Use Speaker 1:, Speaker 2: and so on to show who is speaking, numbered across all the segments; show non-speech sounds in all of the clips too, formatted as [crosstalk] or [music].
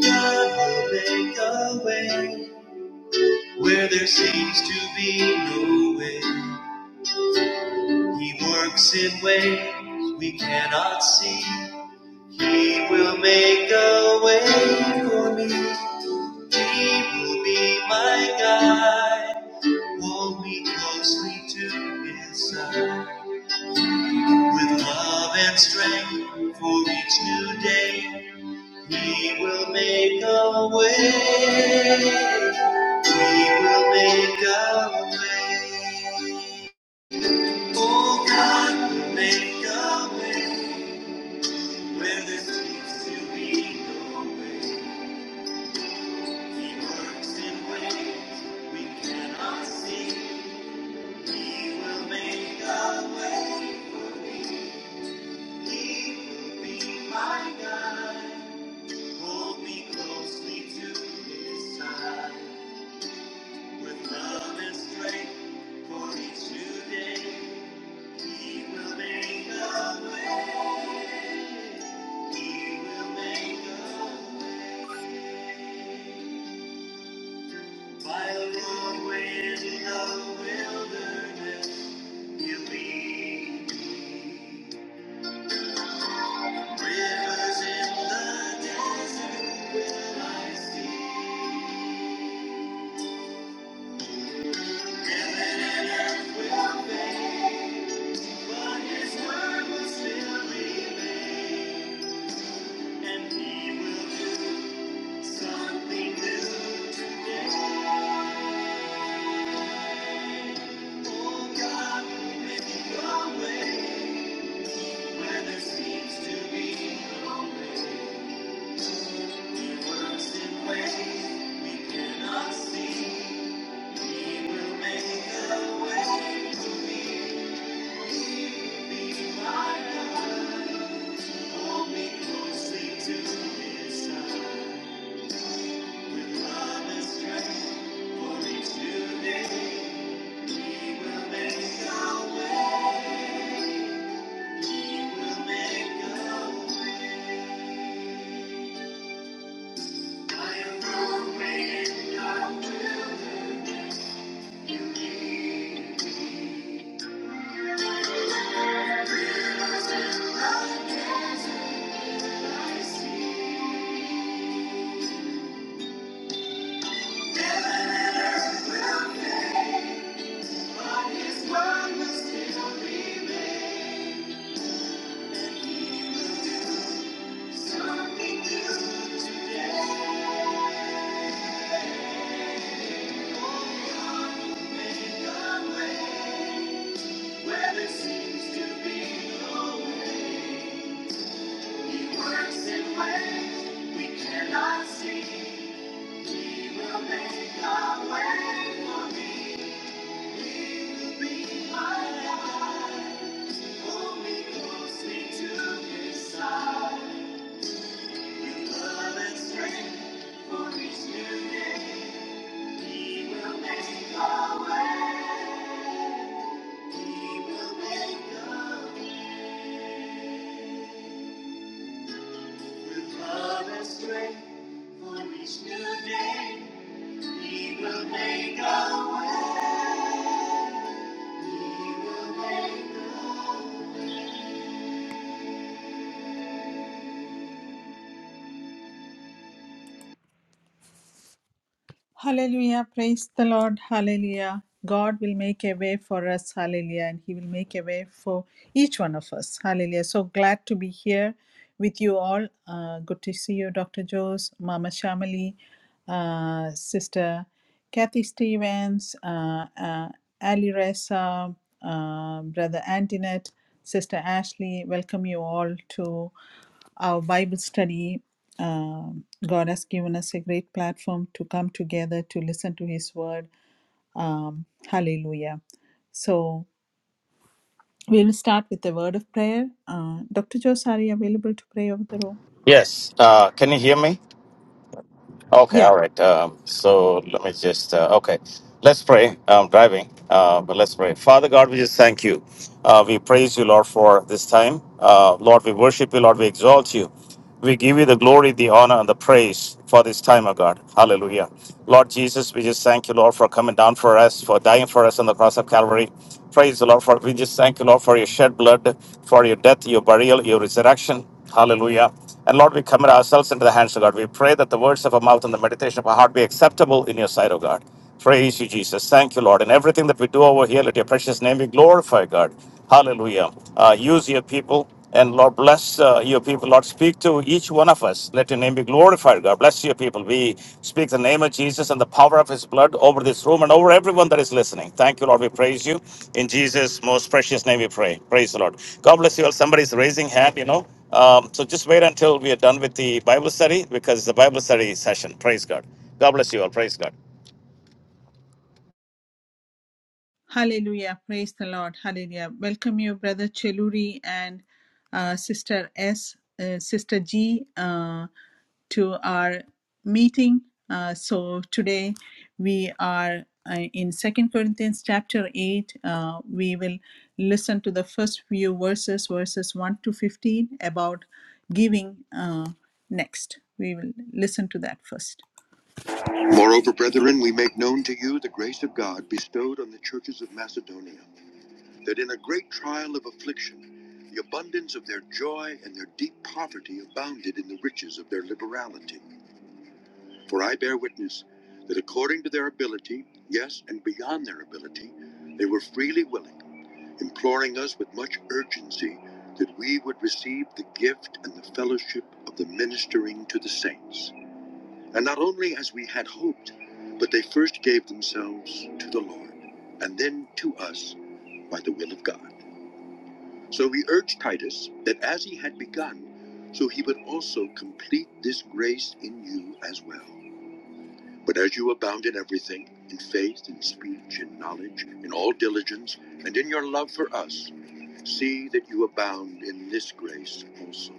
Speaker 1: God will make a way where there seems to be no way. He works in ways we cannot see. He will make a way for me. He will be my guide. Hold me closely to his side. With love and strength for each new day. He will make a way. He will make a way. Oh God, will make a way where there seems to be no way. He works in ways we cannot see. He will make a way. He will be my guide. Hold me closely to his side. With love and strength for each new day, He will make a way. He will make a way. By a long way in the wilderness, He'll lead me. Rivers in the desert will I see. Heaven and earth will fade, but His word will still remain. And he will do Something new today. Oh God, make your way where there seems to be no way. He works in ways we cannot see. He will make a way for me. Be my God. Hold me closely to His side. Thank you. Make our way for me, He will be my alive. Pull me closely to his side. Your love and strength for each new day. He will make a way. He will make a way. With love and strength for each new day. He will make a way. He will make a way. Hallelujah. Praise the Lord. Hallelujah. God will make a way for us. Hallelujah. And He will make a way for each one of us. Hallelujah. So glad to be here with you all. Uh, good to see you, Dr. Jose, Mama Shamali, uh, Sister Kathy Stevens, uh, uh, Ali Reza, uh, Brother Antoinette, Sister Ashley. Welcome you all to our Bible study. Um, God has given us a great platform to come together to listen to His word. Um, hallelujah. So we will start with the word of prayer. Uh, Dr. Jose, are you available to pray over the room?
Speaker 2: Yes. Uh, can you hear me? Okay.
Speaker 1: Yeah.
Speaker 2: All right. Um, so let me just. Uh, okay. Let's pray. I'm driving, uh, but let's pray. Father God, we just thank you. Uh, we praise you, Lord, for this time. Uh, Lord, we worship you. Lord, we exalt you. We give you the glory, the honor, and the praise for this time, O God. Hallelujah. Lord Jesus, we just thank you, Lord, for coming down for us, for dying for us on the cross of Calvary. Praise the Lord for we just thank you, Lord, for your shed blood, for your death, your burial, your resurrection. Hallelujah. And Lord, we commit ourselves into the hands of God. We pray that the words of our mouth and the meditation of our heart be acceptable in your sight, O God. Praise you, Jesus. Thank you, Lord. In everything that we do over here, let your precious name be glorified, God. Hallelujah. Uh, use your people. And Lord, bless uh, your people. Lord, speak to each one of us. Let your name be glorified fire. God bless you, people. We speak the name of Jesus and the power of his blood over this room and over everyone that is listening. Thank you, Lord. We praise you. In Jesus' most precious name, we pray. Praise the Lord. God bless you all. Somebody's raising hand, you know. Um, so just wait until we are done with the Bible study because it's a Bible study session. Praise God. God bless you all. Praise God.
Speaker 1: Hallelujah. Praise the Lord. Hallelujah. Welcome you, Brother Cheluri and uh, Sister S, uh, Sister G, uh, to our meeting. Uh, so today we are uh, in Second Corinthians chapter 8. Uh, we will listen to the first few verses, verses 1 to 15, about giving uh, next. We will listen to that first. Moreover, brethren, we make known to you the grace of God bestowed on the churches of Macedonia, that in a great trial of affliction, the abundance of their joy and their deep poverty abounded in the riches of their liberality. For I bear witness that according to their ability, yes, and beyond their ability, they were freely willing, imploring us with much urgency that we would receive the gift and the fellowship of the ministering to the saints. And not only as we had hoped, but they first gave themselves to the Lord, and then to us by the will of God. So we urge Titus that as he had begun, so he would also complete this grace in you as well. But as you abound in everything, in faith, in speech, in knowledge, in all diligence, and in your love for us, see that you abound in this grace also.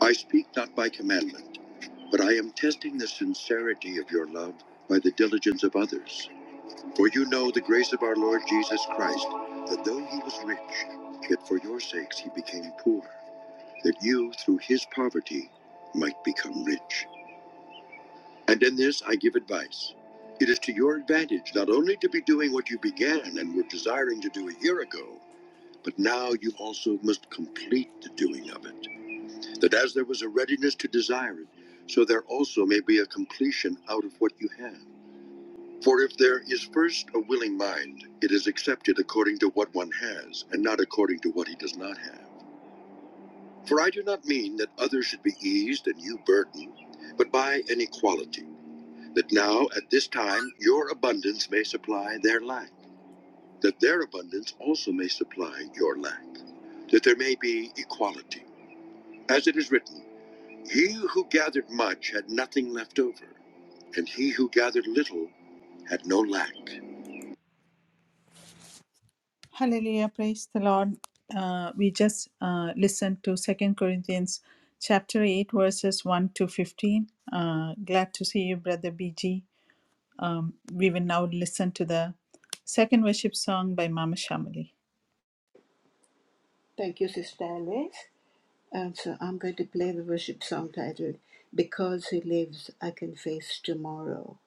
Speaker 1: I speak not by commandment, but I am testing the sincerity of your love by the diligence of others. For you know the grace of our Lord Jesus Christ, that though he was rich, yet for your sakes he became poor, that you through his poverty might become rich. And in this I give advice. It is to your advantage not only to be doing what you began and were desiring to do a year ago, but now you also must complete the doing of it that as there was a readiness to desire it, so there also may be a completion out of what you have. For if there is first a willing mind, it is accepted according to what one has, and not according to what he does not have. For I do not mean that others should be eased and you burdened, but by an equality, that now at this time your abundance may supply their lack, that their abundance also may supply your lack, that there may be equality. As it is written, He who gathered much had nothing left over, and he who gathered little had no lack. Hallelujah, praise the Lord. Uh, we just uh, listened to Second Corinthians chapter 8, verses 1 to 15. Uh, glad to see you, Brother BG. Um, we will now listen to the second worship song by Mama Shamali.
Speaker 3: Thank you, Sister Alice. And so I'm going to play the worship song titled Because He Lives, I Can Face Tomorrow.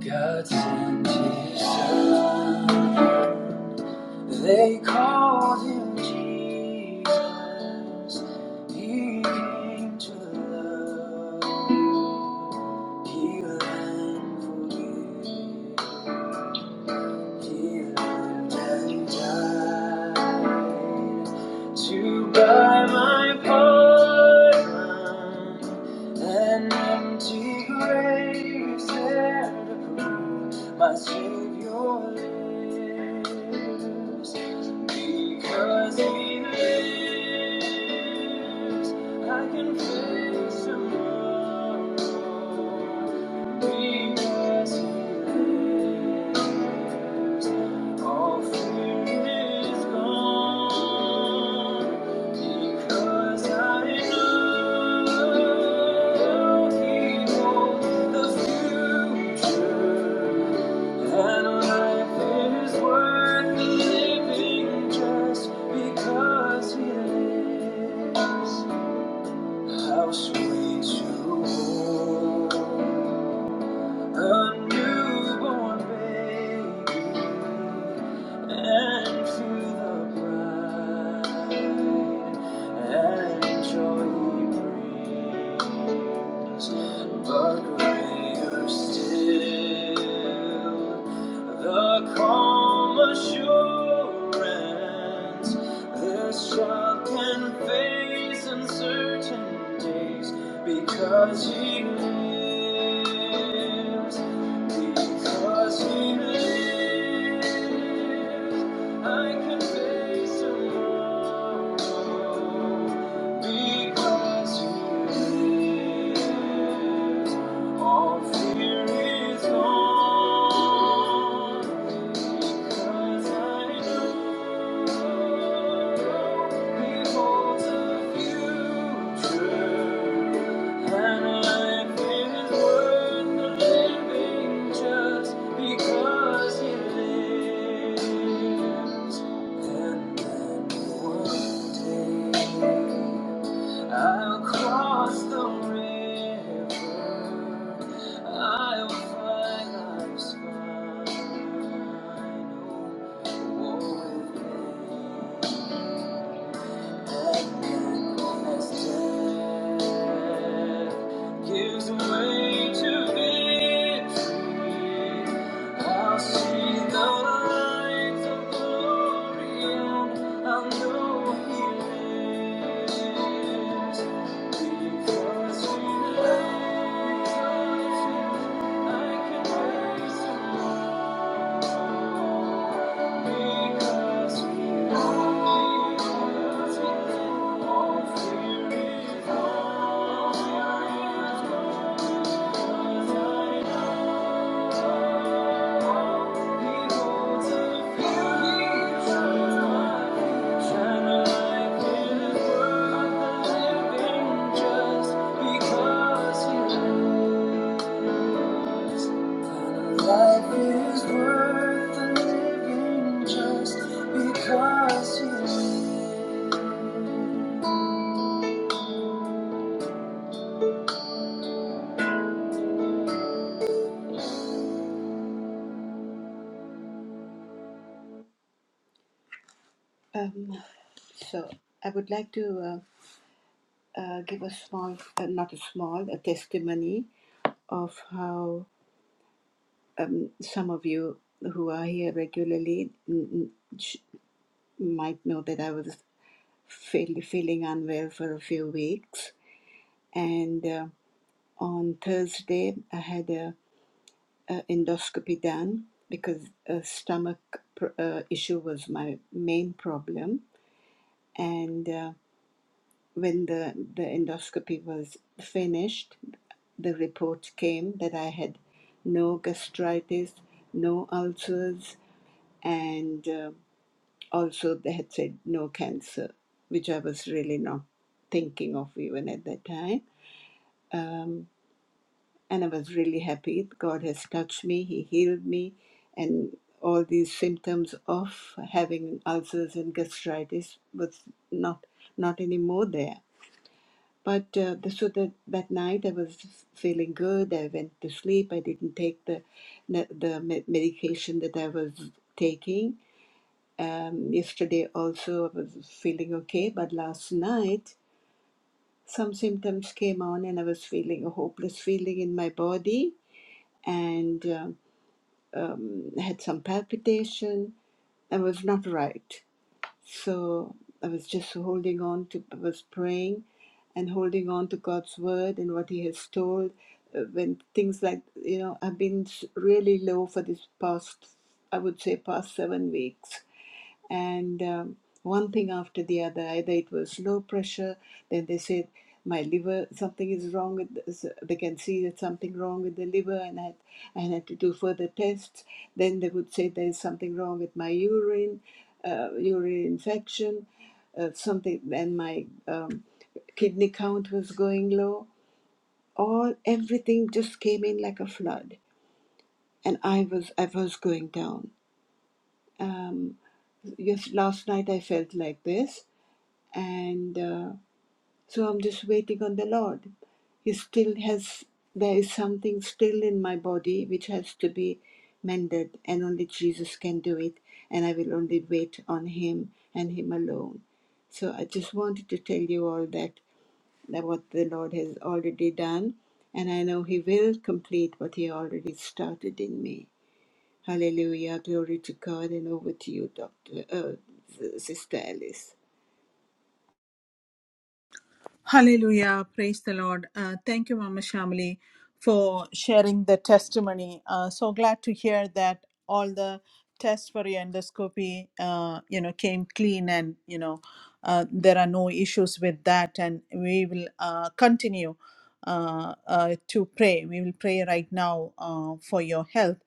Speaker 3: God sent his son, they called him Jesus. He came to love, heal, and forgive. and died to buy my pardon, an empty grave is there to prove my Savior lives. Because He lives, I can face tomorrow. Because He lives. All fear is gone because I know He holds the future, and life is worth living just because He lives. How sweet You hold. A newborn baby, and to the bride and joy he brings. But greater still, the calm assurance this child can face uncertain because he lives. because. 'Cause He lives, I can face tomorrow. Because He lives, all fear is gone. Because I know and then one day. I'll cross the river. I'll find life's final war with me. Gives way to victory. I'll see the light of glory, and I know He lives. Because He I can rise just because you Life is worth living just because you. Um, so I would like to uh, uh, give a small, uh, not a small, a testimony of how um, some of you who are here regularly mm, mm, sh- might know that I was feel, feeling unwell for a few weeks, and uh, on Thursday I had a uh, endoscopy done because a stomach pr- uh, issue was my main problem. And uh, when the, the endoscopy was finished, the report came that I had no gastritis, no ulcers, and uh, also they had said no cancer, which I was really not thinking of even at that time. Um, and I was really happy. God has touched me, He healed me, and all these symptoms of having ulcers and gastritis was not not anymore there. But uh, the, so that that night I was feeling good. I went to sleep. I didn't take the the medication that I was taking. Um, yesterday also I was feeling okay, but last night some symptoms came on, and I was feeling a hopeless feeling in my body and uh, um, had some palpitation and was not right. So I was just holding on to, I was praying and holding on to God's word and what He has told. Uh, when things like, you know, I've been s- really low for this past, I would say, past seven weeks and um, one thing after the other. Either it was low pressure, then they said my liver, something is wrong with. This. They can see that something wrong with the liver, and I had, I had to do further tests. Then they would say there is something wrong with my urine, uh, urinary infection, uh, something, and my um, kidney count was going low. All everything just came in like a flood, and I was I was going down. Um, yes, last night I felt like this, and uh, so i'm just waiting on the lord he still has there is something still in my body which has to be mended and only jesus can do it and i will only wait on him and him alone so i just wanted to tell you all that, that what the lord has already done and i know he will complete what he already started in me hallelujah glory to god and over to you dr uh, sister alice
Speaker 1: Hallelujah. Praise the Lord. Uh, thank you, Mama Shamali, for sharing the testimony. Uh, so glad to hear that all the tests for your endoscopy, uh, you know, came clean and, you know, uh, there are no issues with that. And we will uh, continue uh, uh, to pray. We will pray right now uh, for your health.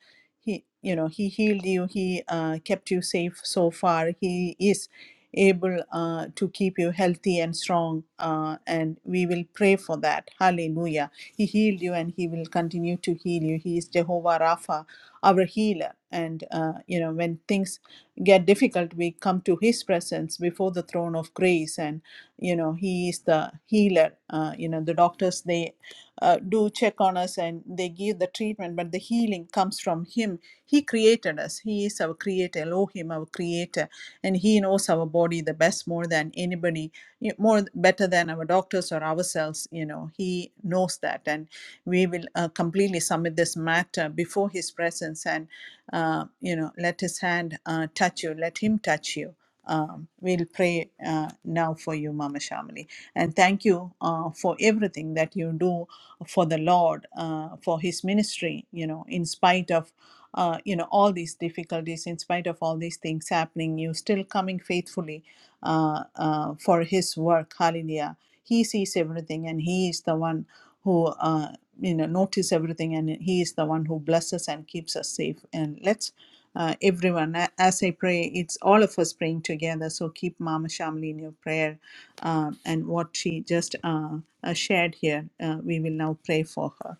Speaker 1: He, you know, he healed you. He uh, kept you safe so far. He is able uh, to keep you healthy and strong. Uh, and we will pray for that. Hallelujah. He healed you and He will continue to heal you. He is Jehovah Rapha, our healer. And, uh, you know, when things get difficult, we come to His presence before the throne of grace. And, you know, He is the healer. Uh, you know, the doctors, they uh, do check on us and they give the treatment, but the healing comes from Him. He created us. He is our creator, Elohim, our creator and he knows our body the best more than anybody more better than our doctors or ourselves you know he knows that and we will uh, completely submit this matter before his presence and uh, you know let his hand uh, touch you let him touch you um, we'll pray uh, now for you, Mama Shamali. And thank you uh, for everything that you do for the Lord, uh, for His ministry, you know, in spite of uh, you know all these difficulties in spite of all these things happening you still coming faithfully uh, uh, for his work hallelujah he sees everything and he is the one who uh, you know notice everything and he is the one who blesses and keeps us safe and let's uh, everyone a- as i pray it's all of us praying together so keep mama shamli in your prayer uh, and what she just uh, uh, shared here uh, we will now pray for her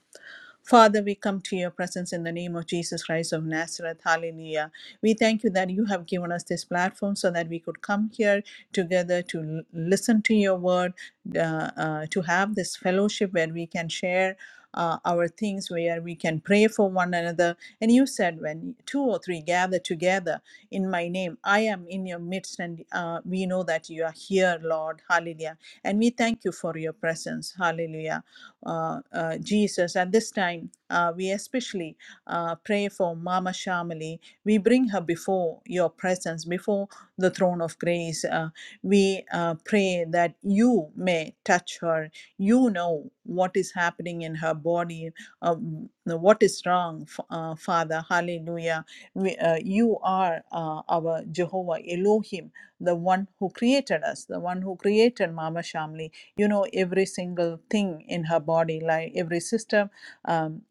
Speaker 1: Father, we come to your presence in the name of Jesus Christ of Nazareth. Hallelujah. We thank you that you have given us this platform so that we could come here together to l- listen to your word, uh, uh, to have this fellowship where we can share. Uh, our things where we can pray for one another. And you said, when two or three gather together in my name, I am in your midst, and uh, we know that you are here, Lord. Hallelujah. And we thank you for your presence. Hallelujah uh, uh, Jesus. At this time, uh, we especially uh, pray for Mama Shamali. We bring her before your presence, before the throne of grace. Uh, we uh, pray that you may touch her. You know what is happening in her body, um, what is wrong, F- uh, Father. Hallelujah. We, uh, you are uh, our Jehovah Elohim, the one who created us, the one who created Mama Shamli you know every single thing in her body like every system um,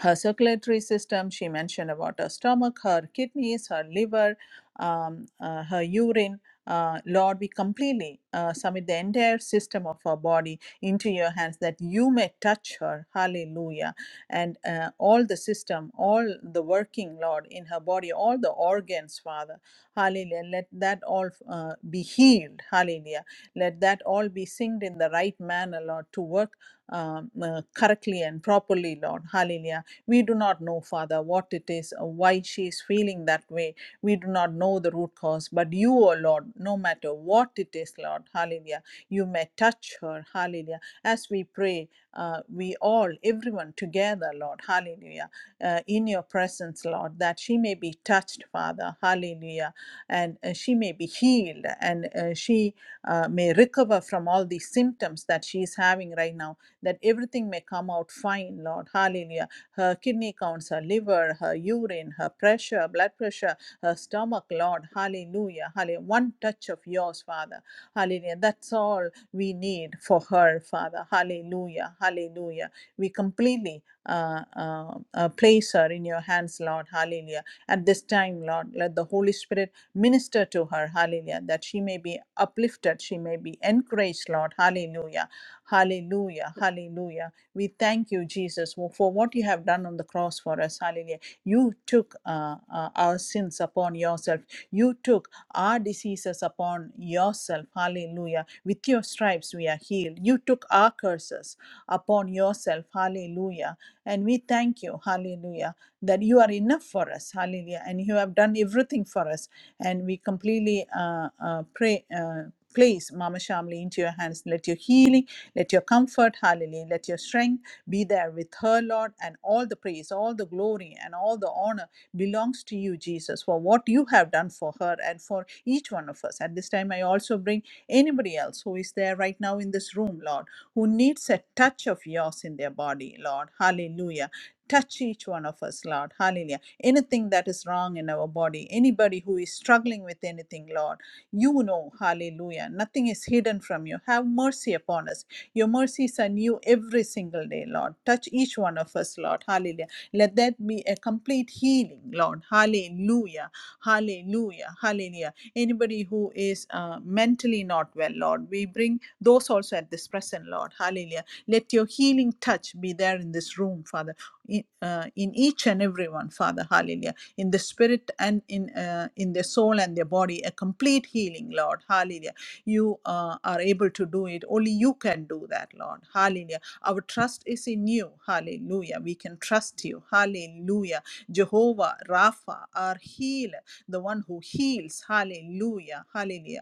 Speaker 1: her circulatory system. She mentioned about her stomach, her kidneys, her liver, um, uh, her urine. Uh, Lord, we completely uh, submit the entire system of her body into your hands that you may touch her. Hallelujah. And uh, all the system, all the working, Lord, in her body, all the organs, Father. Hallelujah. Let that all uh, be healed. Hallelujah. Let that all be synced in the right manner, Lord, to work um, uh, correctly and properly, Lord. Hallelujah we do not know, Father, what it is, or why she is feeling that way. We do not know the root cause, but you, O Lord, no matter what it is, Lord, hallelujah, you may touch her, hallelujah. As we pray, uh, we all, everyone together, Lord, hallelujah, uh, in your presence, Lord, that she may be touched, Father, hallelujah, and uh, she may be healed and uh, she uh, may recover from all these symptoms that she is having right now, that everything may come out fine, Lord, hallelujah her kidney counts, her liver, her urine, her pressure, blood pressure, her stomach, Lord. Hallelujah. Hallelujah. One touch of yours, Father. Hallelujah. That's all we need for her, Father. Hallelujah. Hallelujah. We completely uh, uh, uh, place her in your hands, Lord. Hallelujah. At this time, Lord, let the Holy Spirit minister to her. Hallelujah. That she may be uplifted. She may be encouraged, Lord. Hallelujah. Hallelujah. Hallelujah. We thank you, Jesus, for what you have done on the cross for us. Hallelujah. You took uh, uh, our sins upon yourself. You took our diseases upon yourself. Hallelujah. With your stripes we are healed. You took our curses upon yourself. Hallelujah. And we thank you. Hallelujah. That you are enough for us. Hallelujah. And you have done everything for us. And we completely uh, uh, pray. Uh, Place Mama Shamli into your hands. Let your healing let your comfort, hallelujah, let your strength be there with her, Lord, and all the praise, all the glory, and all the honor belongs to you, Jesus, for what you have done for her and for each one of us. At this time, I also bring anybody else who is there right now in this room, Lord, who needs a touch of yours in their body, Lord. Hallelujah. Touch each one of us, Lord. Hallelujah. Anything that is wrong in our body, anybody who is struggling with anything, Lord, you know, hallelujah. Nothing is hidden from you. Have mercy upon us your mercies are new every single day, Lord. Touch each one of us, Lord. Hallelujah. Let that be a complete healing, Lord. Hallelujah. Hallelujah. Hallelujah. Anybody who is uh, mentally not well, Lord, we bring those also at this present, Lord. Hallelujah. Let your healing touch be there in this room, Father, in, uh, in each and every one, Father. Hallelujah. In the spirit and in uh, in their soul and their body, a complete healing, Lord. Hallelujah you uh, are able to do it. Only you can do that, Lord. Hallelujah. Our trust is in you. Hallelujah. We can trust you. Hallelujah. Jehovah Rapha, our healer, the one who heals. Hallelujah. Hallelujah.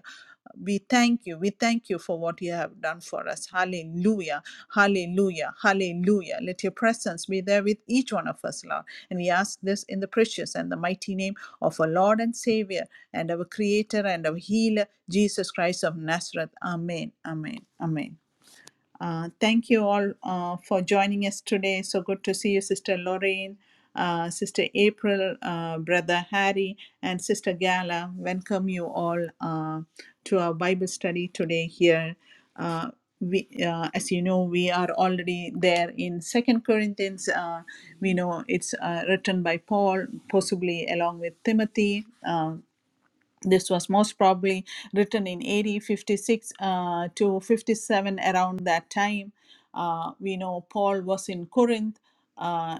Speaker 1: We thank you. We thank you for what you have done for us. Hallelujah. Hallelujah. Hallelujah. Let your presence be there with each one of us, Lord. And we ask this in the precious and the mighty name of our Lord and Savior and our Creator and our Healer, Jesus Christ of Nazareth. Amen. Amen. Amen. Uh, thank you all uh, for joining us today. So good to see you, Sister Lorraine, uh, Sister April, uh, Brother Harry, and Sister Gala. Welcome you all uh, to our Bible study today here. Uh, we, uh, as you know, we are already there in Second Corinthians. Uh, we know it's uh, written by Paul, possibly along with Timothy. Uh, this was most probably written in AD 56 uh, to 57 around that time uh, we know paul was in corinth uh,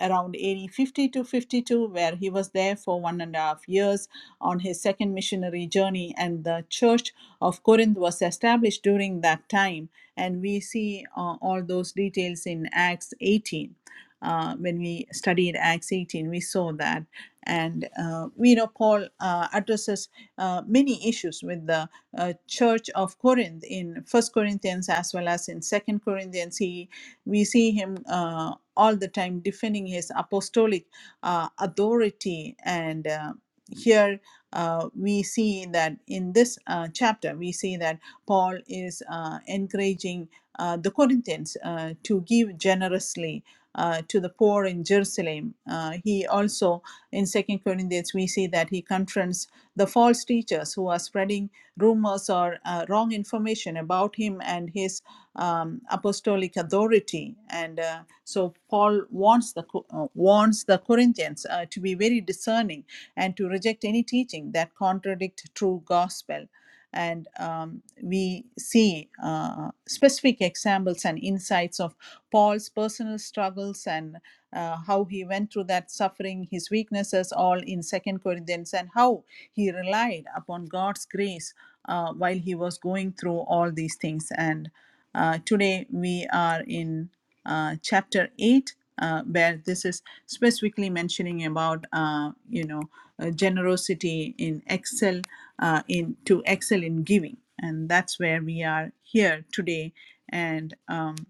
Speaker 1: around 1850 to 52, where he was there for one and a half years on his second missionary journey, and the Church of Corinth was established during that time. And we see uh, all those details in Acts 18. Uh, when we studied Acts 18, we saw that. And uh, we know Paul uh, addresses uh, many issues with the uh, church of Corinth in First Corinthians as well as in Second Corinthians. He we see him uh, all the time defending his apostolic uh, authority. And uh, here uh, we see that in this uh, chapter, we see that Paul is uh, encouraging uh, the Corinthians uh, to give generously. Uh, to the poor in Jerusalem. Uh, he also, in Second Corinthians, we see that he confronts the false teachers who are spreading rumors or uh, wrong information about him and his um, apostolic authority and uh, so paul warns the uh, warns the corinthians uh, to be very discerning and to reject any teaching that contradicts true gospel and um, we see uh, specific examples and insights of paul's personal struggles and uh, how he went through that suffering his weaknesses all in second corinthians and how he relied upon god's grace uh, while he was going through all these things and. Uh, today we are in uh, chapter 8 uh, where this is specifically mentioning about uh, you know uh, generosity in excel uh, in to excel in giving and that's where we are here today and um,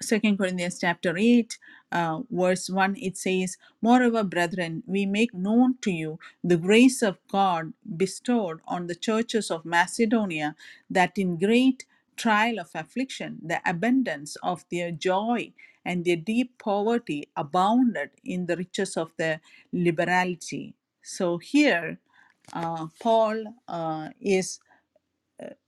Speaker 1: Second Corinthians chapter 8, uh, verse 1, it says, Moreover, brethren, we make known to you the grace of God bestowed on the churches of Macedonia, that in great trial of affliction, the abundance of their joy and their deep poverty abounded in the riches of their liberality. So here, uh, Paul uh, is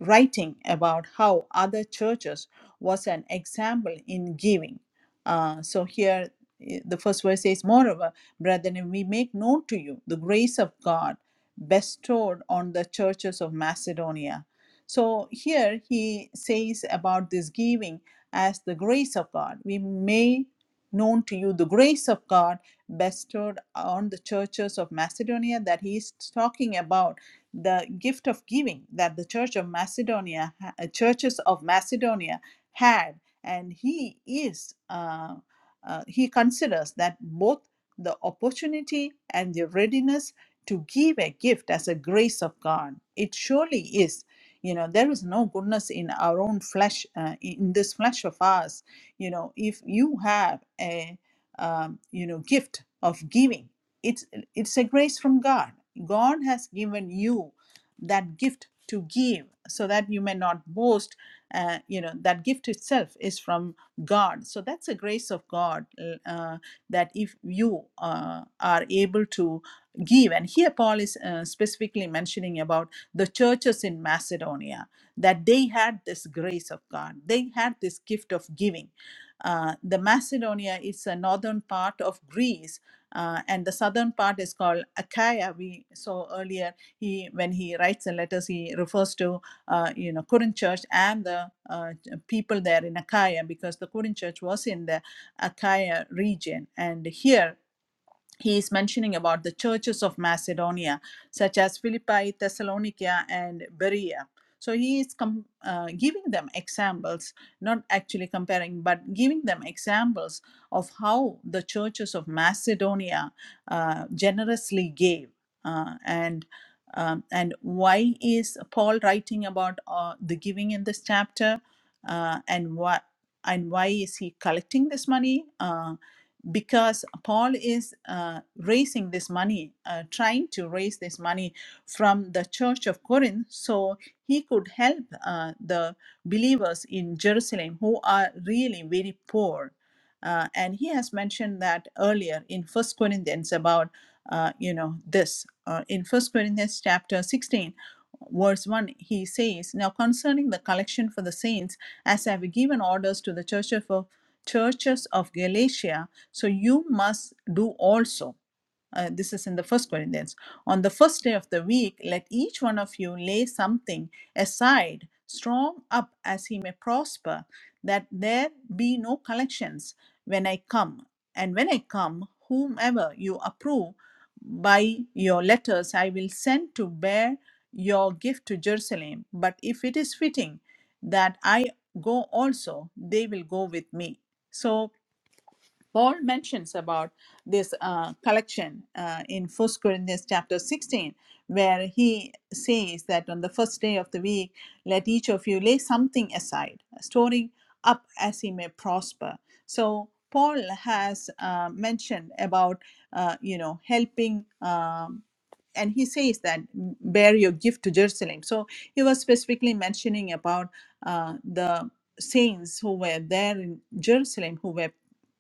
Speaker 1: writing about how other churches was an example in giving. Uh, so here i- the first verse says, Moreover, brethren, we make known to you the grace of God bestowed on the churches of Macedonia. So here he says about this giving as the grace of God. We may known to you the grace of God bestowed on the churches of Macedonia that he is talking about the gift of giving that the church of macedonia uh, churches of macedonia had and he is uh, uh, he considers that both the opportunity and the readiness to give a gift as a grace of god it surely is you know there is no goodness in our own flesh uh, in this flesh of ours you know if you have a um, you know gift of giving it's it's a grace from god God has given you that gift to give so that you may not boast uh, you know that gift itself is from god so that's a grace of god uh, uh, that if you uh, are able to give and here paul is uh, specifically mentioning about the churches in macedonia that they had this grace of god they had this gift of giving uh, the macedonia is a northern part of greece uh, and the southern part is called Achaia. We saw earlier he when he writes the letters, he refers to uh, you know Corinth church and the uh, people there in Achaia because the Corinth church was in the Achaia region, and here he is mentioning about the churches of Macedonia, such as Philippi, Thessalonica, and Berea. So he is com- uh, giving them examples, not actually comparing, but giving them examples of how the churches of Macedonia uh, generously gave, uh, and um, and why is Paul writing about uh, the giving in this chapter, uh, and what and why is he collecting this money? Uh, because Paul is uh, raising this money, uh, trying to raise this money from the church of Corinth so he could help uh, the believers in Jerusalem who are really very poor. Uh, and he has mentioned that earlier in First Corinthians about uh, you know this uh, in First Corinthians chapter 16 verse 1 he says now concerning the collection for the saints as i have given orders to the church of churches of Galatia, so you must do also. Uh, this is in the first Corinthians. On the first day of the week, let each one of you lay something aside, strong up as he may prosper, that there be no collections when I come. And when I come, whomever you approve by your letters, I will send to bear your gift to Jerusalem. But if it is fitting that I go also, they will go with me so Paul mentions about this uh, collection uh, in First Corinthians chapter 16, where he says that on the first day of the week, let each of you lay something aside, storing up as he may prosper. So Paul has uh, mentioned about, uh, you know, helping. Um, and he says that bear your gift to Jerusalem. So he was specifically mentioning about uh, the saints who were there in Jerusalem who were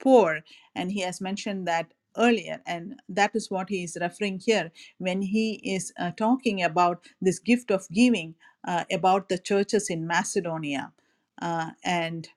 Speaker 1: poor and he has mentioned that earlier and that is what he is referring here when he is uh, talking about this gift of giving uh, about the churches in macedonia uh, and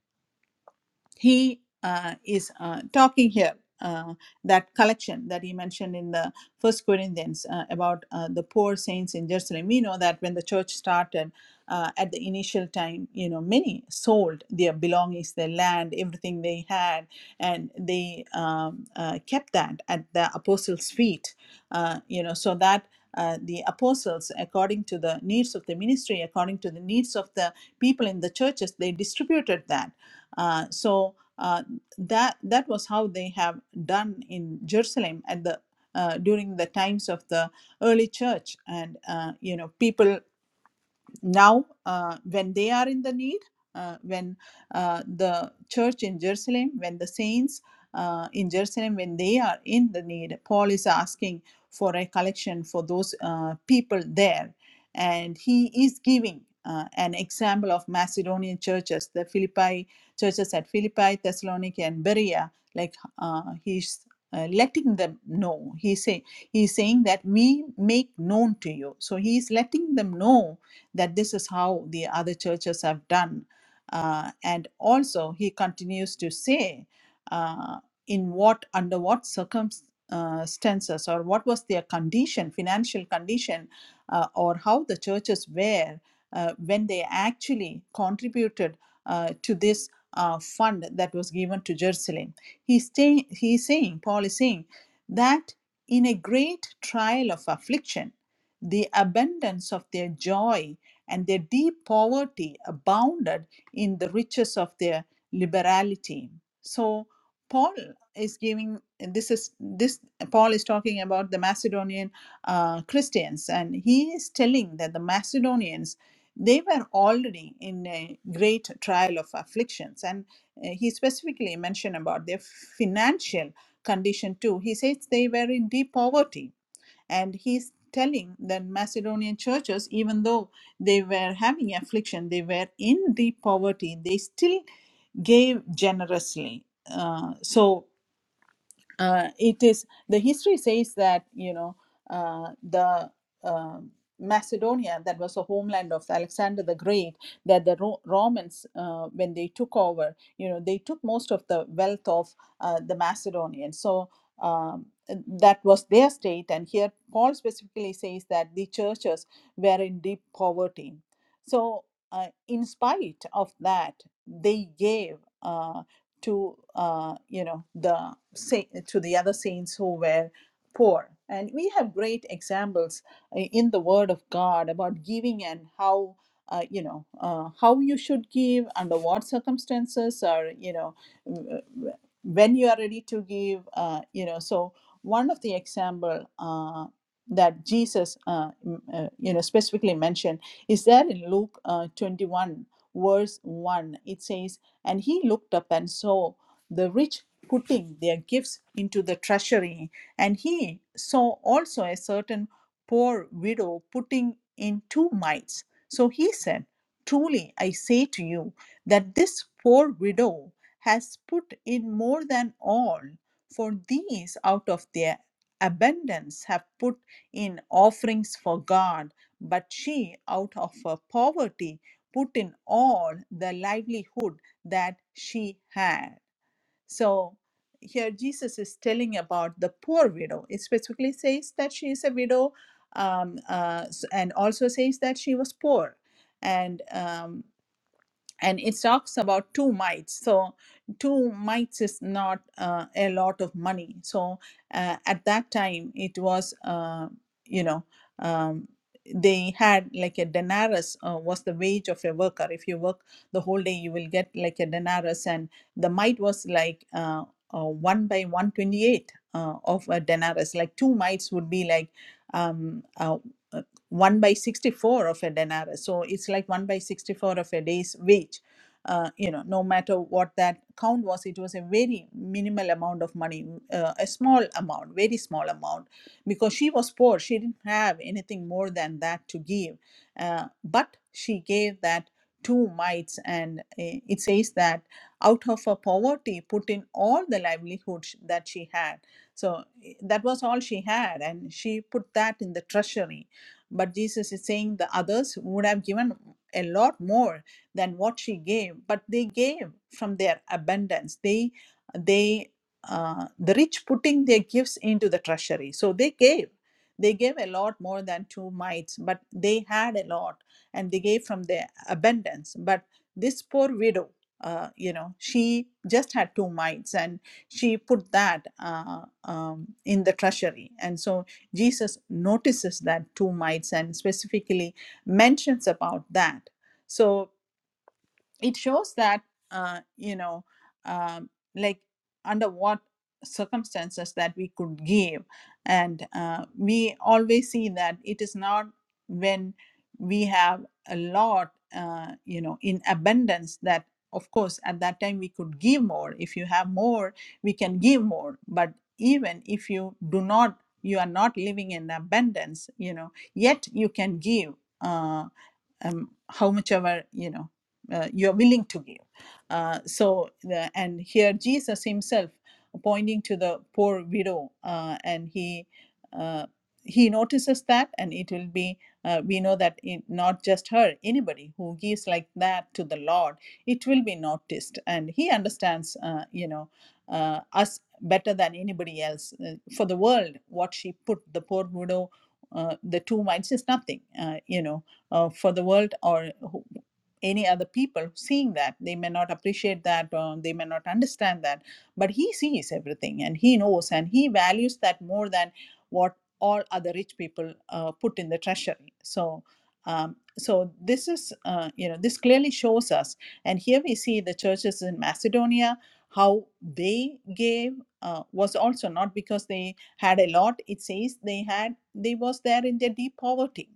Speaker 1: he uh, is uh, talking here uh, that collection that he mentioned in the first corinthians uh, about uh, the poor saints in jerusalem we know that when the church started uh, at the initial time you know many sold their belongings their land everything they had and they um, uh, kept that at the apostles feet uh, you know so that uh, the apostles according to the needs of the ministry according to the needs of the people in the churches they distributed that uh, so uh, that that was how they have done in Jerusalem at the uh, during the times of the early church, and uh, you know people now uh, when they are in the need uh, when uh, the church in jerusalem when the saints uh, in jerusalem when they are in the need paul is asking for a collection for those uh, people there and he is giving uh, an example of macedonian churches the philippi churches at philippi thessalonica and berea like uh, he's uh, letting them know he say he's saying that we make known to you so he is letting them know that this is how the other churches have done. Uh, and also, he continues to say, uh, in what, under what circumstances, or what was their condition, financial condition, uh, or how the churches were uh, when they actually contributed uh, to this uh, fund that was given to Jerusalem. He's, stay, he's saying, Paul is saying, that in a great trial of affliction, the abundance of their joy and their deep poverty abounded in the riches of their liberality. So Paul is giving this is this Paul is talking about the Macedonian uh, Christians, and he is telling that the Macedonians they were already in a great trial of afflictions, and uh, he specifically mentioned about their financial condition too. He says they were in deep poverty and he's telling the Macedonian churches, even though they were having affliction, they were in deep poverty, they still gave generously. Uh, so uh, it is the history says that you know uh, the um Macedonia that was the homeland of Alexander the Great that the Ro- Romans uh, when they took over you know they took most of the wealth of uh, the Macedonians so um, that was their state and here Paul specifically says that the churches were in deep poverty so uh, in spite of that they gave Uh, to uh, you know the sa- to the other saints who were poor and we have great examples uh, in the word of god about giving and how uh, you know uh, how you should give under what circumstances or you know w- w- when you are ready to give uh, you know so one of the example uh, that jesus uh, m- uh, you know specifically mentioned is there in luke uh, 21 verse 1 it says and he looked up and saw the rich putting their gifts into the treasury. And he saw also a certain poor widow putting in two mites. So he said, Truly I say to you that this poor widow has put in more than all, for these out of their abundance have put in offerings for God, but she out of her poverty put in all the livelihood that she had. So here Jesus is telling about the poor widow. It specifically says that she is a widow um, uh, and also says that she was poor. And um, and it talks about two mites so two mites is not uh, a lot of money so uh, at that time it was uh, you know um, they had like a denarius uh, was the wage of a worker if you work the whole day you will get like a denarius and the mite was like uh, uh, 1 by 128 uh, of a denarius like two mites would be like um, uh, 1 by 64 of a denarius so it's like 1 by 64 of a day's wage uh, you know no matter what that count was it was a very minimal amount of money uh, a small amount very small amount because she was poor she didn't have anything more than that to give uh, but she gave that two mites and uh, it says that out of her poverty put in all the livelihood sh- that she had so i- that was all she had and she put that in the treasury but Jesus is saying the others would have given a lot more than what she gave, but they gave from their abundance. They, they, uh, the rich putting their gifts into the treasury. So they gave. They gave a lot more than two mites, but they had a lot and they gave from their abundance. But this poor widow, uh, you know, she just had two mites and she put that uh, um, in the treasury. And so Jesus notices that two mites and specifically mentions about that. So it shows that uh, you know um, like under what circumstances that we could give and uh, we always see that it is not when we have a lot uh, you know in abundance that of course at that time we could give more if you have more we can give more but even if you do not you are not living in abundance you know yet you can give uh, um, how much ever you know uh, you are willing to give. Uh, so the, and here Jesus himself pointing to the poor widow, uh, and he uh, he notices that, and it will be uh, we know that it, not just her, anybody who gives like that to the Lord, it will be noticed, and he understands uh, you know uh, us better than anybody else. Uh, for the world, what she put the poor widow. Uh, the two mites is nothing, uh, you know uh, for the world or who- any other people seeing that they may not appreciate that or they may not understand that but he sees everything and he knows and he values that more than what all other rich people uh, put in the treasury so um, so this is uh, you know this clearly shows us and here we see the churches in macedonia how they gave uh, was also not because they had a lot it says they had they was there in their deep poverty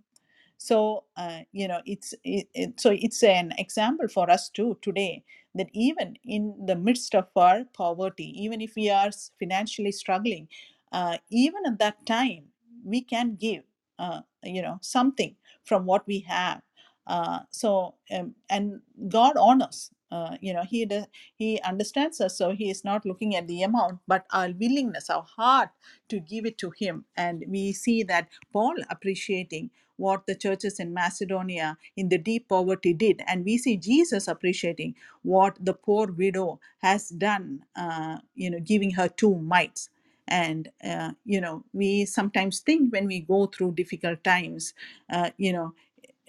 Speaker 1: so uh, you know it's it, it, so it's an example for us too today that even in the midst of our poverty even if we are s- financially struggling uh, even at that time we can give uh, you know something from what we have uh, so um, and god honors uh, you know he does, he understands us so he is not looking at the amount but our willingness our heart to give it to him and we see that paul appreciating what the churches in Macedonia in the deep poverty did. And we see Jesus appreciating what the poor widow has done, uh, you know, giving her two mites. And, uh, you know, we sometimes think when we go through difficult times, uh, you know,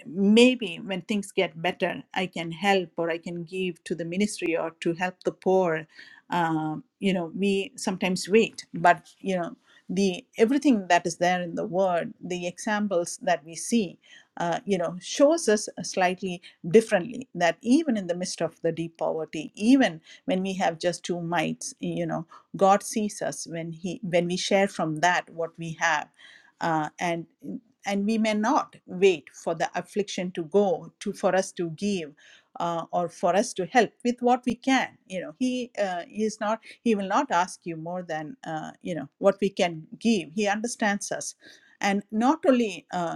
Speaker 1: maybe when things get better, I can help or I can give to the ministry or to help the poor. Um, you know, we sometimes wait, but you know, the everything that is there in the word, the examples that we see, uh, you know, shows us slightly differently that even in the midst of the deep poverty, even when we have just two mites, you know, God sees us when He when we share from that what we have uh, and and we may not wait for the affliction to go to for us to give uh, or for us to help with what we can you know he uh, he is not he will not ask you more than uh, you know what we can give he understands us and not only uh,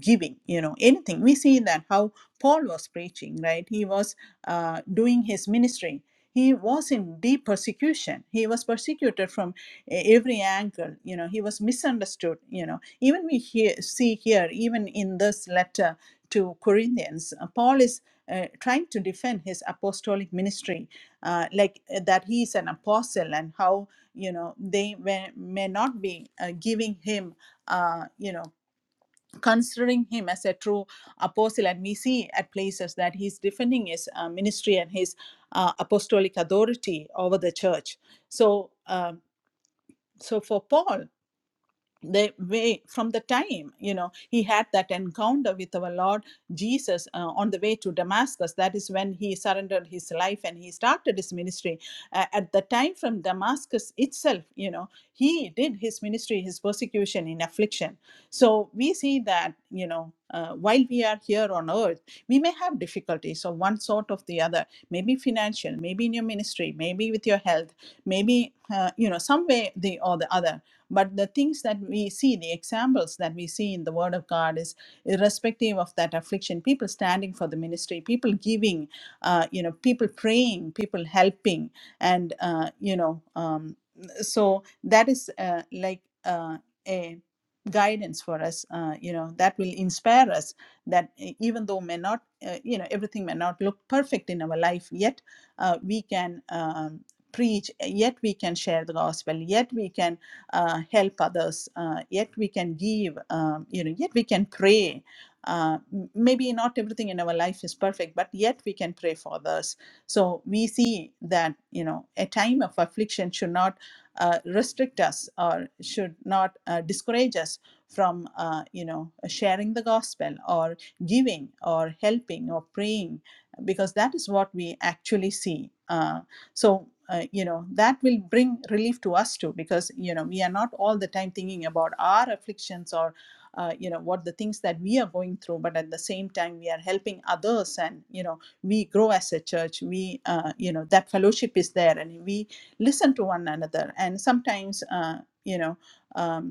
Speaker 1: giving you know anything we see that how paul was preaching right he was uh, doing his ministry he was in deep persecution he was persecuted from e- every angle you know he was misunderstood you know even we hear, see here even in this letter to corinthians uh, paul is uh, trying to defend his apostolic ministry uh, like uh, that he is an apostle and how you know they may, may not be uh, giving him uh, you know considering him as a true apostle and we see at places that he's defending his uh, ministry and his uh, apostolic authority over the church so um, so for paul they way from the time you know he had that encounter with our lord jesus uh, on the way to damascus that is when he surrendered his life and he started his ministry Uh, at the time from damascus itself you know he did his ministry his persecution in affliction so we see that you know uh, while we are here on earth we may have difficulties of one sort of the other maybe financial maybe in your ministry maybe with your health maybe uh, you know some way the or the other but the things that we see the examples that we see in the word of god is irrespective of that affliction people standing for the ministry people giving uh, you know people praying people helping and uh, you know um, so that is uh, like uh, a guidance for us uh, you know that will inspire us that e- even though may not uh, you know everything may not look perfect in our life yet uh, we can um, preach yet we can share the gospel yet we can uh, help others uh, yet we can give um, you know yet we can pray uh, maybe not everything in our life is perfect but yet we can pray for others so we see that you know a time of affliction should not uh, restrict us or should not uh, discourage us from uh, you know sharing the gospel or giving or helping or praying because that is what we actually see Uh, so uh, you know that will bring relief to us too because you know we are not all the time thinking about our afflictions or uh, you know what the things that we are going through but at the same time we are helping others and you know we grow as a church we uh, you know that fellowship is there and we listen to one another and sometimes uh, you know um,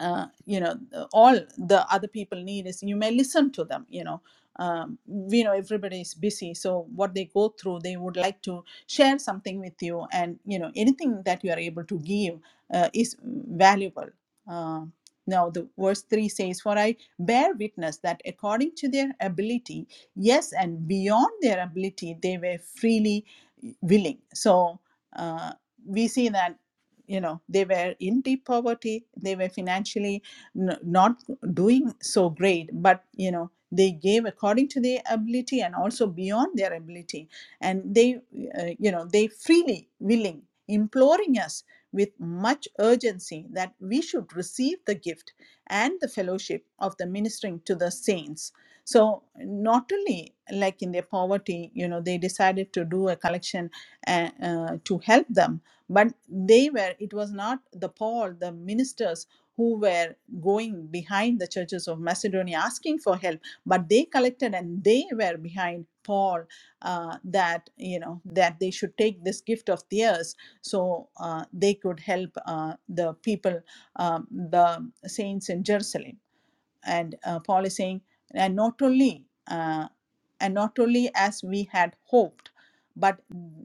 Speaker 1: uh, you know uh, all the other people need is you may listen to them you know um, we know everybody is busy so what they go through they would like to share something with you and you know anything that you are able to give uh, is valuable uh, now the verse 3 says for i bear witness that according to their ability yes and beyond their ability they were freely willing so uh, we see that you know they were in deep poverty they were financially n- not doing so great but you know they gave according to their ability and also beyond their ability and they uh, you know they freely willing imploring us with much urgency that we should receive the gift and the fellowship of the ministering to the saints so not only like in their poverty you know they decided to do a collection uh, uh, to help them but they were it was not the paul the ministers who were going behind the churches of macedonia asking for help but they collected and they were behind paul uh, that you know that they should take this gift of theirs so uh, they could help uh, the people um, the saints in jerusalem and uh, paul is saying and not only uh, and not only as we had hoped but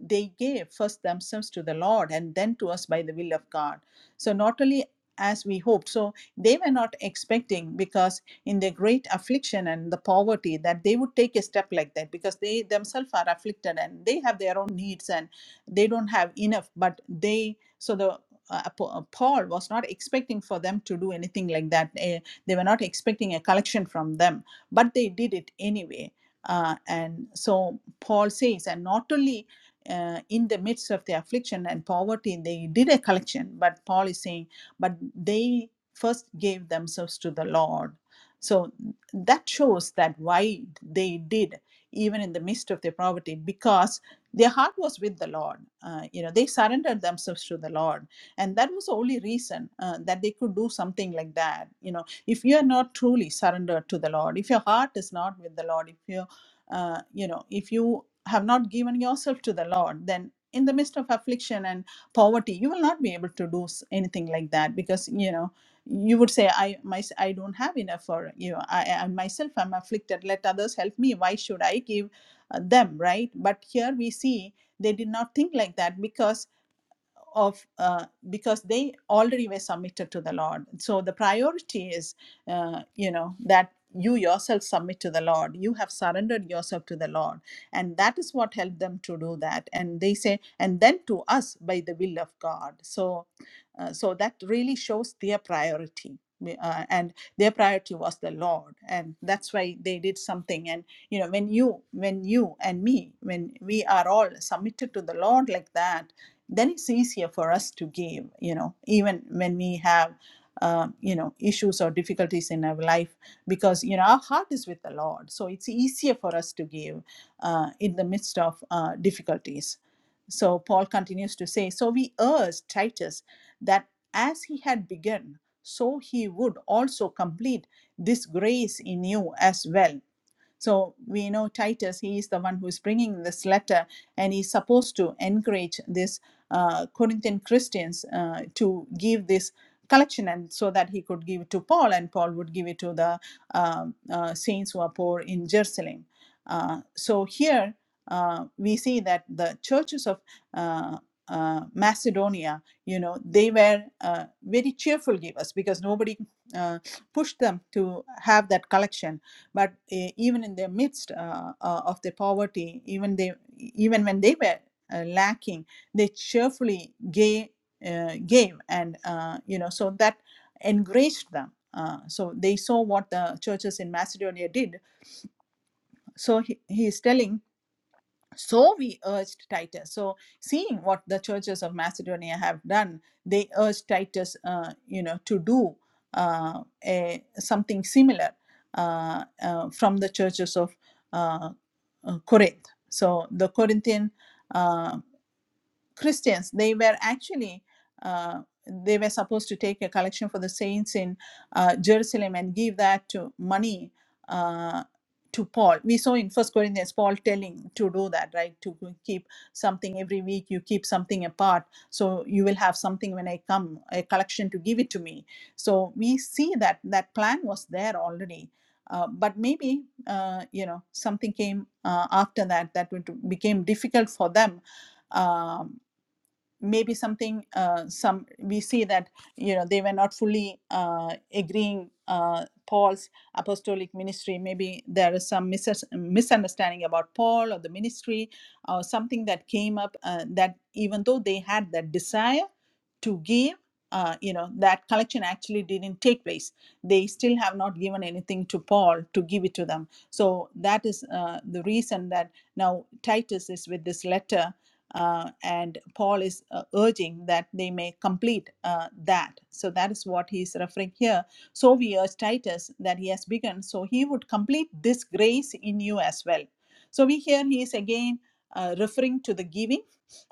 Speaker 1: they gave first themselves to the Lord and then to us by the will of God. So, not only as we hoped, so they were not expecting because in their great affliction and the poverty that they would take a step like that because they themselves are afflicted and they have their own needs and they don't have enough, but they so the uh, Apo- uh, Paul was not expecting for them to do anything like that. Eh, they were not expecting a collection from them, but they did it anyway. Uh, and so Paul says, and not only uh, in the midst of the affliction and poverty, they did a collection, but Paul is saying, but they first gave themselves to the Lord. So that shows that why they did, even in the midst of their poverty, because their heart was with the Lord. Uh, you know, they surrendered themselves to the Lord, and that was the only reason uh, that they could do something like that. You know, if you are not truly surrendered to the Lord, if your heart is not with the Lord, if you uh, you know if you have not given yourself to the lord then in the midst of affliction and poverty you will not be able to do s- anything like that because you know you would say i my, i don't have enough for you know, I, I myself i'm afflicted let others help me why should i give uh, them right but here we see they did not think like that because of uh, because they already were submitted to the lord so the priority is uh, you know that you yourself submit to the lord you have surrendered yourself to the lord and that is what helped them to do that and they say and then to us by the will of god so uh, so that really shows their priority. uh, and their priority was the Lord, and that's why they did something. And you know, when you, when you and me, when we are all submitted to the Lord like that, then it's easier for us to give. You know, even when we have, uh, you know, issues or difficulties in our life, because you know our heart is with the Lord, so it's easier for us to give uh, in the midst of uh, difficulties. So Paul continues to say, so we urge Titus that as he had begun, so he would also complete this grace in you as well so we know Titus, he is the one who is bringing this letter, and he's supposed to encourage this uh, Corinthian Christians uh, to give this collection, and so that he could give it to Paul, and Paul would give it to the um, uh, saints who are poor in Jerusalem. Uh, so here uh, we see that the churches of uh, uh, Macedonia, you know, they were uh, very cheerful givers because nobody uh, pushed them to have that collection but uh, even in the midst uh, uh, of their poverty even they even when they were uh, lacking they cheerfully gave, uh, gave and uh, you know so that encouraged them uh, so they saw what the churches in macedonia did so he, he is telling so we urged Titus. So, seeing what the churches of Macedonia have done, they urged Titus, uh, you know, to do uh, a, something similar uh, uh, from the churches of uh, uh, Corinth. So, the Corinthian uh, Christians. They were actually uh, they were supposed to take a collection for the saints in uh, Jerusalem and give that to money uh, to Paul. We saw in First Corinthians Paul telling to do that, right? To keep something every week, you keep something apart, so you will have something when I come, a collection to give it to me. So we see that that plan was there already. Uh, but maybe uh, you know something came uh, after that that would became difficult for them Um, maybe something uh, some we see that you know they were not fully uh, agreeing uh, paul's apostolic ministry maybe there is some mis- misunderstanding about paul or the ministry or something that came up uh, that even though they had that desire to give uh, you know that collection actually didn't take place they still have not given anything to paul to give it to them so that is uh, the reason that now titus is with this letter uh, and paul is uh, urging that they may complete uh, that so that is what he is referring here so we urge titus that he has begun so he would complete this grace in you as well so we hear he is again uh, referring to the giving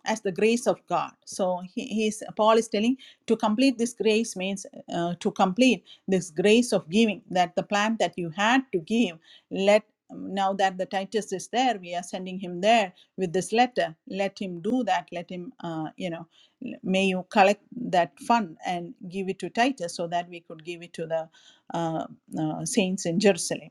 Speaker 1: as the grace of God. So he, he is, Paul is telling to complete this grace means uh, to complete this grace of giving that the plan that you had to give, let um, now that the Titus is there, we are sending him there with this letter. Let him do that. Let him, uh, you know, may you collect that fund and give it to Titus so that we could give it to the uh, uh, saints in Jerusalem.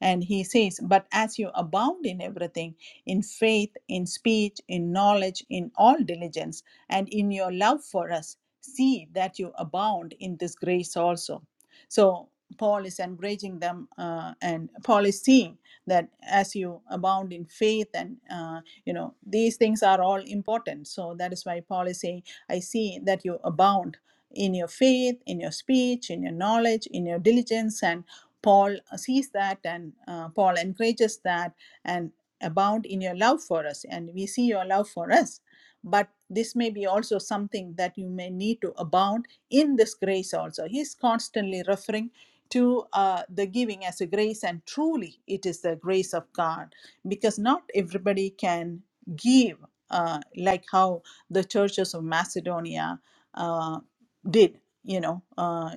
Speaker 1: And he says, But as you abound in everything, in faith, in speech, in knowledge, in all diligence, and in your love for us. See that you abound in this grace also. So Paul is encouraging them, uh, and Paul is seeing that as you abound in faith, and uh, you know these things are all important. So that is why Paul is saying, "I see that you abound in your faith, in your speech, in your knowledge, in your diligence." And Paul sees that, and uh, Paul encourages that, and abound in your love for us and we see your love for us but this may be also something that you may need to abound in this grace also he's constantly referring to uh, the giving as a grace and truly it is the grace of god because not everybody can give uh, like how the churches of macedonia uh, did you know uh,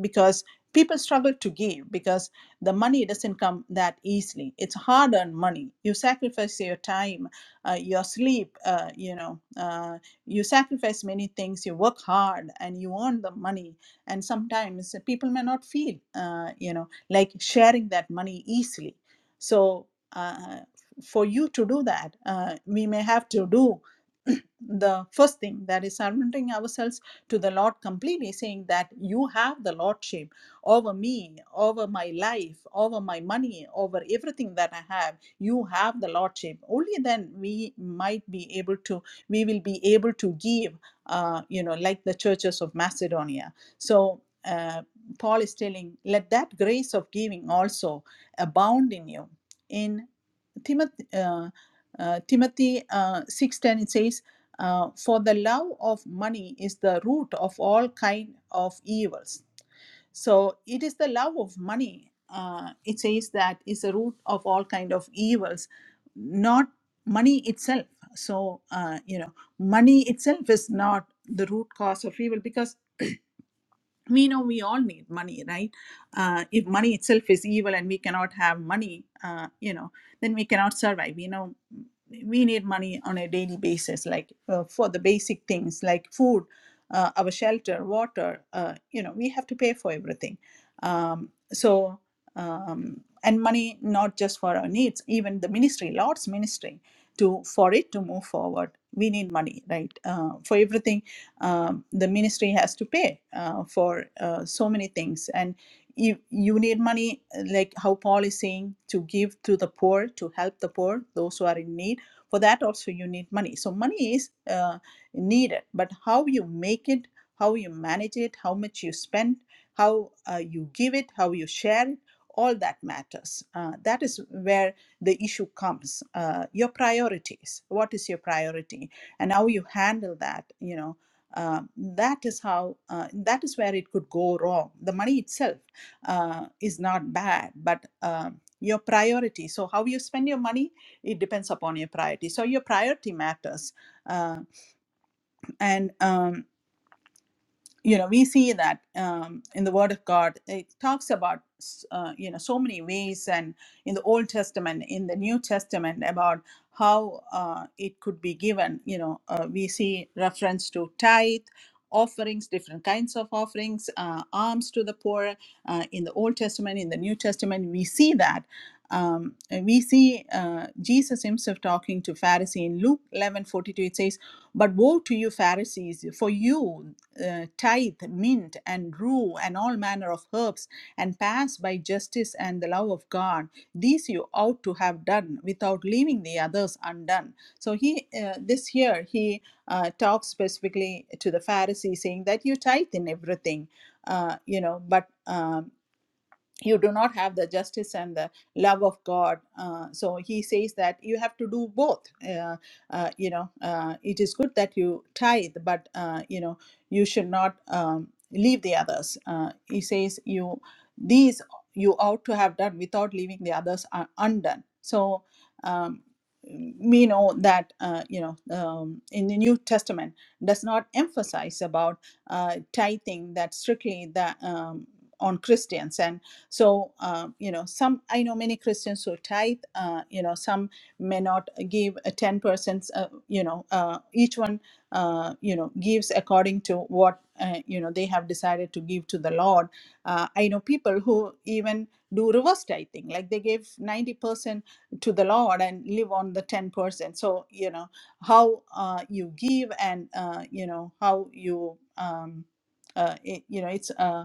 Speaker 1: because people struggle to give because the money doesn't come that easily it's hard earned money you sacrifice your time uh, your sleep uh, you know uh, you sacrifice many things you work hard and you earn the money and sometimes people may not feel uh, you know like sharing that money easily so uh, for you to do that uh, we may have to do [clears throat] the first thing that is surrendering ourselves to the lord completely saying that you have the lordship over me, over my life, over my money, over everything that I have. You have the Lordship. Only then we might be able to, we will be able to give, uh, you know, like the churches of Macedonia. So uh, Paul is telling, let that grace of giving also abound in you. In Timothy, uh, uh, Timothy uh, 6.10, it says, uh, for the love of money is the root of all kind of evils so it is the love of money uh, it says that is the root of all kind of evils not money itself so uh, you know money itself is not the root cause of evil because we know we all need money right uh, if money itself is evil and we cannot have money uh, you know then we cannot survive you know we need money on a daily basis like uh, for the basic things like food uh, our shelter water uh, you know we have to pay for everything um, so um, and money not just for our needs even the ministry lord's ministry to for it to move forward we need money right uh, for everything um, the ministry has to pay uh, for uh, so many things and you, you need money like how paul is saying to give to the poor to help the poor those who are in need for that also you need money so money is uh, needed but how you make it how you manage it how much you spend how uh, you give it how you share it all that matters uh, that is where the issue comes uh, your priorities what is your priority and how you handle that you know uh, that is how uh, that is where it could go wrong the money itself uh, is not bad but um, your priority so how you spend your money it depends upon your priority so your priority matters uh, and um, you know we see that um, in the word of god it talks about uh, you know so many ways and in the old testament in the new testament about how uh, it could be given you know uh, we see reference to tithe offerings different kinds of offerings uh, alms to the poor uh, in the old testament in the new testament we see that um, and we see uh, jesus himself talking to Pharisees in luke eleven forty two. it says but woe to you pharisees for you uh, tithe, mint, and rue, and all manner of herbs, and pass by justice and the love of God. These you ought to have done without leaving the others undone. So he, uh, this here, he uh, talks specifically to the Pharisees, saying that you tithe in everything, uh, you know, but. um you do not have the justice and the love of God. Uh, so he says that you have to do both. Uh, uh, you know, uh, it is good that you tithe, but uh, you know, you should not um, leave the others. Uh, he says you these you ought to have done without leaving the others are undone. So um, we know that uh, you know um, in the New Testament does not emphasize about uh, tithing that strictly that um, on Christians and so, um, you know, some, I know many Christians who tithe, uh, you know, some may not give a 10%, uh, you know, uh, each one, uh, you know, gives according to what, uh, you know, they have decided to give to the Lord. Uh, I know people who even do reverse tithing, like they give 90% to the Lord and live on the 10%. So, you know, how uh, you give and, uh, you know, how you, um, uh, it, you know, it's. uh,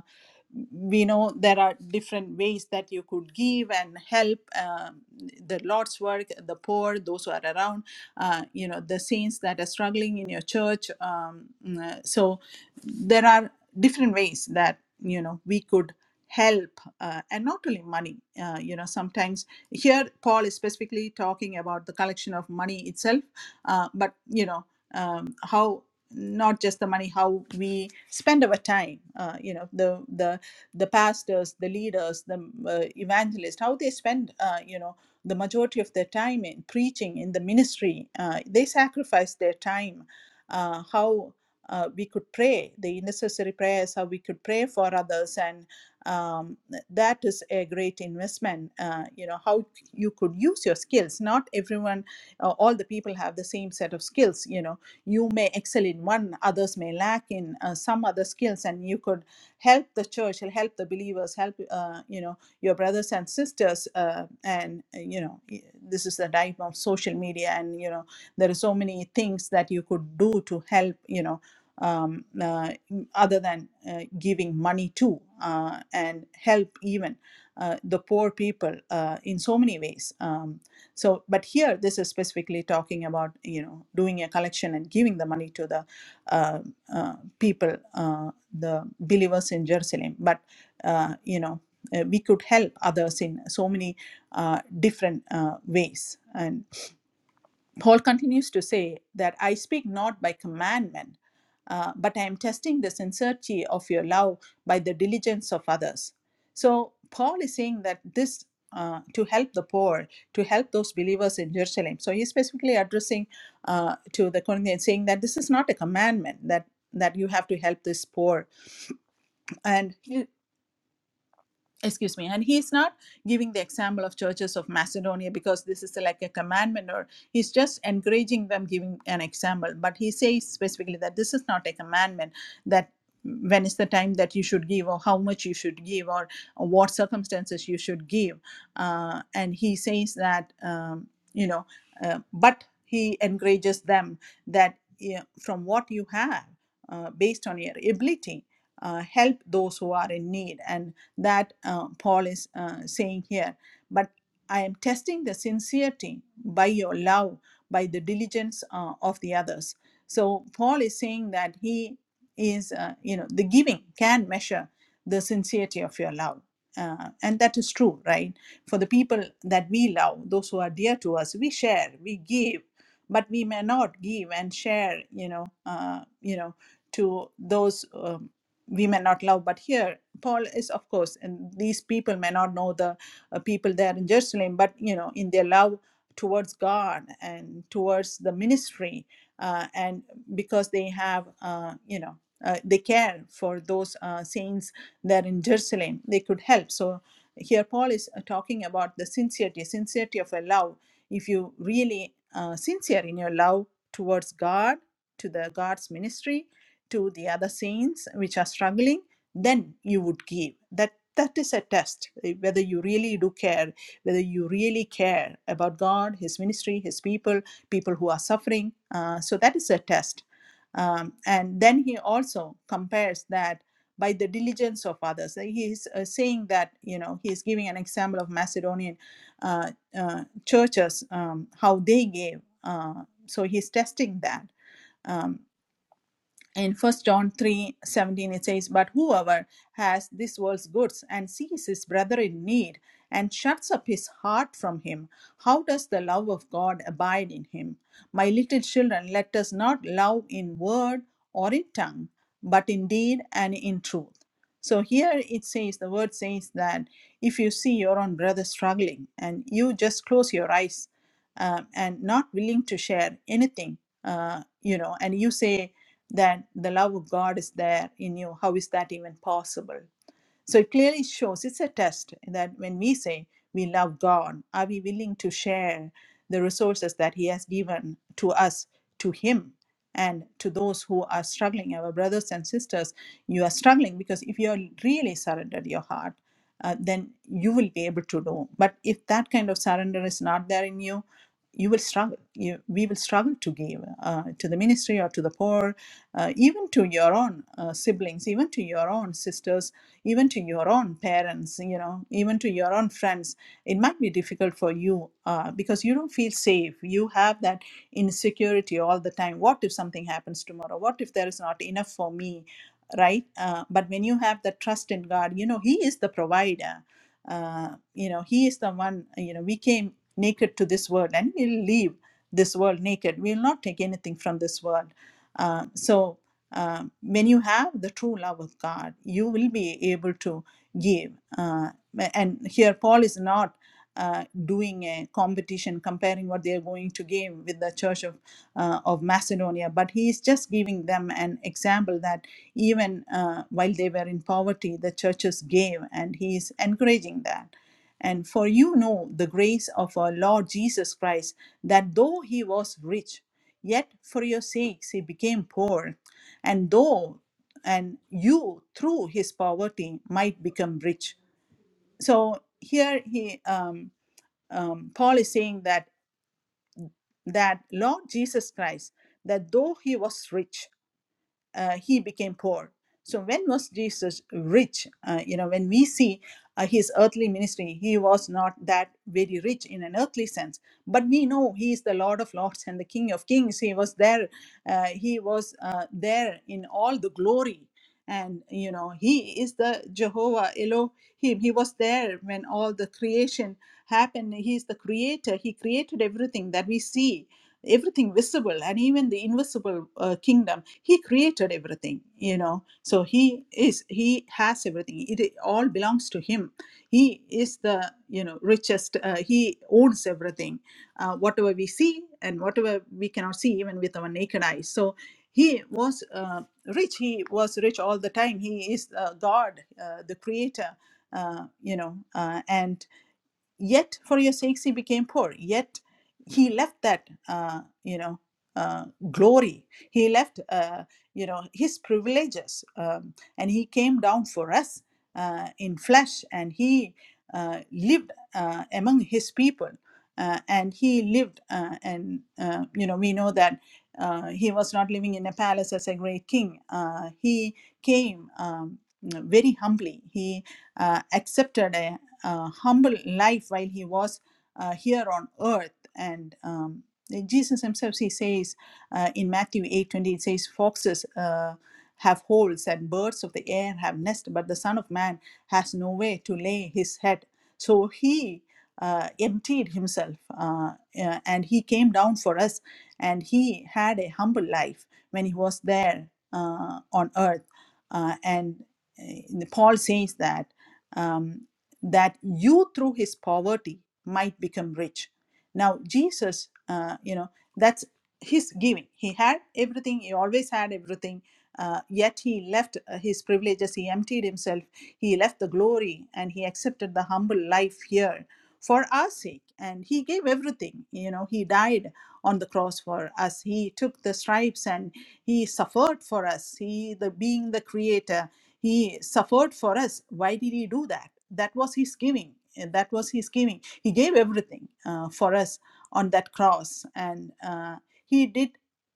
Speaker 1: we know there are different ways that you could give and help um, the lord's work the poor those who are around uh, you know the saints that are struggling in your church um, mm, so there are different ways that you know we could help uh, and not only money uh, you know sometimes here paul is specifically talking about the collection of money itself uh, but you know um, how not just the money how we spend our time uh, you know the the the pastors the leaders the uh, evangelists how they spend uh, you know the majority of their time in preaching in the ministry uh, they sacrifice their time uh, how uh, we could pray the necessary prayers how we could pray for others and um, that is a great investment uh, you know how you could use your skills not everyone uh, all the people have the same set of skills you know you may excel in one others may lack in uh, some other skills and you could help the church he'll help the believers help uh, you know your brothers and sisters uh, and uh, you know this is the time of social media and you know there are so many things that you could do to help you know um, uh, other than uh, giving money to uh, and help even uh, the poor people uh, in so many ways um, so but here this is specifically talking about you know doing a collection and giving the money to the uh, uh, people, uh, the believers in Jerusalem. But uh, you know, uh, we could help others in so many uh, different uh, ways. And Paul continues to say that I speak not by commandment, uh, but I am testing the sincerity of your love by the diligence of others. So, Paul is saying that this uh, to help the poor, to help those believers in Jerusalem. So, he's specifically addressing uh, to the Corinthians, saying that this is not a commandment that that you have to help this poor and excuse me and he's not giving the example of churches of macedonia because this is like a commandment or he's just encouraging them giving an example but he says specifically that this is not a commandment that when is the time that you should give or how much you should give or what circumstances you should give uh, and he says that um, you know uh, but he encourages them that yeah, from what you have uh, based on your ability uh, help those who are in need and that uh, Paul is uh, saying here. But I am testing the sincerity by your love, by the diligence uh, of the others. So Paul is saying that he is, uh, you know, the giving can measure the sincerity of your love. Uh, and that is true, right? For the people that we love, those who are dear to us, we share, we give, but we may not give and share, you know, uh, you know, to those um, we may not love but here paul is of course and these people may not know the uh, people there in jerusalem but you know in their love towards god and towards the ministry uh, and because they have uh, you know uh, they care for those uh, saints there in jerusalem they could help so here paul is uh, talking about the sincerity sincerity of a love if you really uh, sincere in your love towards god to the god's ministry to the other saints which are struggling then you would give that that is a test eh, whether you really do care whether you really care about god his ministry his people people who are suffering uh, so that is a test um, and then he also compares that by the diligence of others. Like He is uh, saying that, you know, he is giving an example of Macedonian uh, uh, churches, um, how they gave. Uh, so he's testing that. Um, in first john 3 17 it says but whoever has this world's goods and sees his brother in need and shuts up his heart from him how does the love of god abide in him my little children let us not love in word or in tongue but in deed and in truth so here it says the word says that if you see your own brother struggling and you just close your eyes um, and not willing to share anything uh, you know and you say that the love of god is there in you how is that even possible so it clearly shows it's a test that when we say we love God, are we willing to share the resources that He has given to us, to Him, and to those who are struggling? Our brothers and sisters, you are struggling because if you are really surrendered your heart, uh, then you will be able to do. But if that kind of surrender is not there in you, you will struggle. You, we will struggle to give uh, to the ministry or to the poor, uh, even to your own uh, siblings, even to your own sisters even to your own parents you know even to your own friends it might be difficult for you uh, because you don't feel safe you have that insecurity all the time what if something happens tomorrow what if there is not enough for me right uh, but when you have the trust in god you know he is the provider uh, you know he is the one you know we came naked to this world and we'll leave this world naked we'll not take anything from this world Um, so um, when you have the true love of God, you will be able to give. Uh, and here, Paul is not uh, doing a competition, comparing what they are going to give with the Church of uh, of Macedonia, but he is just giving them an example that even uh, while they were in poverty, the churches gave, and he is encouraging that. And for you know the grace of our Lord Jesus Christ, that though he was rich, yet for your sakes he became poor and though and you through his poverty might become rich so here he um, um, paul is saying that that lord jesus christ that though he was rich uh, he became poor. So when was Jesus rich? Uh, you know, when we see uh, his earthly ministry, he was not that very rich in an earthly sense. But we know he is the Lord of Lords and the King of Kings. He was there. Uh, he was uh, there in all the glory, and you know he is the Jehovah Elohim. He was there when all the creation happened. He is the Creator. He created everything that we see everything visible and even the invisible uh, kingdom he created everything you know so he is he has everything it all belongs to him he is the you know richest uh, he owns everything uh, whatever we see and whatever we cannot see even with our naked eyes so he was uh, rich he was rich all the time he is uh, god uh, the creator uh, you know uh, and yet for your sakes he became poor yet he left that uh, you know uh, glory he left uh, you know his privileges um, and he came down for us uh, in flesh and he uh, lived uh, among his people uh, and he lived uh, and uh, you know we know that uh, he was not living in a palace as a great king uh, he came um, very humbly he uh, accepted a, uh, humble life while he was uh, here on earth. And um, Jesus himself, he says uh, in Matthew eight twenty, 20, it says, Foxes uh, have holes and birds of the air have nests, but the Son of Man has nowhere to lay his head. So he uh, emptied himself uh, uh, and he came down for us and he had a humble life when he was there uh, on earth. Uh, and uh, Paul says that. Um, that you through his poverty might become rich now jesus uh, you know that's his giving he had everything he always had everything uh, yet he left uh, his privileges he emptied himself he left the glory and he accepted the humble life here for our sake and he gave everything you know he died on the cross for us he took the stripes and he suffered for us he the being the creator he suffered for us. Why did he do that? That was his giving. Eh, That was his giving. He gave everything uh, for us on that cross, and uh, he did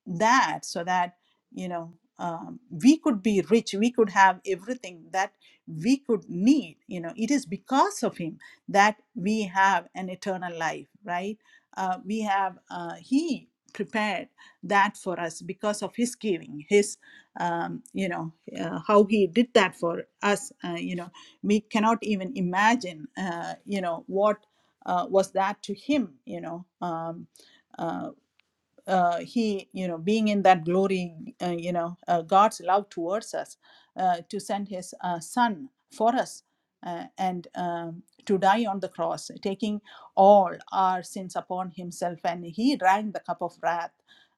Speaker 1: that so that you know um, we could be rich. We could have everything that we could need. You know, it is because of him that we have an eternal life, right? Uh, we have uh, he prepared that for us because of his giving, his um, you know uh, how he did that for us uh, you know we cannot even imagine uh, you know what uh, was that to him you know um, uh, uh, he you know being in that glory uh, you know uh, god's love towards us uh, to send his uh, son for us uh, and um, to die on the cross taking all our sins upon himself and he drank the cup of wrath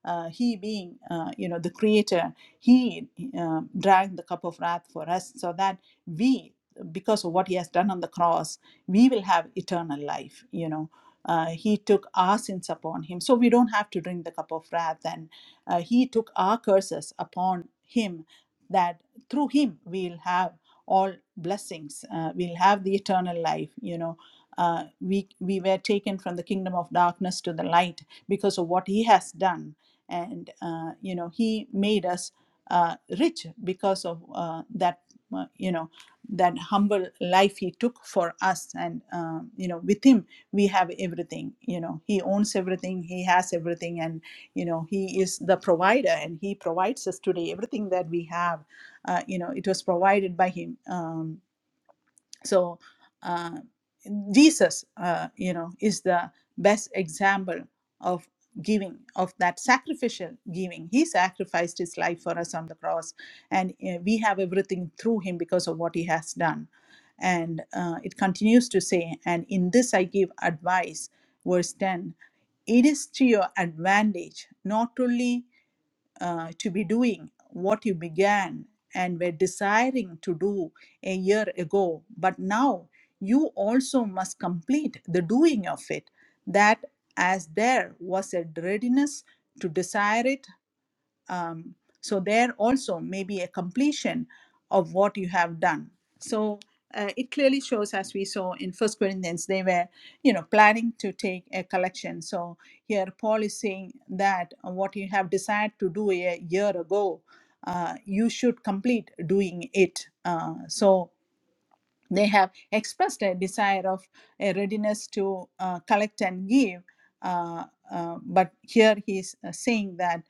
Speaker 1: uh, he being uh, you know the creator he uh, drank the cup of wrath for us so that we because of what he has done on the cross we will have eternal life you know uh, he took our sins upon him. So we don't have to drink the cup of wrath. And uh, he took our curses upon him, that through him we'll have all blessings. Uh, we'll have the eternal life. You know, uh, we, we were taken from the kingdom of darkness to the light because of what he has done. And, uh, you know, he made us uh, rich because of uh, that, uh, you know, that humble life he took for us and um, you know with him we have everything you know he owns everything he has everything and you know he is the provider and he provides us today everything that we have uh, you know it was provided by him um, so uh, jesus uh, you know is the best example of giving of that sacrificial giving he sacrificed his life for us on the cross and uh, we have everything through him because of what he has done and uh, it continues to say and in this i give advice verse 10 it is to your advantage not only uh, to be doing what you began and were desiring to do a year ago, but now you also must complete the doing of it. That as there was a readiness to desire it um, so there also may be a completion of what you have done. So uh, it clearly shows, as we saw in First Corinthians, they were, you know, planning to take a collection. So here Paul is saying that what you have decided to do a year ago, uh, you should complete doing it. Uh, so they have expressed a desire of a readiness to uh, collect and give. Uh, uh, but here he is uh, saying that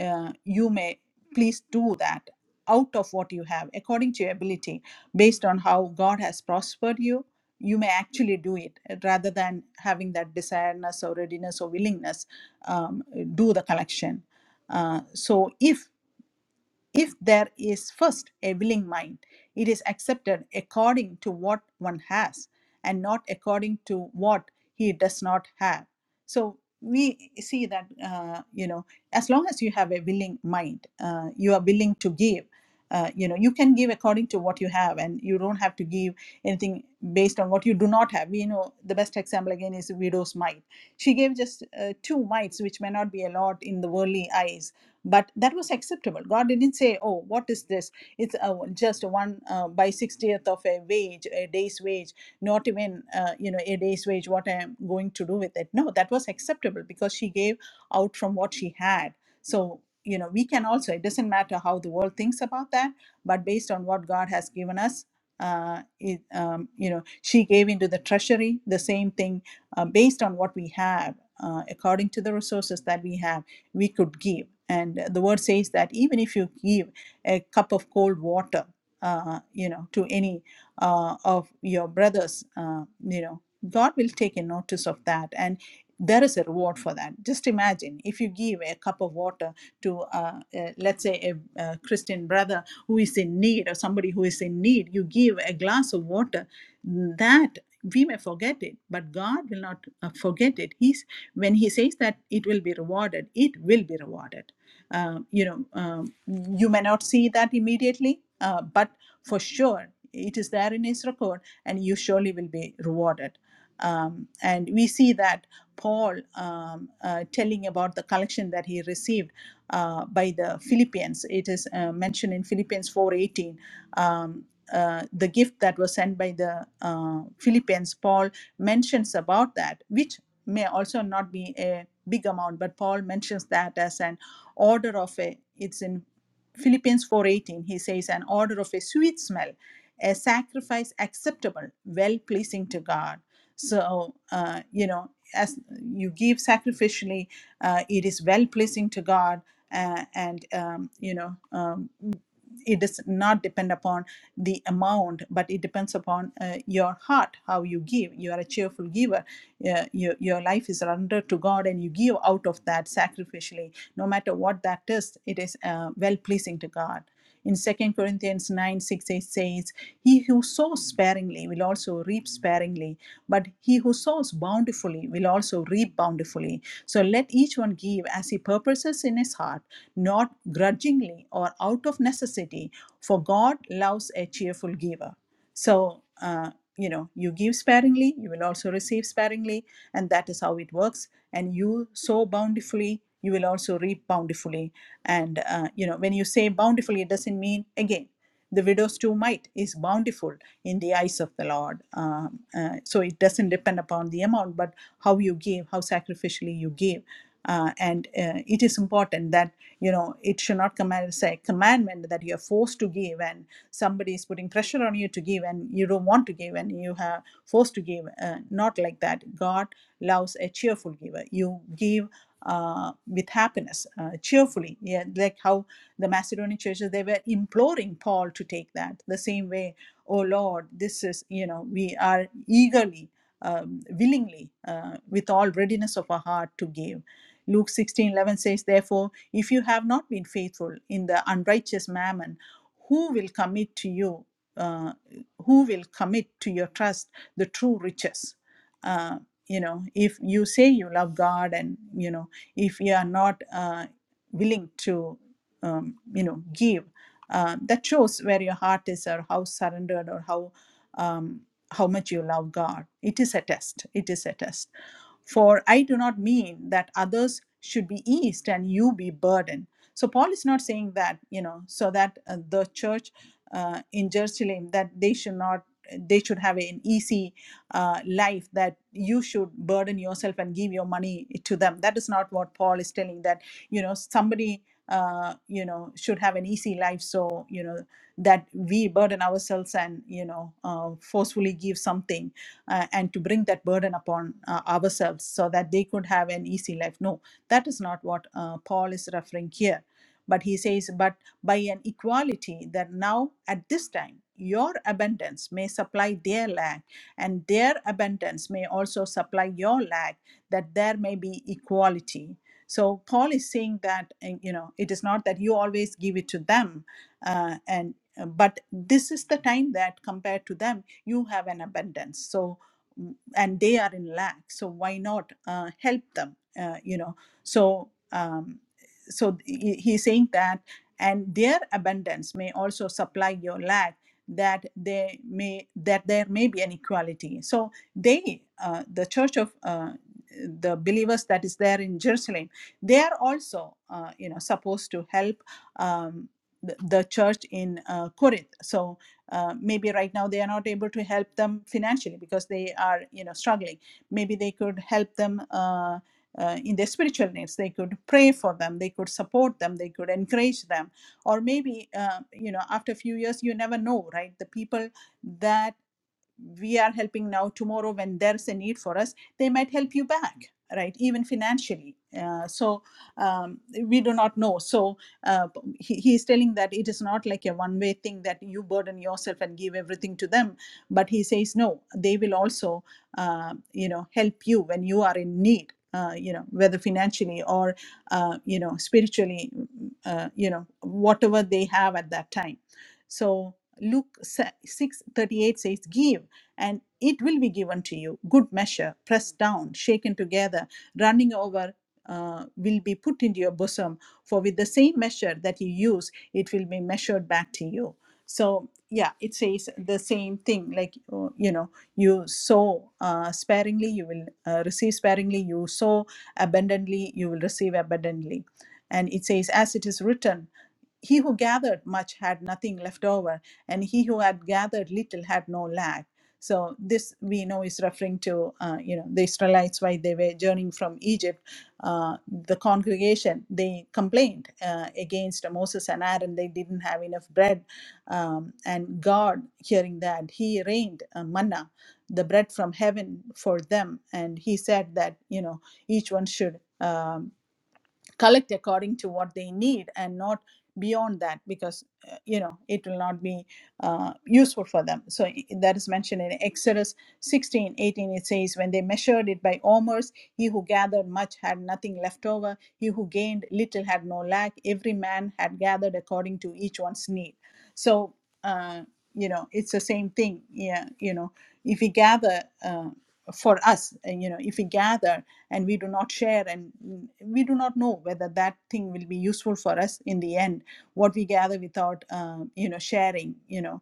Speaker 1: uh, you may please do that out of what you have, according to your ability, based on how God has prospered you. You may actually do it uh, rather than having that desiredness or readiness or willingness um, do the collection. Uh, so if if there is first a willing mind, it is accepted according to what one has and not according to what he does not have. So we see that, uh, you know, as long as you have a willing mind, uh, you are willing to give. Uh, you know, you can give according to what you have, and you don't have to give anything based on what you do not have. We know the best example again is widow's mite. She gave just uh, two mites, which may not be a lot in the worldly eyes, but that was acceptable god didn't say oh what is this it's uh, just one uh, by 60th of a wage a day's wage not even uh, you know a day's wage what i am going to do with it no that was acceptable because she gave out from what she had so you know we can also it doesn't matter how the world thinks about that but based on what god has given us uh, it, um, you know she gave into the treasury the same thing uh, based on what we have uh, according to the resources that we have we could give. And the word says that even if you give a cup of cold water, uh, you know, to any uh, of your brothers, uh, you know, God will take a notice of that, and there is a reward for that. Just imagine if you give a cup of water to, uh, uh, let's say, a, a Christian brother who is in need, or somebody who is in need, you give a glass of water. That we may forget it but god will not uh, forget it he's when he says that it will be rewarded it will be rewarded Um, you know um, you may not see that immediately uh, but for sure it is there in his record and you surely will be rewarded um, and we see that paul um, uh, telling about the collection that he received uh, by the philippians it is uh, mentioned in philippians 4.18 uh, the gift that was sent by the uh, Philippians, Paul mentions about that, which may also not be a big amount, but Paul mentions that as an order of a. It's in Philippians 4:18. He says an order of a sweet smell, a sacrifice acceptable, well pleasing to God. So uh, you know, as you give sacrificially, uh, it is well pleasing to God, uh, and um, you know. Um, it does not depend upon the amount but it depends upon uh, your heart how you give you are a cheerful giver uh, your, your life is under to god and you give out of that sacrificially no matter what that is it is uh, well pleasing to god in Second corinthians 9:16 6 8 says, He who sows sparingly will also reap sparingly, but he who sows bountifully will also reap bountifully. So let each one give as he purposes in his heart, not grudgingly or out of necessity, for God loves a cheerful giver. So, uh, you know, you give sparingly, you will also receive sparingly, and that is how it works. And you sow bountifully, you will also reap bountifully. And, uh, you know, when you say bountifully, it doesn't mean, again, the widow's too mite is bountiful in the eyes of the Lord. Um, uh, so it doesn't depend upon the amount, but how you give, how sacrificially you give. Uh, and uh, it is important that you know it should not come as a commandment that you are forced to give and somebody is putting pressure on you to give and you don't want to give and you have forced to give uh, not like that god loves a cheerful giver you give uh, with happiness uh, cheerfully yeah like how the macedonian churches they were imploring paul to take that the same way oh lord this is you know we are eagerly um, willingly uh, with all readiness of our heart to give luke 16 11 says therefore if you have not been faithful in the unrighteous mammon who will commit to you uh, who will commit to your trust the true riches uh, you know if you say you love god and you know if you are not uh, willing to um, you know give uh, that shows where your heart is or how surrendered or how um, how much you love god it is a test it is a test for I do not mean that others should be eased and you be burdened. So Paul is not saying that, you know, so that uh, the church uh, in Jerusalem that they should not they should have an easy uh, life that you should burden yourself and give your money to them that is not what paul is telling that you know somebody uh, you know should have an easy life so you know that we burden ourselves and you know uh, forcefully give something uh, and to bring that burden upon uh, ourselves so that they could have an easy life. No, that is not what uh, Paul is referring here. But he says, but by an equality that now at this time your abundance may supply their lack, and their abundance may also supply your lack, that there may be equality. So Paul is saying that uh, you know it is not that you always give it to them, uh, and uh, but this is the time that compared to them you have an abundance. So mm, and they are in lack so why not uh, help them uh, you know so um, so he- he's saying that and their abundance may also supply your lack that they may that there may be an equality so they uh, the church of uh, the believers that is there in jerusalem they are also uh, you know supposed to help um, the, the church in uh, corinth so uh, maybe right now they are not able to help them financially because they are you know struggling maybe they could help them uh, uh, in their spiritual needs they could pray for them they could support them they could encourage them or maybe uh, you know after a few years you never know right the people that we are helping now tomorrow when there's a need for us they might help you back right even financially uh, so um, we do not know so uh, he, he is telling that it is not like a one way thing that you burden yourself and give everything to them but he says no they will also uh, you know help you when you are in need uh, you know whether financially or uh, you know spiritually uh, you know whatever they have at that time so luke 6 38 says give and it will be given to you. Good measure, pressed down, shaken together, running over, uh, will be put into your bosom. For with the same measure that you use, it will be measured back to you. So, yeah, it says the same thing like, uh, you know, you sow uh, sparingly, you will uh, receive sparingly, you sow abundantly, you will receive abundantly. And it says, as it is written, he who gathered much had nothing left over, and he who had gathered little had no lack so this we know is referring to uh, you know the Israelites while they were journeying from Egypt. Uh, the congregation they complained uh, against Moses and Aaron. They didn't have enough bread, um, and God, hearing that, He rained uh, manna, the bread from heaven for them, and He said that you know each one should. Um, collect according to what they need and not beyond that because uh, you know it will not be uh, useful for them so i- that is mentioned in exodus 16:18. it says when they measured it by omers he who gathered much had nothing left over he who gained little had no lack every man had gathered according to each one's need so uh, you know it's the same thing yeah you know if we gather uh, for us uh, you know if we gather and we do not share and mm, we do not know whether that thing will be useful for us in the end what we gather without um, you know sharing you know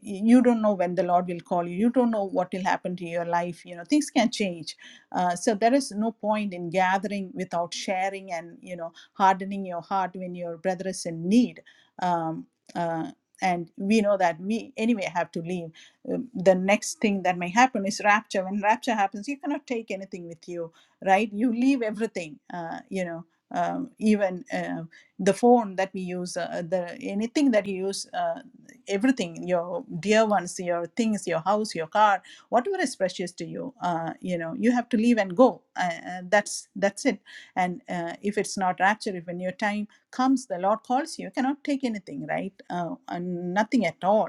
Speaker 1: you don't know when the lord will call you you don't know what will happen to your life you know things can change uh, so there is no point in gathering without sharing and you know hardening your heart when your brother is in need um, uh, and we know that we anyway have to leave Um, the next thing that may happen is rapture when rapture happens you cannot take anything with you right you leave everything uh, you know um, even uh, the phone that we use, uh, the anything that you use, uh, everything, your dear ones, your things, your house, your car, whatever is precious to you, uh, you know, you have to leave and go. Uh, uh, that's that's it. And uh, if it's not rapture, if when your time comes, the Lord calls you, you cannot take anything, right? Uh, and nothing at all.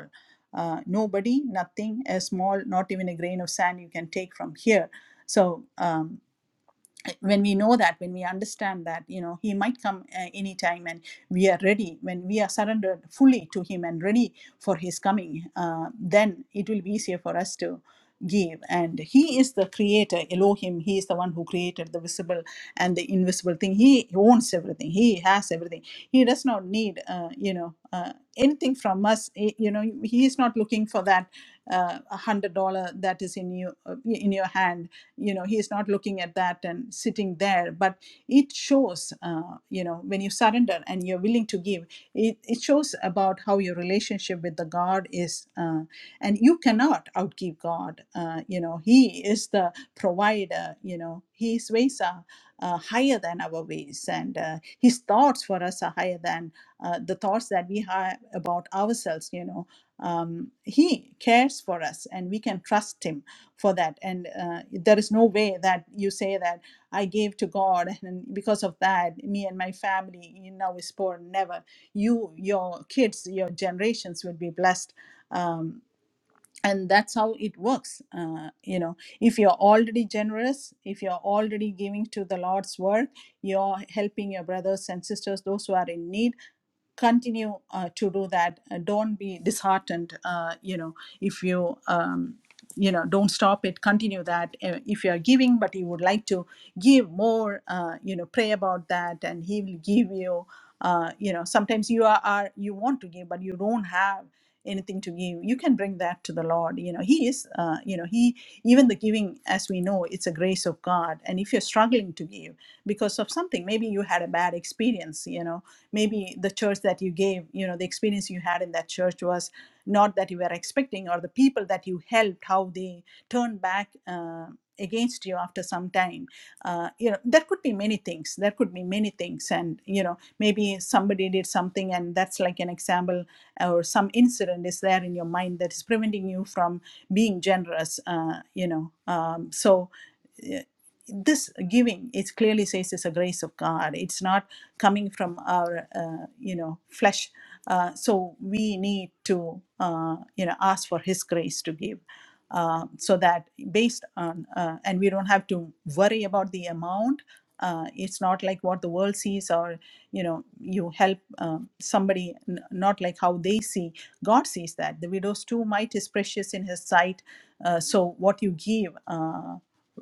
Speaker 1: Uh, nobody, nothing, a small, not even a grain of sand you can take from here. So. Um, when we know that when we understand that you know he might come uh, anytime and we are ready when we are surrendered fully to him and ready for his coming uh, then it will be easier for us to give and he is the creator elohim he is the one who created the visible and the invisible thing he owns everything he has everything he does not need uh, you know uh, anything from us Eh, you know he is not looking for that uh, $100 that is in you uh, in your hand you know he is not looking at that and sitting there but it shows uh, you know when you surrender and you're willing to give it, it shows about how your relationship with the god is uh, and you cannot outgive god uh, you know he is the provider you know his ways are uh, higher than our ways and uh, his thoughts for us are higher than uh, the thoughts that we have about ourselves you know um, he cares for us and we can trust him for that and uh, there is no way that you say that i gave to god and because of that me and my family you know is poor never you your kids your generations will be blessed um, and that's how it works uh, you know if you're already generous if you're already giving to the lord's work you're helping your brothers and sisters those who are in need continue uh, to do that Uh, don't be disheartened uh, you know if you um, you know don't stop it continue that Uh, if you are giving but you would like to give more uh, you know pray about that and he will give you uh, you know sometimes you are, are you want to give but you don't have anything to give you can bring that to the lord you know he is uh, you know he even the giving as we know it's a grace of god and if you're struggling to give because of something maybe you had a bad experience you know maybe the church that you gave you know the experience you had in that church was not that you were expecting or the people that you helped how they turned back uh, against you after some time uh, you know there could be many things there could be many things and you know maybe somebody did something and that's like an example or some incident is there in your mind that is preventing you from being generous uh, you know um, so uh, this giving it clearly says it's a grace of god it's not coming from our uh, you know flesh uh, so we need to uh, you know ask for his grace to give uh, so that based on uh, and we don't have to worry about the amount uh, it's not like what the world sees or you know you help um, somebody n- not like how they see god sees that the widow's too might is precious in his sight uh, so what you give uh,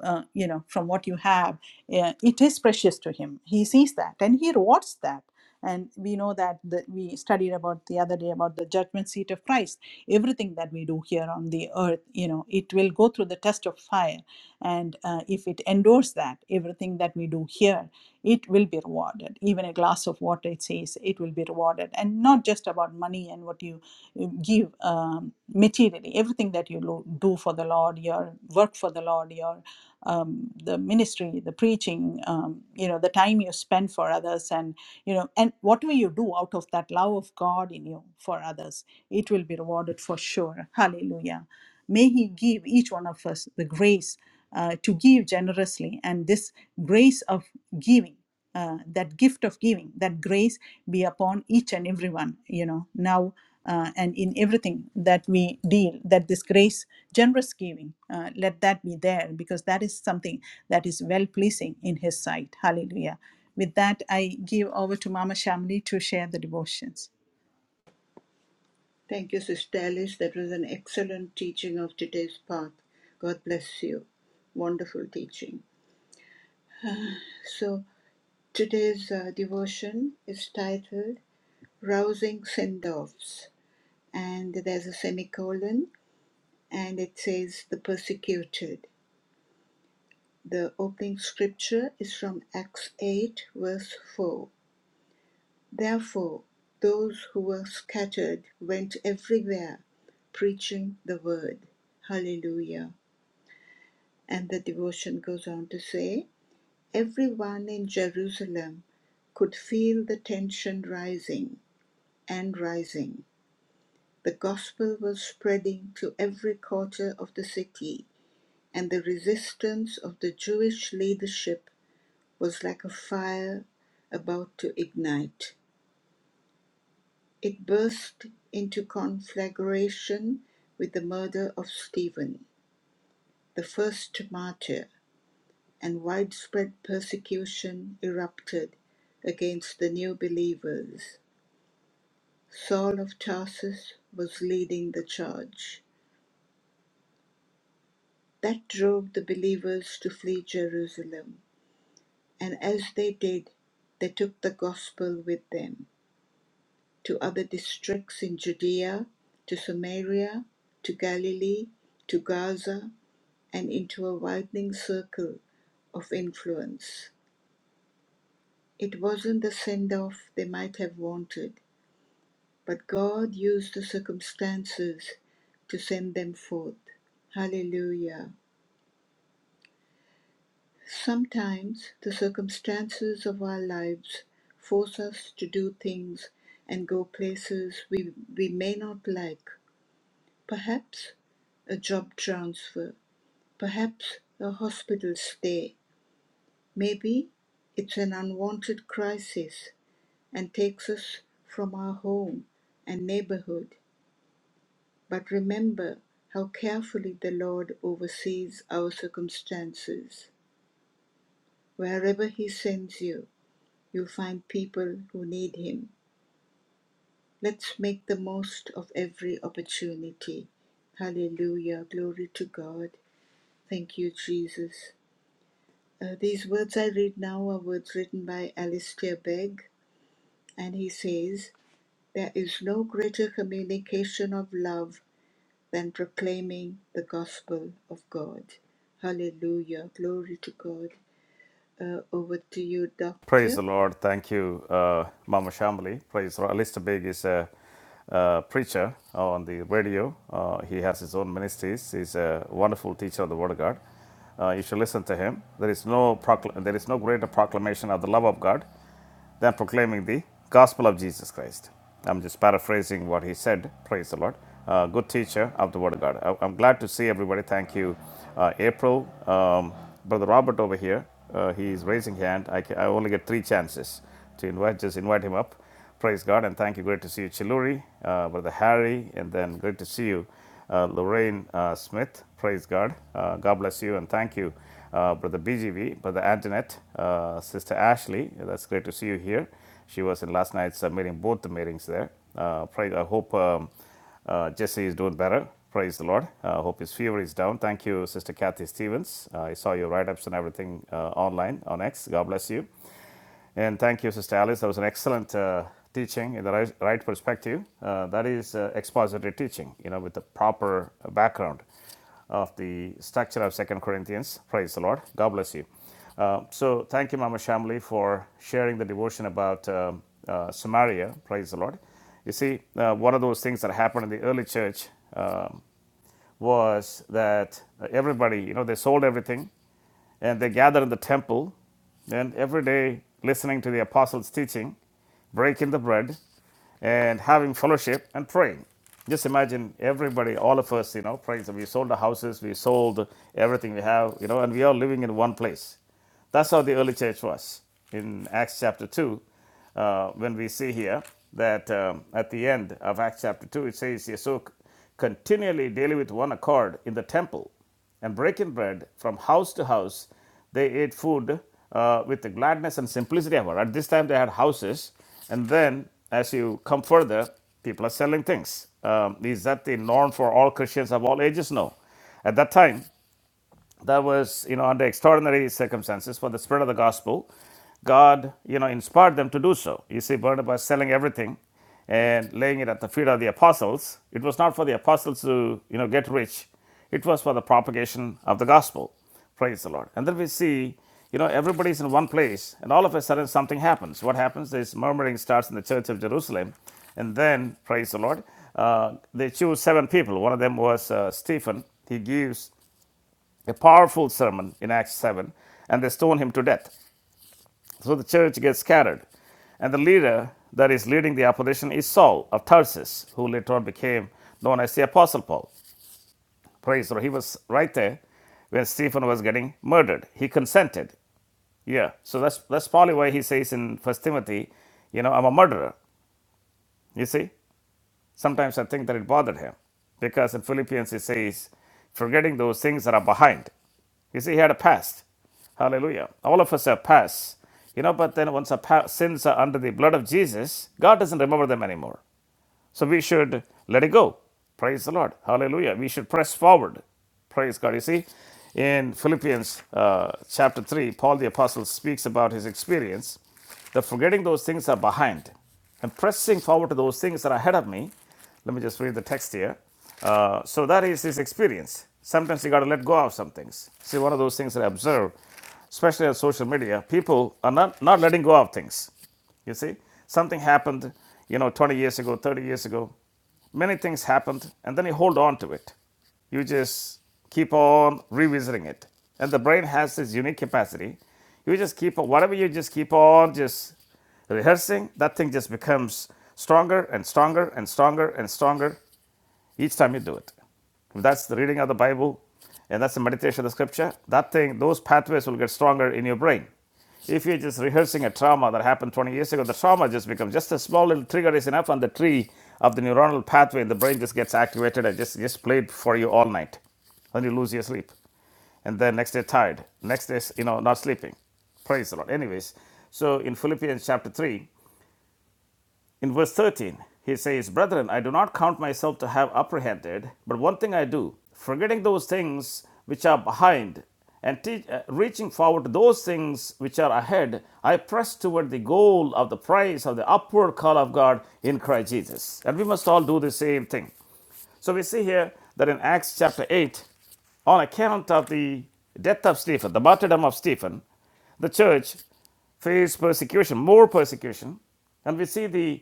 Speaker 1: uh, you know from what you have yeah, it is precious to him. He sees that and he rewards that. And we know that the, we studied about the other day about the judgment seat of Christ. Everything that we do here on the earth, you know, it will go through the test of fire. And uh, if it endures that, everything that we do here, it will be rewarded. Even a glass of water, it says, it will be rewarded. And not just about money and what you you give um, materially, everything that you lo- do for the Lord, your work for the Lord, your um, the ministry, the preaching, um, you know, the time you spend for others, and you know, and whatever you do out of that love of God in you for others, it will be rewarded for sure. Hallelujah. May He give each one of us the grace uh, to give generously, and this grace of giving, uh, that gift of giving, that grace be upon each and everyone, you know, now uh, and in everything that we deal, that this grace, generous giving, uh, let that be there because that is something that is well pleasing in His sight. Hallelujah. With that, I give over to Mama Shamli to share the devotions.
Speaker 3: Thank you, Sister Alice. That was an excellent teaching of today's path. God bless you. Wonderful teaching. So, today's uh, devotion is titled Rousing Send Offs. And there's a semicolon, and it says, The Persecuted. The opening scripture is from Acts 8, verse 4. Therefore, those who were scattered went everywhere preaching the word. Hallelujah. And the devotion goes on to say everyone in Jerusalem could feel the tension rising and rising. The gospel was spreading to every quarter of the city, and the resistance of the Jewish leadership was like a fire about to ignite. It burst into conflagration with the murder of Stephen, the first martyr and widespread persecution erupted against the new believers. Saul of Tarsus was leading the charge. That drove the believers to flee Jerusalem, and as they did, they took the gospel with them to other districts in Judea, to Samaria, to Galilee, to Gaza, and into a widening circle of influence. It wasn't the send off they might have wanted, But God used the circumstances to send them forth. Hallelujah. Sometimes the circumstances of our lives force us to do things and go places we, we may not like. Perhaps a job transfer, perhaps a hospital stay. Maybe it's an unwanted crisis and takes us from our home and neighborhood But remember how carefully the Lord oversees our circumstances. Wherever He sends you, you'll find people who need Him. Let's make the most of every opportunity. Hallelujah. Glory to God. Thank you, Jesus. Uh, these words I read now are words written by Alistair Begg, and he says, There is no greater communication of love than proclaiming the gospel of God. Hallelujah. Glory to God. Uh, over to you,
Speaker 2: Praise
Speaker 3: Doctor.
Speaker 2: the Lord. Thank you, uh, Mama Shambly. Praise the Lord. Alistair Big is a, uh preacher on the radio. Uh, he has his own ministries. He's a wonderful teacher of the Word of God. Uh, you should listen to him. There is no procl- there is no greater proclamation of the love of God than proclaiming the gospel of Jesus Christ. I'm just paraphrasing what he said. Praise the Lord. Uh, good teacher of the Word of God. I, am glad to see everybody. Thank you, uh, April. Um, Brother Robert over here, uh, he is raising hand. I, ca- I only get three chances to invite. Just invite him up. Praise God and thank you. Great to see you, Chiluri, uh, Brother Harry, and then great to see you, uh, Lorraine uh, Smith. Praise God. Uh, God bless you and thank you, uh, Brother BGV, Brother Antoinette, uh, Sister Ashley. That's great to see you here. She was in last night's uh, meeting, both the meetings there. Uh, pray, I hope um, uh, Jesse is doing better. Praise the Lord. I uh, hope his fever is down. Thank you, Sister Kathy Stevens. Uh, I saw your write ups and everything uh, online on X. God bless you. And thank you, Sister Alice. That was an excellent uh, teaching in the right, right perspective. Uh, that is uh, expository teaching, you know, with the proper background of the structure of Second Corinthians. Praise the Lord. God bless you. Uh, so thank you, Mama Shamli, for sharing the devotion about um uh, Samaria. Praise the Lord. You see, uh, one of those things that happened in the early church um was that everybody, you know, they sold everything and they gather in the temple and every day listening to the apostles' teaching, breaking the bread, and having fellowship and praying. Just imagine everybody, all of us, you know, praying. So we sold the houses, we sold everything we have, you know, and we are living in one place. That's how the early church was in Acts chapter 2, uh, when we see here that um, at the end of Acts chapter 2, it says here, So continually daily with one accord in the temple and breaking bread from house to house, they ate food uh, with the gladness and simplicity of heart. At this time, they had houses, and then as you come further, people are selling things. Um, is that the norm for all Christians of all ages? No. At that time, that was you know under extraordinary circumstances for the spread of the gospel god you know inspired them to do so you see barnabas selling everything and laying it at the feet of the apostles it was not for the apostles to you know get rich it was for the propagation of the gospel praise the lord and then we see you know everybody's in one place and all of a sudden something happens what happens is murmuring starts in the church of jerusalem and then praise the lord uh, they choose seven people one of them was uh, stephen he gives a powerful sermon in Acts 7, and they stone him to death. So the church gets scattered. And the leader that is leading the opposition is Saul of Tarsus, who later on became known as the Apostle Paul. Praise the Lord. He was right there when Stephen was getting murdered. He consented. Yeah. So that's that's probably why he says in First Timothy, you know, I'm a murderer. You see? Sometimes I think that it bothered him because in Philippians he says, forgetting those things that are behind. You see, he had a past. Hallelujah. All of us have pasts, You know, but then once our pa- sins are under the blood of Jesus, God doesn't remember them anymore. So we should let it go. Praise the Lord. Hallelujah. We should press forward. Praise God. You see, in Philippians uh, chapter 3, Paul the Apostle speaks about his experience that forgetting those things are behind and pressing forward to those things that are ahead of me. Let me just read the text here. Uh, so that is his experience. Sometimes you got to let go of some things. See, one of those things that I observe especially on social media, people are not, not letting go of things. You see, something happened, you know, 20 years ago, 30 years ago. Many things happened, and then you hold on to it. You just keep on revisiting it. And the brain has this unique capacity. You just keep on, whatever you just keep on just rehearsing, that thing just becomes stronger and stronger and stronger and stronger. Each time you do it. If that's the reading of the Bible and that's the meditation of the scripture, that thing, those pathways will get stronger in your brain. If you're just rehearsing a trauma that happened 20 years ago, the trauma just becomes just a small little trigger is enough, and the tree of the neuronal pathway in the brain just gets activated and just, just played for you all night. And you lose your sleep. And then next day, tired. Next day, you know, not sleeping. Praise the Lord. Anyways, so in Philippians chapter 3, in verse 13, he says, Brethren, I do not count myself to have apprehended, but one thing I do, forgetting those things which are behind, and te- uh, reaching forward to those things which are ahead, I press toward the goal of the prize of the upward call of God in Christ Jesus. And we must all do the same thing. So we see here that in Acts chapter 8, on account of the death of Stephen, the martyrdom of Stephen, the church faced persecution, more persecution. And we see the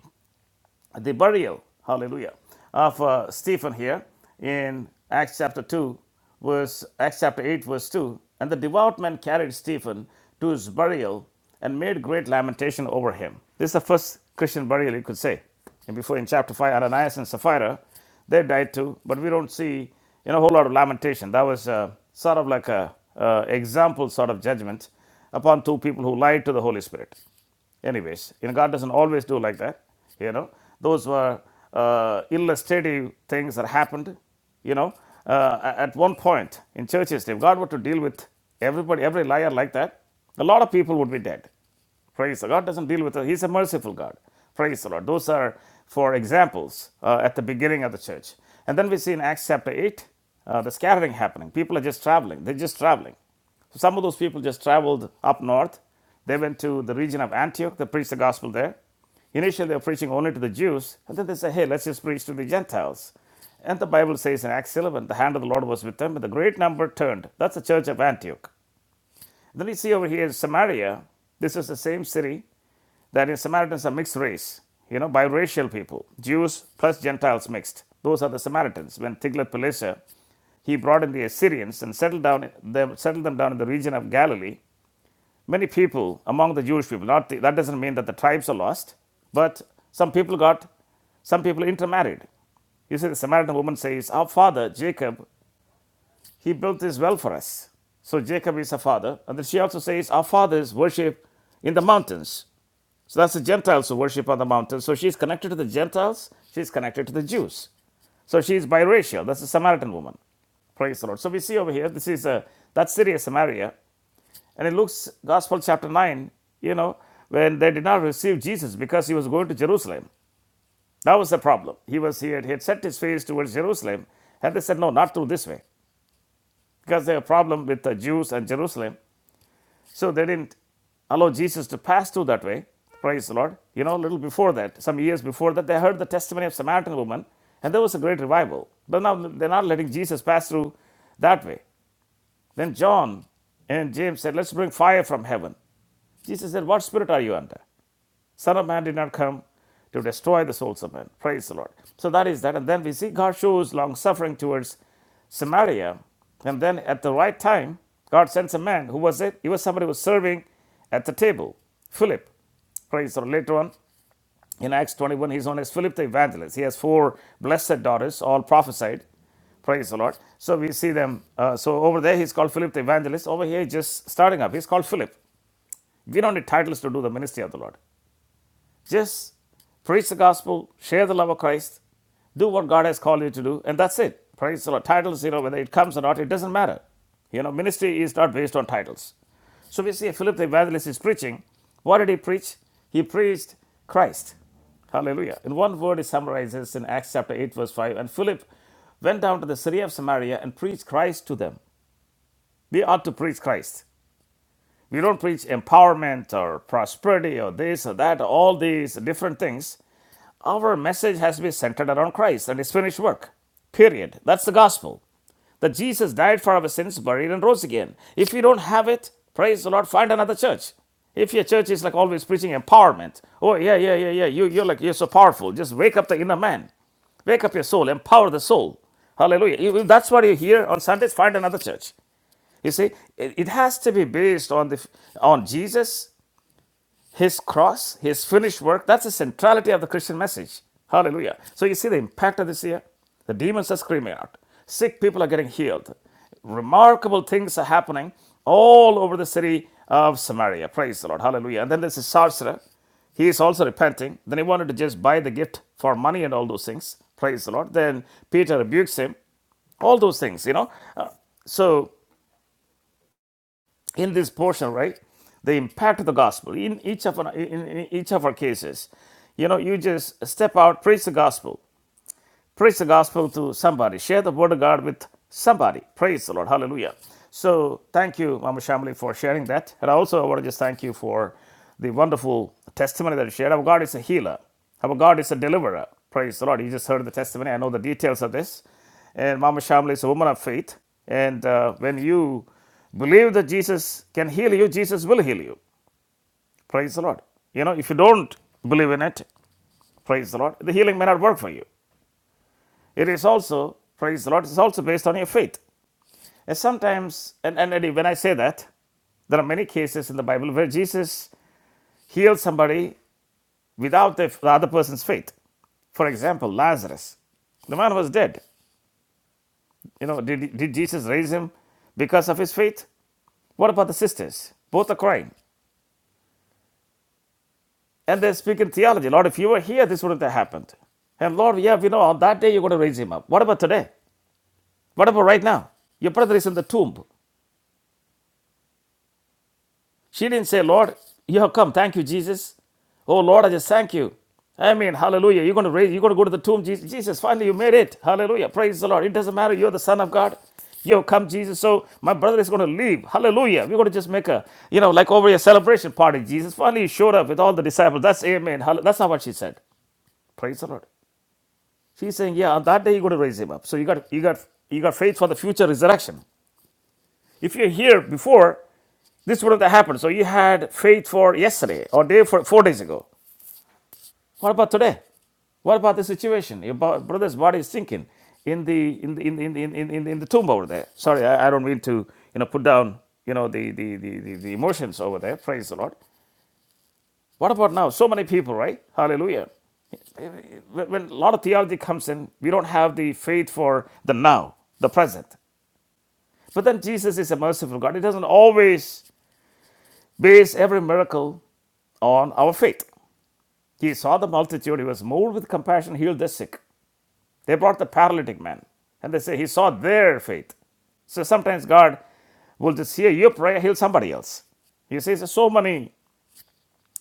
Speaker 2: the burial, hallelujah, of uh, Stephen here in Acts chapter 2, verse, Acts chapter 8, verse 2. And the devout men carried Stephen to his burial and made great lamentation over him. This is the first Christian burial, you could say. And before in chapter 5, Ananias and Sapphira, they died too, but we don't see you know, a whole lot of lamentation. That was uh, sort of like a uh, example sort of judgment upon two people who lied to the Holy Spirit. Anyways, you know, God doesn't always do like that. You know, those were uh, illustrative things that happened. You know, uh, a- at one point in churches, if God were to deal with everybody, every liar like that, a lot of people would be dead. Praise the God doesn't deal with us. He's a merciful God. Praise the Lord. Those are for examples uh, at the beginning of the church. And then we see in Acts chapter 8 uh, the scattering happening. People are just traveling. They're just traveling. So some of those people just traveled up north. They went to the region of Antioch, they preached the gospel there. Initially, they were preaching only to the Jews, and then they said, hey, let's just preach to the Gentiles. And the Bible says in Acts 11, the hand of the Lord was with them, and the great number turned. That's the church of Antioch. Then you see over here in Samaria, this is the same city that in Samaritans are mixed race, you know, biracial people, Jews plus Gentiles mixed. Those are the Samaritans. When Tiglath-Pileser, he brought in the Assyrians and settled down them, settled them down in the region of Galilee. Many people among the Jewish people, not the, that doesn't mean that the tribes are lost, but some people got, some people intermarried. You see, the Samaritan woman says, Our father Jacob he built this well for us. So Jacob is a father. And then she also says, Our fathers worship in the mountains. So that's the Gentiles who worship on the mountains. So she's connected to the Gentiles, she's connected to the Jews. So she's biracial. That's a Samaritan woman. Praise the Lord. So we see over here, this is a that's Syria, Samaria. And in Luke's Gospel, chapter 9, you know, when they did not receive Jesus because he was going to Jerusalem. That was the problem. He was he had, he had set his face towards Jerusalem, and they said, No, not through this way because they have a problem with the Jews and Jerusalem. So they didn't allow Jesus to pass through that way. Praise the Lord. You know, a little before that, some years before that, they heard the testimony of Samaritan woman, and there was a great revival. But now they're not letting Jesus pass through that way. Then John and James said, Let's bring fire from heaven. Jesus said, What spirit are you under? Son of Man did not come to destroy the souls of men. Praise the Lord. So that is that. And then we see God shows long suffering towards Samaria. And then at the right time, God sends a man. Who was it? He was somebody who was serving at the table. Philip. Praise the Lord. Later on, in Acts 21, he's known as Philip the evangelist. He has four blessed daughters, all prophesied. Praise the Lord. So we see them. uh, so over there, he's called Philip the evangelist. Over here, he's just starting up. He's called Philip. We don't need titles to do the ministry of the Lord. Just preach the gospel, share the love of Christ, do what God has called you to do, and that's it. Praise the Lord. Titles, you know, whether it comes or not, it doesn't matter. You know, ministry is not based on titles. So we see Philip the evangelist is preaching. What did he preach? He preached Christ. Hallelujah. In one word, it summarizes in Acts chapter 8, verse 5. And Philip went down to the city of Samaria and preached Christ to them. We ought to preach Christ. We don't preach empowerment or prosperity or this or that, all these different things. Our message has to be centered around Christ and His finished work. Period. That's the gospel. That Jesus died for our sins, buried, and rose again. If you don't have it, praise the Lord, find another church. If your church is like always preaching empowerment, oh yeah, yeah, yeah, yeah, you, you're like you're so powerful. Just wake up the inner man. Wake up your soul, empower the soul. Hallelujah. If if that's what you hear on Sundays, find another church. You see, it it has to be based on the on Jesus, His cross, His finished work. That's the centrality of the Christian message. Hallelujah. So you see the impact of this here. The demons are screaming out. Sick people are getting healed. Remarkable things are happening all over the city of Samaria. Praise the Lord. Hallelujah. And then there's a sorcerer. He is also repenting. Then he wanted to just buy the gift for money and all those things. Praise the Lord. Then Peter rebukes him all those things you know Uh, so in this portion, right? The impact of the gospel in each of our, in, in each of our cases. You know, you just step out, preach the gospel. Preach the gospel to somebody. Share the word of God with somebody. Praise the Lord. Hallelujah. So thank you, Mama Shamli, for sharing that. And also, I want to just thank you for the wonderful testimony that you shared. Our God is a healer. Our God is a deliverer. Praise the Lord. You just heard the testimony. I know the details of this. And Mama Shamli is a woman of faith. And uh, when you believe that Jesus can heal you, Jesus will heal you. Praise the Lord. You know, if you don't believe in it, praise the Lord, the healing may not work for you. It is also, praise the Lord, it's also based on your faith. And sometimes, and, and, when I say that, there are many cases in the Bible where Jesus healed somebody without the, other person's faith. For example, Lazarus. The man was dead. You know, did, did Jesus raise him because of his faith? What about the sisters? Both are crying. And they're speaking theology. Lord, if you were here, this wouldn't have happened. And Lord, yeah, we know on that day you're going to raise him up. What about today? What about right now? Your brother is in the tomb. She didn't say, Lord, you have come. Thank you, Jesus. Oh, Lord, I just thank you. I mean, hallelujah. You're going to raise, you're going to go to the tomb, Jesus. Jesus, finally you made it. Hallelujah. Praise the Lord. It doesn't matter. You're the Son of God. You have come, Jesus. So my brother is going to leave. Hallelujah. We're going to just make a, you know, like over a celebration party, Jesus. Finally, you showed up with all the disciples. That's amen. Hall- That's not what she said. Praise the Lord. She's saying, yeah, on that day you're going to raise him up. So you got, you got, you got faith for the future resurrection. If you're here before, this wouldn't have happened. So you had faith for yesterday or day for four days ago. What about today? What about the situation? Your brother's body is sinking in the in the in the, in the, in, in, in the tomb over there. Sorry, I, I don't mean to you know put down you know the the, the the the emotions over there. Praise the Lord. What about now? So many people, right? Hallelujah. when a lot of theology comes in, we don't have the faith for the now, the present. But then Jesus is a merciful God. He doesn't always Base every miracle on our faith. He saw the multitude, he was moved with compassion, healed the sick. They brought the paralytic man, and they say he saw their faith. So sometimes God will just hear your prayer, heal somebody else. You see, there's so many,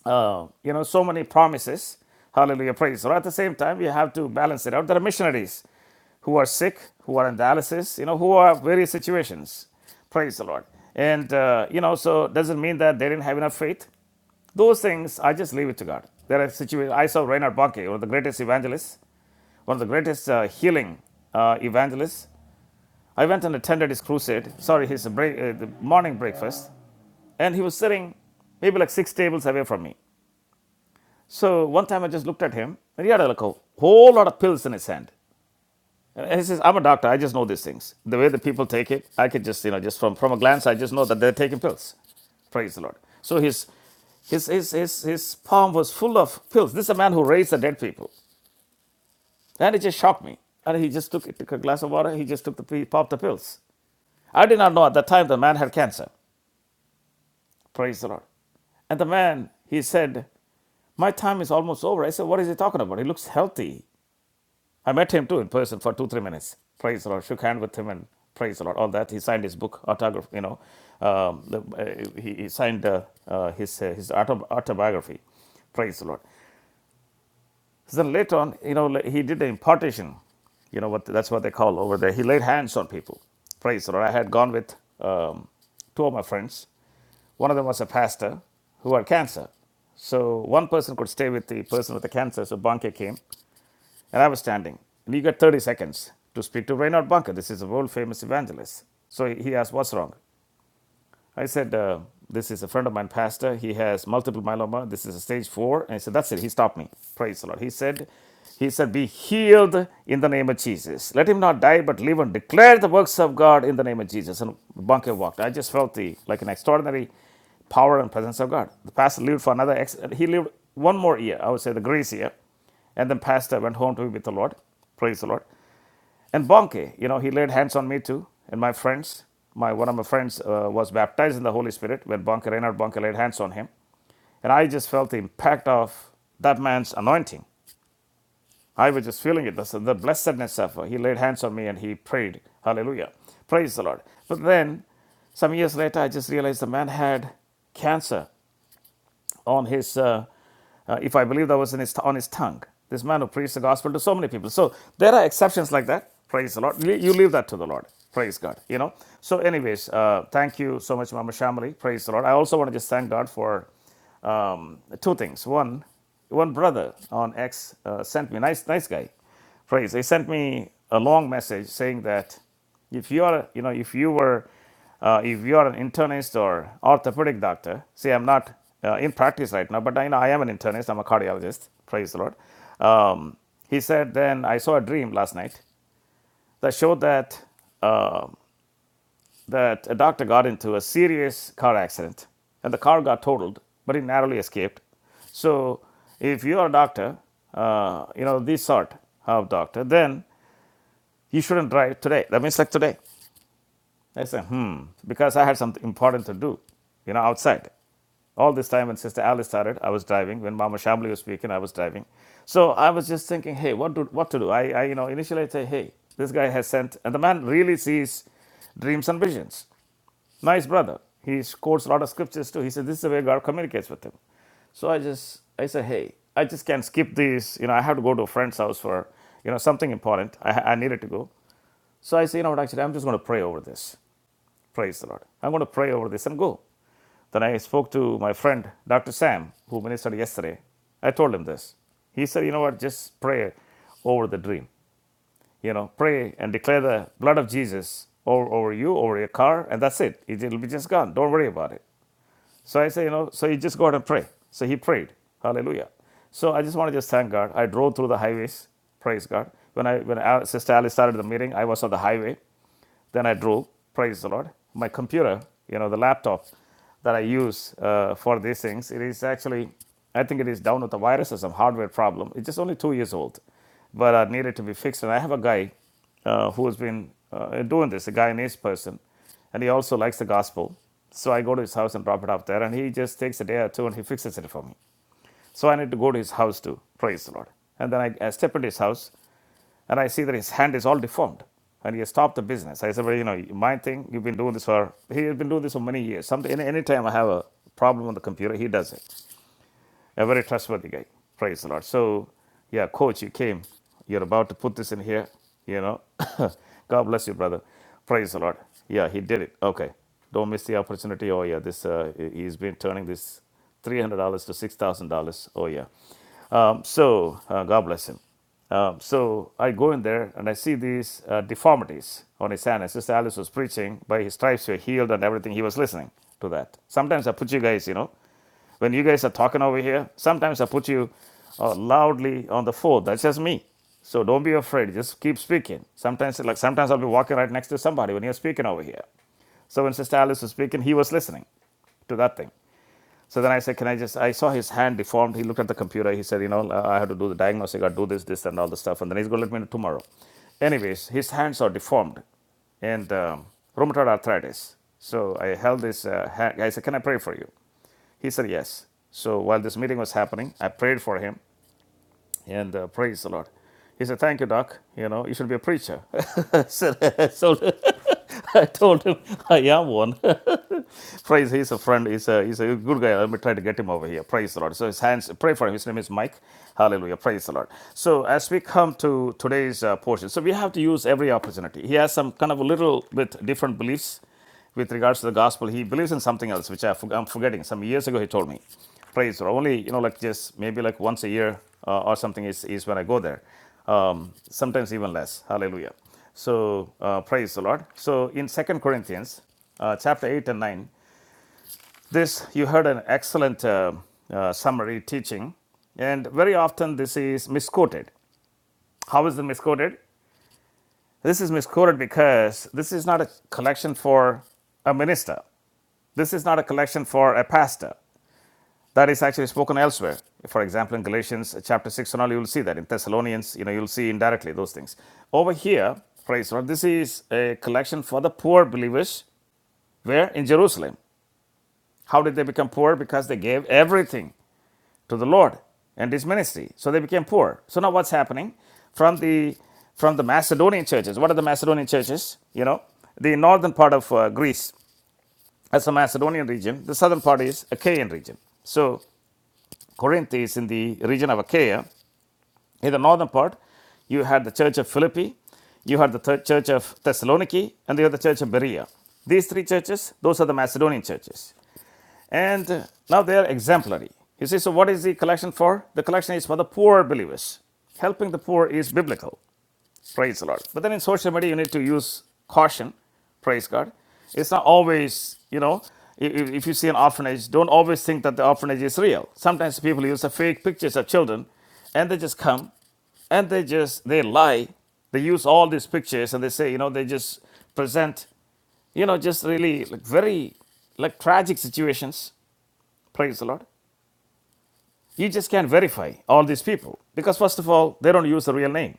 Speaker 2: uh, you know, so many promises. Hallelujah, praise. So at the same time, you have to balance it out. There are missionaries who are sick, who are in dialysis, you know, who are various situations. Praise the Lord. And, uh, you know, so doesn't mean that they didn't have enough faith. Those things, I just leave it to God. There are situations. I saw Reinhard Bonnke, one of the greatest evangelists, one of the greatest uh, healing uh, evangelists. I went and attended his crusade, sorry, his break, uh, the morning breakfast, and he was sitting maybe like six tables away from me. So one time I just looked at him, and he had like a whole lot of pills in his hand. And he says, I'm a doctor. I just know these things. The way the people take it, I could just, you know, just from, from a glance, I just know that they're taking pills. Praise the Lord. So his, his, his, his, his palm was full of pills. This is a man who raised the dead people. And it just shocked me. And he just took, it, took a glass of water. He just took the, pi- popped the pills. I did not know at that time the man had cancer. Praise the Lord. And the man, he said, my time is almost over. I said, what is he talking about? He looks healthy. I met him too in person for two, three minutes. Praise the Lord. Shook hand with him and praise the Lord. All that. He signed his book, autograph, you know. Um, the, uh, he, he signed uh, uh, his, uh, his auto, autobiography. Praise the Lord. So then later on, you know, he did the impartation. You know what that's what they call over there. He laid hands on people. Praise the Lord. I had gone with um, two of my friends. One of them was a pastor who had cancer. So one person could stay with the person with the cancer. So Banke came. And I was standing. And you got 30 seconds to speak to Reinhard Bunker. This is a world famous evangelist. So he asked, What's wrong? I said, uh, This is a friend of mine, pastor. He has multiple myeloma. This is a stage four. And he said, That's it. He stopped me. Praise the Lord. He said, He said, Be healed in the name of Jesus. Let him not die, but live and declare the works of God in the name of Jesus. And Bunker walked. I just felt the like an extraordinary power and presence of God. The pastor lived for another, ex- he lived one more year, I would say the grace year. And then pastor went home to be with the Lord. Praise the Lord. And Bonke, you know, he laid hands on me too, and my friends. My one of my friends uh, was baptized in the Holy Spirit when Bonke Reinhard Bonke laid hands on him, and I just felt the impact of that man's anointing. I was just feeling it, the, the blessedness of her. He laid hands on me and he prayed, Hallelujah, praise the Lord. But then, some years later, I just realized the man had cancer on his, uh, uh, if I believe that was in his, on his tongue. This man who preached the gospel to so many people. So there are exceptions like that. Praise the Lord. You leave that to the Lord. Praise God. You know. So, anyways, uh, thank you so much, Mama Shamali. Praise the Lord. I also want to just thank God for um, two things. One, one brother on X uh, sent me nice, nice guy praise. They sent me a long message saying that if you are, you know, if you were, uh, if you are an internist or orthopedic doctor, see, I'm not uh, in practice right now, but I know I am an internist. I'm a cardiologist. Praise the Lord. Um, he said, then I saw a dream last night that showed that uh, that a doctor got into a serious car accident and the car got totaled, but he narrowly escaped. So, if you are a doctor, uh, you know, this sort of doctor, then you shouldn't drive today. That means like today. I said, hmm, because I had something important to do, you know, outside. All this time when Sister Alice started, I was driving. When Mama Shamli was speaking, I was driving. So I was just thinking, hey, what do what to do? I, I, you know, initially I say, hey, this guy has sent, and the man really sees dreams and visions. Nice brother. He quotes a lot of scriptures too. He said, this is the way God communicates with him. So I just, I said, hey, I just can't skip these. You know, I have to go to a friend's house for, you know, something important. I, I needed to go. So I say, you know what, actually, I'm just going to pray over this. Praise the Lord. I'm going to pray over this and go. Then I spoke to my friend, Dr. Sam, who ministered yesterday. I told him this. He said, you know what, just pray over the dream. You know, pray and declare the blood of Jesus over, over you, over your car, and that's it. it. will be just gone. Don't worry about it. So I say, you know, so you just go out and pray. So he prayed. Hallelujah. So I just want to just thank God. I drove through the highways. Praise God. When I when Al- Sister Alice started the meeting, I was on the highway. Then I drove. Praise the Lord. My computer, you know, the laptop that I use uh, for these things, it is actually, I think it is down with a virus or some hardware problem. It's just only two years old, but uh, needed to be fixed. And I have a guy uh, who has been uh, doing this, a Guyanese person and he also likes the gospel. So I go to his house and drop it off there, and he just takes a day or two and he fixes it for me. So I need to go to his house to praise the Lord. And then I, I step into his house, and I see that his hand is all deformed, and he has stopped the business. I said, well, you know, my thing, you've been doing this for, he has been doing this for many years. Some, any, anytime I have a problem on the computer, he does it a very trustworthy guy. Praise the Lord. So, yeah, coach, you came. You're about to put this in here. You know, [coughs] God bless you, brother. Praise the Lord. Yeah, he did it. Okay, don't miss the opportunity. Oh yeah, this uh, he- has been turning this three hundred dollars to six thousand dollars. Oh yeah. Um, so uh, God bless him. Um, so I go in there and I see these uh, deformities on his hand. And Sister Alice was preaching, by his stripes were healed and everything. He was listening to that. Sometimes I put you guys, you know. When you guys are talking over here, sometimes I put you uh, loudly on the phone. That's just me. So don't be afraid. Just keep speaking. Sometimes, like sometimes I'll be walking right next to somebody when you're speaking over here. So when Sister Alice was speaking, he was listening to that thing. So then I said, Can I just? I saw his hand deformed. He looked at the computer. He said, You know, I have to do the diagnostic, I do this, this, and all the stuff. And then he's going to let me know tomorrow. Anyways, his hands are deformed and um, rheumatoid arthritis. So I held this uh, hand. I said, Can I pray for you? He said, Yes. So while this meeting was happening, I prayed for him and uh, praise the Lord. He said, Thank you, Doc. You know, you should be a preacher. [laughs] I said, [laughs] so I told him, I am one. Praise, he's a friend, he's a, he's a good guy. Let me try to get him over here. Praise the Lord. So his hands, pray for him. His name is Mike. Hallelujah. Praise the Lord. So as we come to today's uh, portion, so we have to use every opportunity. He has some kind of a little bit different beliefs with regards to the gospel. He believes in something else, which I I'm forgetting. Some years ago, he told me. Praise the Lord. Only, you know, like just maybe like once a year uh, or something is, is when I go there. Um, sometimes even less. Hallelujah. So uh, praise the Lord. So in Second Corinthians uh, chapter 8 and 9, this, you heard an excellent uh, uh, summary teaching, and very often this is misquoted. How is it misquoted? This is misquoted because this is not a collection for a minister. This is not a collection for a pastor. That is actually spoken elsewhere. For example, in Galatians chapter 6 and all, you will see that. In Thessalonians, you know, you'll see indirectly those things. Over here, praise the Lord, this is a collection for the poor believers where? In Jerusalem. How did they become poor? Because they gave everything to the Lord and his ministry. So they became poor. So now what's happening from the from the Macedonian churches? What are the Macedonian churches? You know, the northern part of uh, Greece as a Macedonian region. The southern part is Achaean region. So Corinth is in the region of Achaia. In the northern part, you had the church of Philippi, you had the third church of Thessaloniki, and you had the church of Berea. These three churches, those are the Macedonian churches. And uh, now they are exemplary. You see, so what is the collection for? The collection is for the poor believers. Helping the poor is biblical. Praise the Lord. But then in social media, you need to use caution. Praise God. It's not always, you know, i- if you see an orphanage, don't always think that the orphanage is real. Sometimes people use the fake pictures of children and they just come and they just they lie they use all these pictures and they say you know they just present you know just really like very like tragic situations Praise the Lord. You just can't verify all these people because, first of all, they don't use the real name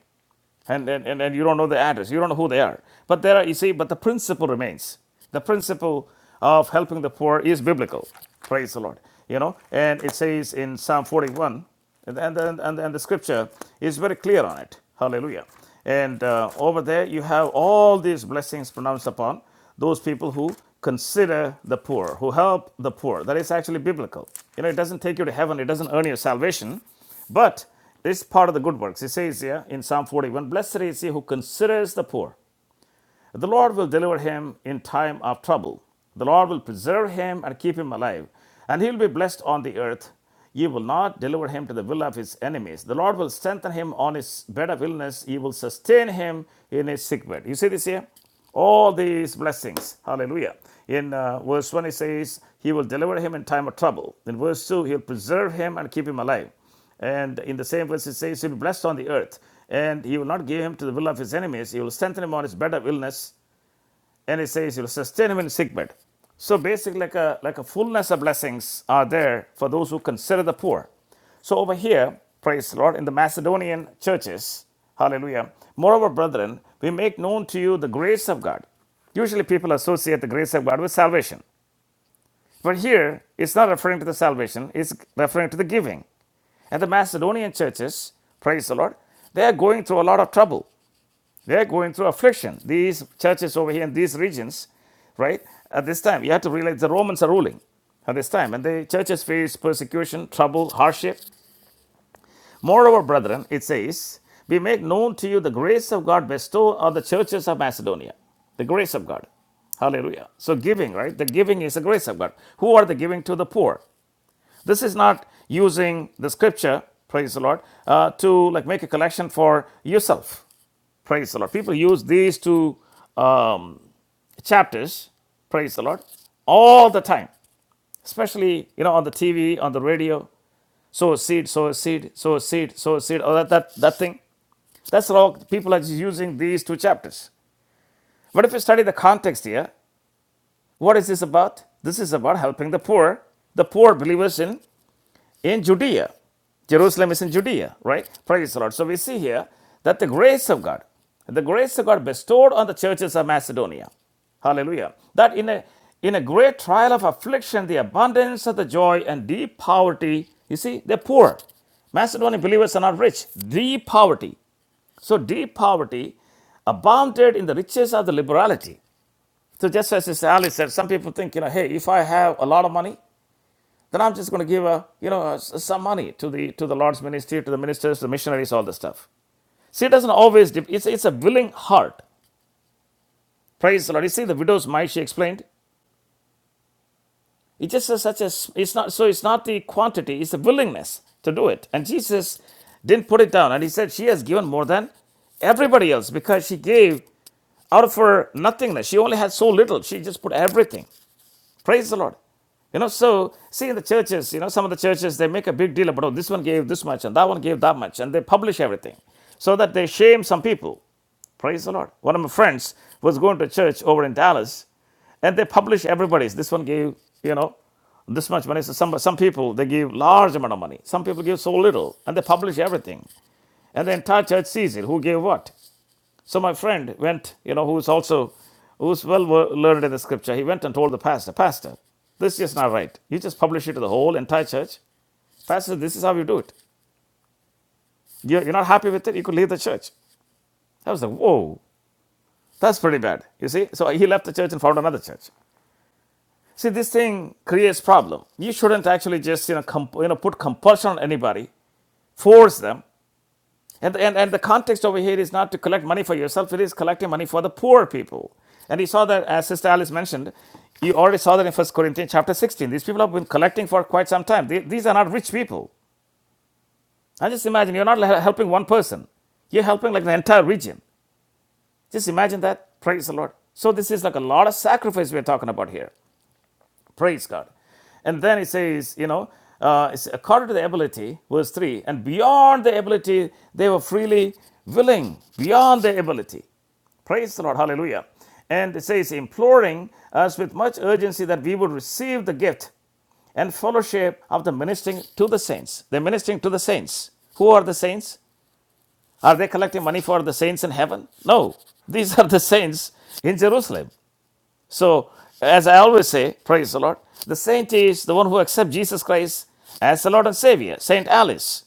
Speaker 2: and, and, and, you don't know the address, you don't know who they are. But there are, you see, but the principle remains. The principle of helping the poor is biblical. Praise the Lord. You know, and it says in Psalm 41, and, and, and, and, and the scripture is very clear on it. Hallelujah. And uh, over there, you have all these blessings pronounced upon those people who consider the poor, who help the poor. That is actually biblical. You know, it doesn't take you to heaven, it doesn't earn your salvation, but this is part of the good works. It says here in Psalm 41 Blessed is he who considers the poor. The Lord will deliver him in time of trouble. The Lord will preserve him and keep him alive, and he will be blessed on the earth. Ye will not deliver him to the will of his enemies. The Lord will strengthen him on his bed of illness. He will sustain him in his sick bed. You see this here? all these blessings. Hallelujah. In uh, verse 1, it says, He will deliver him in time of trouble. In verse 2, He'll preserve him and keep him alive. And in the same verse, it says, He'll be blessed on the earth, and He will not give him to the will of his enemies. He will strengthen him on his bed of illness, and it says, He will sustain him in his sick bed. So basically, like a, like a fullness of blessings are there for those who consider the poor. So over here, praise the Lord, in the Macedonian churches, hallelujah. Moreover, brethren, we make known to you the grace of God. Usually people associate the grace of God with salvation. But here, it's not referring to the salvation, it's referring to the giving. And the Macedonian churches, praise the Lord, they are going through a lot of trouble. They are going through affliction. These churches over here in these regions, right, at this time, you have to realize the Romans are ruling at this time, and the churches face persecution, trouble, hardship. Moreover, brethren, it says, We make known to you the grace of God bestowed on the churches of Macedonia. The grace of God. Hallelujah. So, giving, right? The giving is the grace of God. Who are the giving to the poor? This is not using the scripture, praise the Lord, uh, to like make a collection for yourself, praise the Lord. People use these two um, chapters, praise the Lord, all the time, especially you know on the TV, on the radio. Sow a seed, sow a seed, sow a seed, sow a seed, or that that that thing. That's all. People are just using these two chapters. But if you study the context here, what is this about? This is about helping the poor, the poor believers in in Judea. Jerusalem is in Judea, right? Praise the Lord. So we see here that the grace of God, the grace of God bestowed on the churches of Macedonia. Hallelujah. That in a in a great trial of affliction, the abundance of the joy and deep poverty, you see, they're poor. Macedonian believers are not rich. Deep poverty. So deep poverty abounded in the riches of the liberality. So just as Sister Ali said, some people think, you know, hey, if I have a lot of money, then I'm just going to give a, you know, some money to the to the Lord's ministry, to the ministers, the missionaries, all this stuff. See, it doesn't always. Dip. It's it's a willing heart. Praise the Lord. You see, the widow's mite. She explained. It's just a, such a. s- It's not so. It's not the quantity. It's the willingness to do it. And Jesus didn't put it down. And he said she has given more than everybody else because she gave out of her nothingness. She only had so little. She just put everything. Praise the Lord. You know, so see in the churches, you know, some of the churches they make a big deal about oh, this one gave this much and that one gave that much, and they publish everything so that they shame some people. Praise the Lord. One of my friends was going to church over in Dallas, and they publish everybody's. This one gave, you know, this much money. So some some people they give large amount of money. Some people give so little, and they publish everything, and the entire church sees it. Who gave what? So my friend went, you know, who's also who's well learned in the scripture. He went and told the pastor, Pastor, this is not right. You just publish it to the whole entire church. Pastor, this is how you do it. You're, you're not happy with it. You could leave the church. I was like, whoa, that's pretty bad. You see, so he left the church and found another church. See, this thing creates problem. You shouldn't actually just you know comp- you know put compulsion on anybody, force them. And, and, and the context over here is not to collect money for yourself, it is collecting money for the poor people. And you saw that, as Sister Alice mentioned, you already saw that in First Corinthians chapter 16. These people have been collecting for quite some time. The- These are not rich people. And just imagine, you're not helping one person, you're helping like the entire region. Just imagine that. Praise the Lord. So, this is like a lot of sacrifice we're talking about here. Praise God. And then it says, you know, uh, it's according to the ability, verse 3, and beyond the ability, they were freely willing, beyond the ability. Praise the Lord. Hallelujah. And it says, imploring us with much urgency that we would receive the gift and fellowship of the ministering to the saints. They're ministering to the saints. Who are the saints? Are they collecting money for the saints in heaven? No. These are the saints in Jerusalem. So, as I always say, praise the Lord, the saint is the one who accepts Jesus Christ as the Lord and Savior. Saint Alice,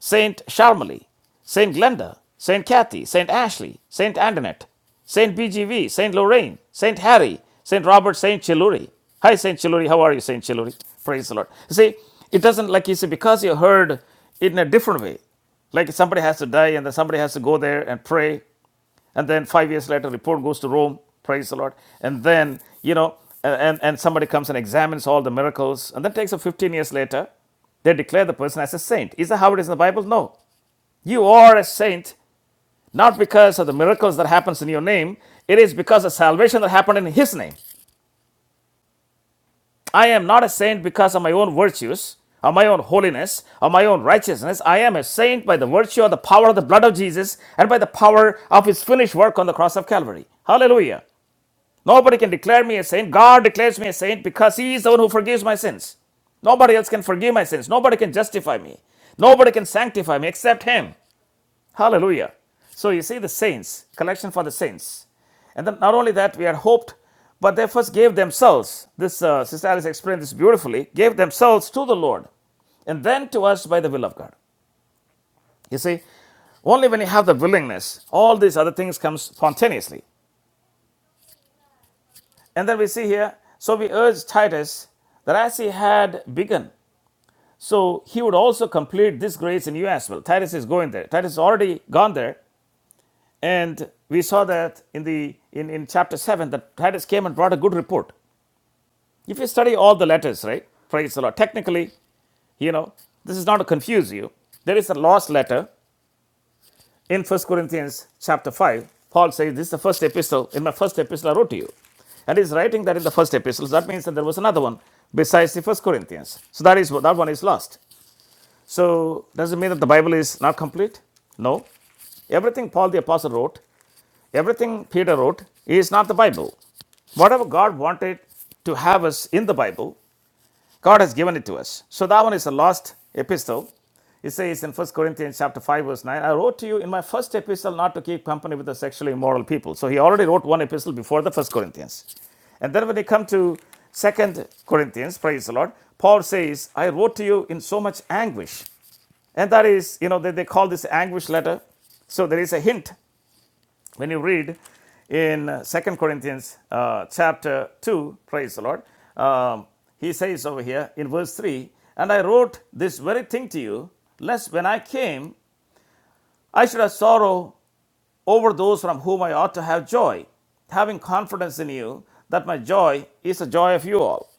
Speaker 2: Saint Charmely, Saint Glenda, Saint Kathy, Saint Ashley, Saint Antoinette, Saint BGV, Saint Lorraine, Saint Harry, Saint Robert, Saint Chiluri. Hi, Saint Chiluri. How are you, Saint Chiluri? Praise the Lord. You see, it doesn't like you see because you heard it in a different way. Like somebody has to die and then somebody has to go there and pray. And then five years later, report goes to Rome, praise the Lord. And then, you know, and, and somebody comes and examines all the miracles. And that takes up 15 years later. They declare the person as a saint. Is that how it is in the Bible? No. You are a saint not because of the miracles that happens in your name. It is because of salvation that happened in his name. I am not a saint because of my own virtues, or my own holiness, or my own righteousness. I am a saint by the virtue of the power of the blood of Jesus and by the power of his finished work on the cross of Calvary. Hallelujah. Nobody can declare me a saint. God declares me a saint because He is the one who forgives my sins. Nobody else can forgive my sins. Nobody can justify me. Nobody can sanctify me except Him. Hallelujah. So you see the saints, collection for the saints. And then not only that, we are hoped, but they first gave themselves. This uh, Sister Alice explained this beautifully gave themselves to the Lord and then to us by the will of God. You see, only when you have the willingness, all these other things come spontaneously. And then we see here, so we urge Titus that as he had begun, so he would also complete this grace in you as well. Titus is going there. Titus has already gone there. And we saw that in the in, in chapter 7 that Titus came and brought a good report. If you study all the letters, right? Praise the Lord. Technically, you know, this is not to confuse you. There is a lost letter in First Corinthians chapter 5, Paul says, This is the first epistle. In my first epistle, I wrote to you. And he's writing that in the first epistle. That means that there was another one besides the first Corinthians. So that is that one is lost. So does it mean that the Bible is not complete? No. Everything Paul the Apostle wrote, everything Peter wrote, is not the Bible. Whatever God wanted to have us in the Bible, God has given it to us. So that one is a lost epistle. It says in First Corinthians chapter 5, verse 9, I wrote to you in my first epistle not to keep company with the sexually immoral people. So he already wrote one epistle before the first Corinthians. And then when they come to Second Corinthians, praise the Lord, Paul says, I wrote to you in so much anguish. And that is, you know, they, they call this anguish letter. So there is a hint when you read in Second Corinthians uh, chapter 2, praise the Lord, um, he says over here in verse 3 And I wrote this very thing to you, lest when I came, I should have sorrow over those from whom I ought to have joy, having confidence in you that my joy is the joy of you all.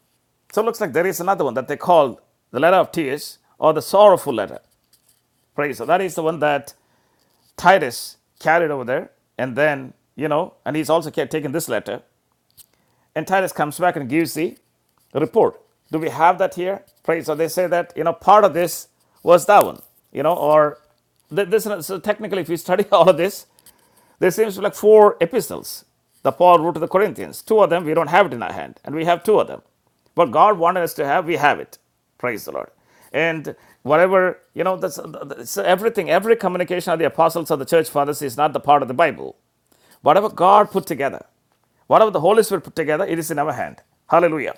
Speaker 2: So it looks like there is another one that they call the letter of tears or the sorrowful letter. Praise. So that is the one that Titus carried over there, and then, you know, and he's also taken this letter. And Titus comes back and gives the report. Do we have that here? Right. So they say that you know part of this was that one. You know, or this. So technically, if you [laughs] study all of this, there seems to be like four epistles that Paul wrote to the Corinthians. Two of them we don't have it in our hand, and we have two of them. What God wanted us to have, we have it. Praise the Lord. And whatever, you know, that's, that's everything, every communication of the apostles of the church fathers is not the part of the Bible. Whatever God put together. Whatever the Holy Spirit put together, it is in our hand. Hallelujah.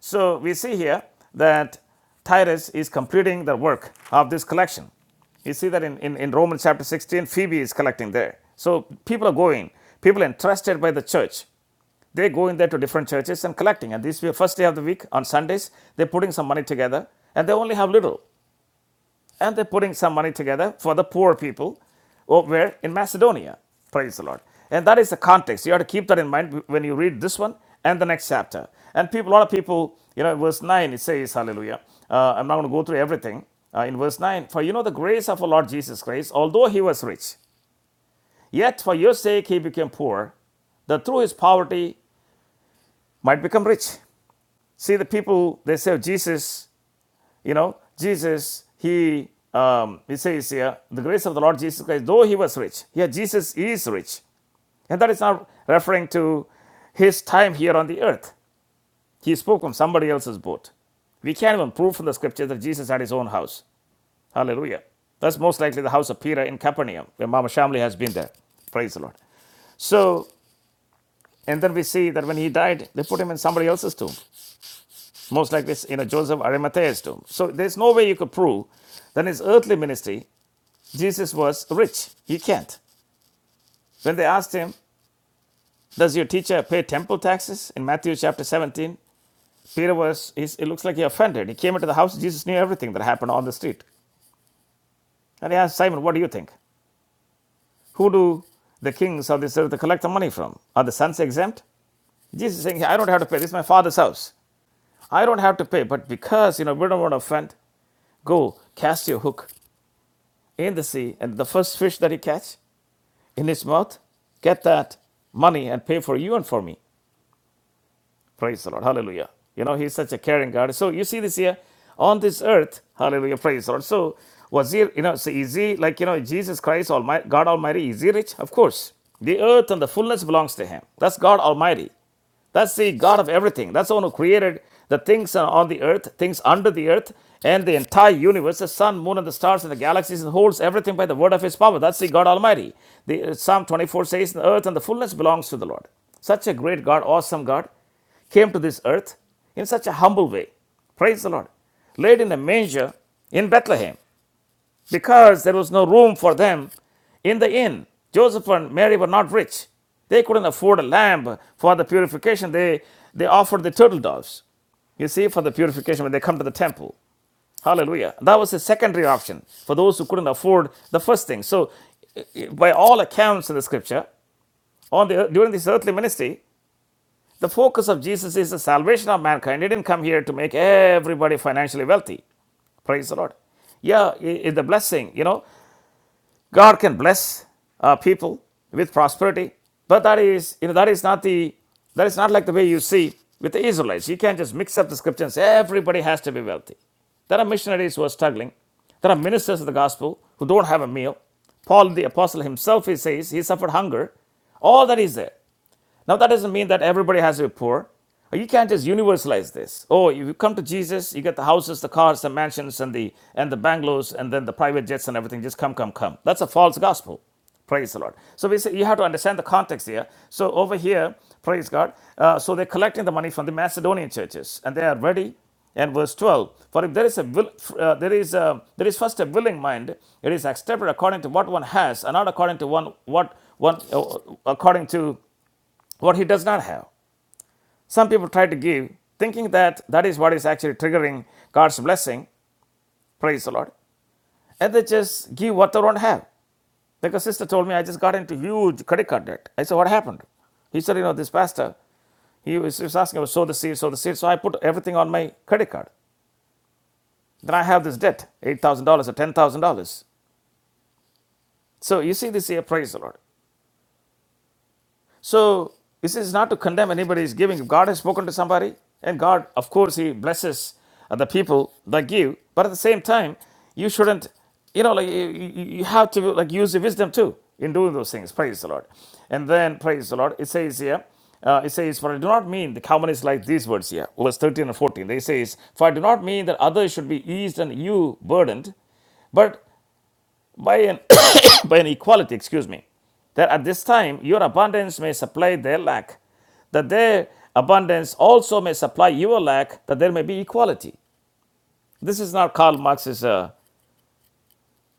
Speaker 2: So we see here that Titus is completing the work of this collection. You see that in, in, in Romans chapter 16, Phoebe is collecting there. So people are going, people entrusted by the church they go in there to different churches and collecting. And this will- first day of the week on Sundays, they're putting some money together, and they only have little and they're putting some money together for the poor people over in Macedonia. Praise the Lord. And that is the context. You have to keep that in mind when you read this one and the next chapter. And people, a lot of people, you know, verse 9, it says, Hallelujah. Uh, I'm not going to go through everything. Uh, in verse 9, for you know the grace of our Lord Jesus Christ, although he was rich, yet for your sake he became poor, that through his poverty might become rich. See, the people, they say, Jesus you know, Jesus, he, um, he says here, the grace of the Lord Jesus Christ, though he was rich, here Jesus is rich. And that is not referring to his time here on the earth. He spoke from somebody else's boat. We can't even prove from the scriptures that Jesus had his own house. Hallelujah. That's most likely the house of Peter in Capernaum, where Mama Shamli has been there. Praise the Lord. So, and then we see that when he died, they put him in somebody else's tomb. most like this, you know, Joseph Arimathea's tomb. So there's no way you could prove that in his earthly ministry, Jesus was rich. You can't. When they asked him, does your teacher pay temple taxes in Matthew chapter 17? Peter was, he's, it looks like he offended. He came into the house, Jesus knew everything that happened on the street. And he asked Simon, what do you think? Who do the kings of this earth collect the money from? Are the sons exempt? Jesus is saying, I don't have to pay. This is my father's house. I don't have to pay. But because, you know, we don't want to offend, go cast your hook in the sea, and the first fish that he catch in his mouth, get that money and pay for you and for me. Praise the Lord. Hallelujah. You know, he's such a caring God. So you see this here on this earth. Hallelujah. Praise the Lord. So was he, you know, so is he like, you know, Jesus Christ, Almighty, God Almighty, is he rich? Of course. The earth and the fullness belongs to him. That's God Almighty. That's the God of everything. That's the one who created the things on the earth, things under the earth, and the entire universe, the sun, moon, and the stars, and the galaxies, and holds everything by the word of his power. That's the God Almighty. The, uh, Psalm 24 says, The earth and the fullness belongs to the Lord. Such a great God, awesome God, came to this earth in such a humble way. Praise the Lord. Laid in a manger in Bethlehem because there was no room for them in the inn. Joseph and Mary were not rich. They couldn't afford a lamb for the purification. They, they offered the turtle doves, you see, for the purification when they come to the temple. Hallelujah. That was a secondary option for those who couldn't afford the first thing. So, by all accounts in the scripture, on the, during this earthly ministry, the focus of Jesus is the salvation of mankind. He didn't come here to make everybody financially wealthy. Praise the Lord. Yeah, it's a blessing, you know, God can bless uh, people with prosperity, but that is, you know, that is not the, that is not like the way you see with the Israelites. You can't just mix up the scripture and say everybody has to be wealthy. There are missionaries who are struggling. There are ministers of the gospel who don't have a meal. Paul the apostle himself, he says, he suffered hunger. All that is there. Now, that doesn't mean that everybody has to be poor. You can't just universalize this. Oh, if you come to Jesus, you get the houses, the cars, the mansions, and the and the bungalows, and then the private jets and everything. Just come, come, come. That's a false gospel. Praise the Lord. So we say you have to understand the context here. So over here, praise God. Uh, so they're collecting the money from the Macedonian churches, and they are ready and verse 12 for if there is a will, uh, there is a, there is first a willing mind it is accepted according to what one has and not according to one what one uh, according to what he does not have. Some people try to give, thinking that that is what is actually triggering God's blessing. Praise the Lord. And they just give what they don't have. Like a sister told me, I just got into huge credit card debt. I said, What happened? He said, You know, this pastor, he was, he was asking about sow the seed, sow the seed. So I put everything on my credit card. Then I have this debt, $8,000 or $10,000. So you see this here, praise the Lord. So this is not to condemn anybody's giving. If God has spoken to somebody, and God, of course, He blesses uh, the people that give. But at the same time, you shouldn't, you know, like you, you you have to like use the wisdom too in doing those things. Praise the Lord. And then praise the Lord. It says here. Uh, it says, for I do not mean the common is like these words here, verse 13 and 14. They says, for I do not mean that others should be eased and you burdened, but by an, [coughs] by an equality, excuse me, that at this time your abundance may supply their lack, that their abundance also may supply your lack, that there may be equality. This is not Karl Marx's, uh,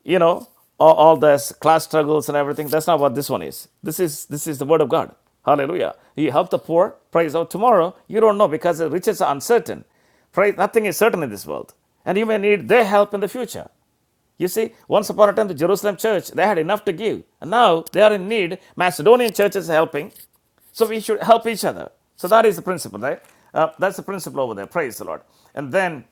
Speaker 2: you know, all, all this class struggles and everything. That's not what this one is. This is this is the word of God. Hallelujah. You help the poor, praise out tomorrow. You don't know because the riches are uncertain. Praise, nothing is certain in this world. And you may need their help in the future. You see, once upon a time, the Jerusalem church, they had enough to give. And now they are in need. Macedonian church is helping. So we should help each other. So that is the principle, right? Uh, that's the principle over there. Praise the Lord. And then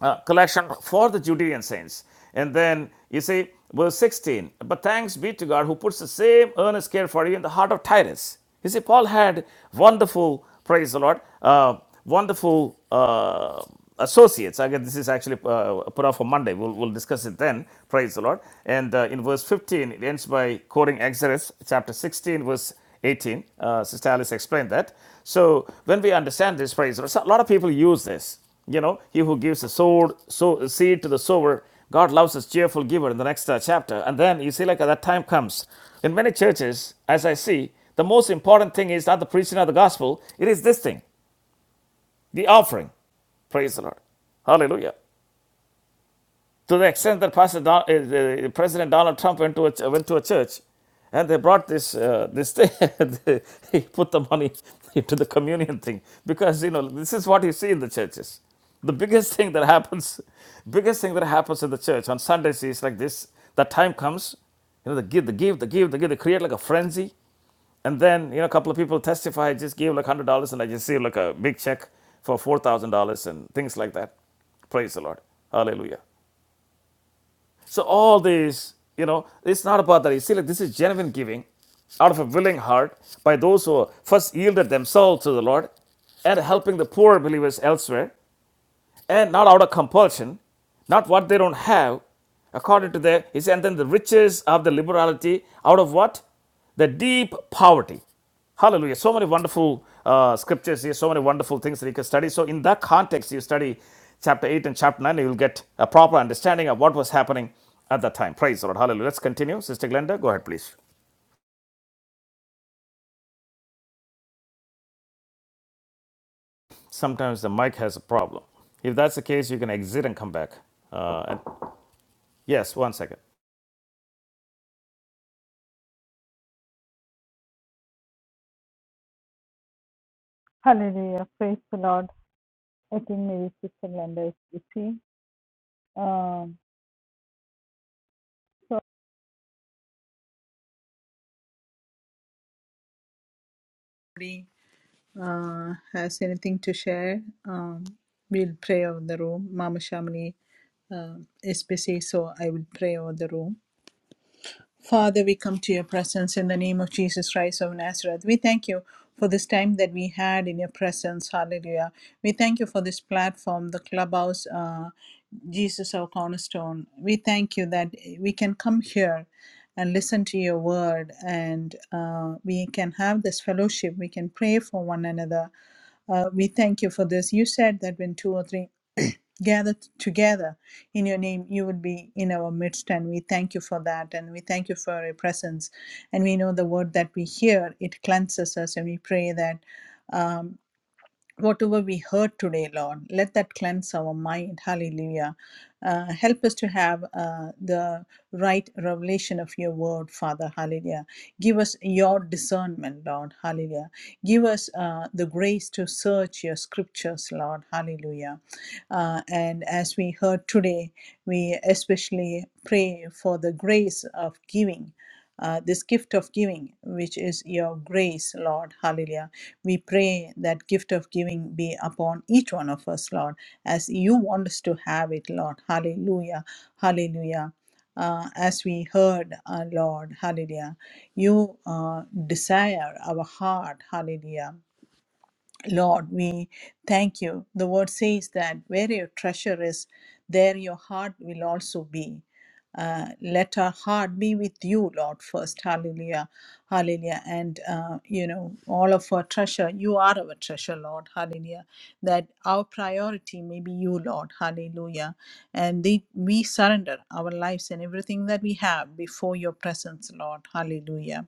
Speaker 2: uh, collection for the Judean saints. And then you see, verse 16, but thanks be to God who puts the same earnest care for you in the heart of Titus. You see, Paul had wonderful, praise the Lord, uh, wonderful uh, associates. I guess this is actually uh, put off for Monday. We'll, we'll discuss it then, praise the Lord. And uh, in verse 15, it ends by quoting Exodus chapter 16, verse 18. Uh, Sister Alice explained that. So when we understand this, praise the Lord, so a lot of people use this. You know, he who gives a sword, so seed to the sower, God loves his cheerful giver in the next uh, chapter. And then you see, like, uh, that time comes. In many churches, as I see, the most important thing is not the preaching of the gospel, it is this thing the offering. Praise the Lord. Hallelujah to the extent that Pastor Don, uh, uh, President Donald Trump went to a, went to a church, and they brought this uh, this thing. [laughs] he put the money [laughs] into the communion thing because you know this is what you see in the churches. The biggest thing that happens, biggest thing that happens in the church on Sundays is like this. That time comes, you know, they give, they give, they give, they give, they create like a frenzy. And then, you know, a couple of people testify, I just gave like $100 and I just see like a big check for $4,000 and things like that. Praise the Lord. Hallelujah. So all these, you know, it's not about that. You see, like this is genuine giving out of a willing heart by those who first yielded themselves to the Lord and helping the poor believers elsewhere and not out of compulsion, not what they don't have, according to their, he said, and then the riches of the liberality out of what? The deep poverty. Hallelujah. So many wonderful uh, scriptures here, so many wonderful things that you can study. So, in that context, you study chapter 8 and chapter 9, you will get a proper understanding of what was happening at that time. Praise the Lord. Hallelujah. Let's continue. Sister Glenda, go ahead, please. Sometimes the mic has a problem. If that's the case, you can exit and come back. Uh, and yes, one second.
Speaker 1: Hallelujah. Praise the Lord. I think maybe Sister Linda is busy. Um, so uh, has anything to share, um, we'll pray over the room. Mama Shamini uh, is busy, so I will pray over the room. Father, we come to your presence in the name of Jesus Christ of Nazareth. We thank you for this time that we had in your presence. Hallelujah. We thank you for this platform, the clubhouse, uh, Jesus, our cornerstone. We thank you that we can come here and listen to your word and uh, we can have this fellowship. We can pray for one another. Uh, we thank you for this. You said that when two or three gathered together in your name, you would be in our midst. And we thank you for that. And we thank you for your presence. And we know the word that we hear, it cleanses us. And we pray that um, whatever we heard today, Lord, let that cleanse our mind. Hallelujah. Uh, help us to have uh, the right revelation of your word, Father. Hallelujah. Give us your discernment, Lord. Hallelujah. Give us uh, the grace to search your scriptures, Lord. Hallelujah. Uh, and as we heard today, we especially pray for the grace of giving. Uh, this gift of giving, which is your grace, Lord. Hallelujah. We pray that gift of giving be upon each one of us, Lord, as you want us to have it, Lord. Hallelujah. Hallelujah uh, as we heard, our Lord, hallelujah. You uh, desire our heart, hallelujah. Lord, we thank you. The word says that where your treasure is, there your heart will also be. Uh, let our heart be with you, Lord, first. Hallelujah. Hallelujah. And, uh, you know, all of our treasure, you are our treasure, Lord. Hallelujah. That our priority may be you, Lord. Hallelujah. And the, we surrender our lives and everything that we have before your presence, Lord. Hallelujah.